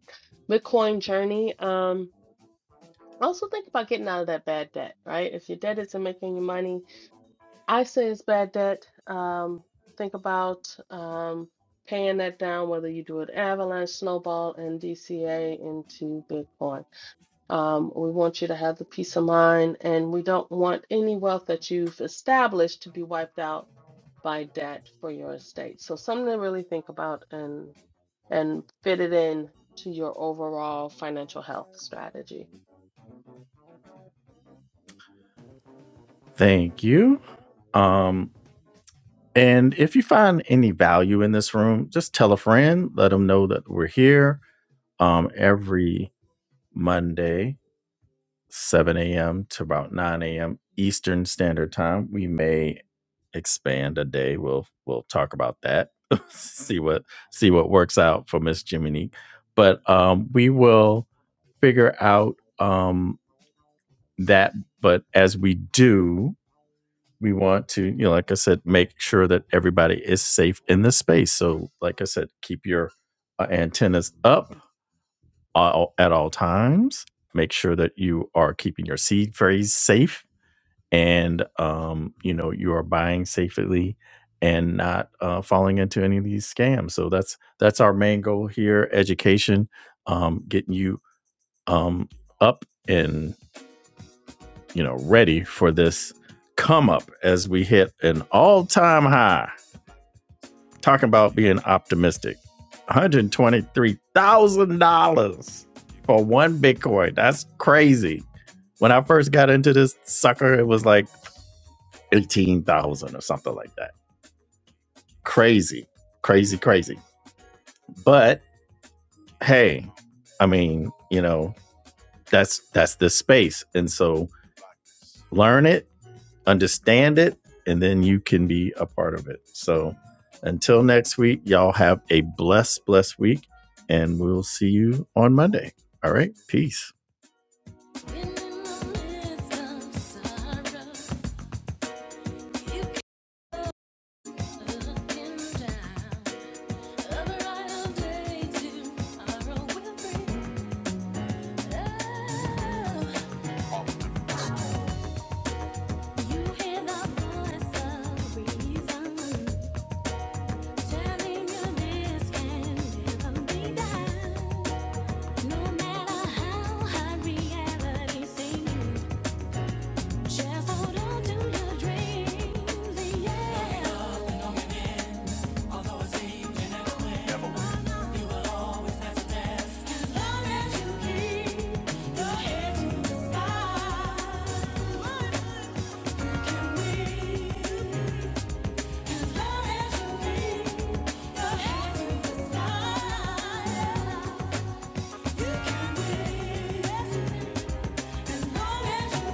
[SPEAKER 2] Bitcoin journey. Um. Also think about getting out of that bad debt, right? If your debt isn't making you money, I say it's bad debt. Um, think about um, paying that down, whether you do an avalanche, snowball, and DCA into Bitcoin. Um, we want you to have the peace of mind, and we don't want any wealth that you've established to be wiped out by debt for your estate. So something to really think about and and fit it in to your overall financial health strategy.
[SPEAKER 1] Thank you. Um, and if you find any value in this room, just tell a friend, let them know that we're here um, every Monday 7 a.m. to about 9 a.m. Eastern Standard Time. We may expand a day. We'll we'll talk about that. (laughs) see what see what works out for Miss Jiminy. But um, we will figure out um, that. But as we do, we want to, you know, like I said, make sure that everybody is safe in the space. So, like I said, keep your uh, antennas up all, at all times. Make sure that you are keeping your seed phrase safe and um, you know you are buying safely and not uh, falling into any of these scams. So that's that's our main goal here: education, um, getting you um, up and you know ready for this come up as we hit an all-time high. Talking about being optimistic, one hundred twenty-three thousand dollars for one Bitcoin. That's crazy. When I first got into this sucker, it was like eighteen thousand or something like that Crazy, crazy, crazy. But hey, I mean, you know, that's that's this space. And so learn it, understand it, and then you can be a part of it. So until next week, y'all have a blessed, blessed week, and we'll see you on Monday. All right, peace. Thank you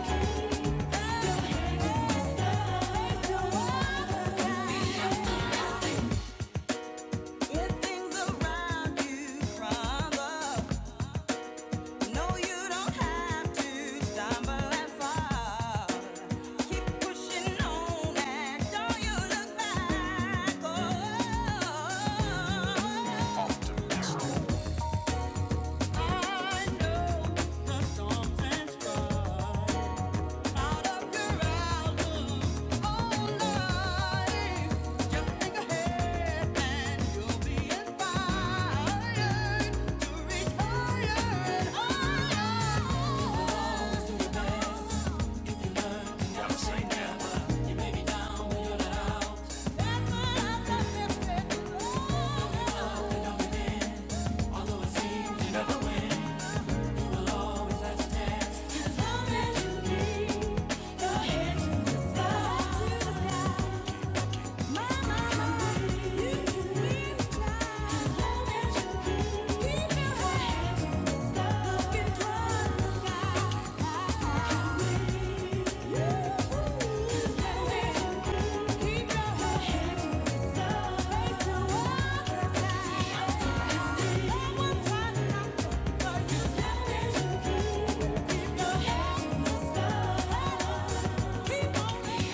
[SPEAKER 1] Keep your head in the sky. Yeah.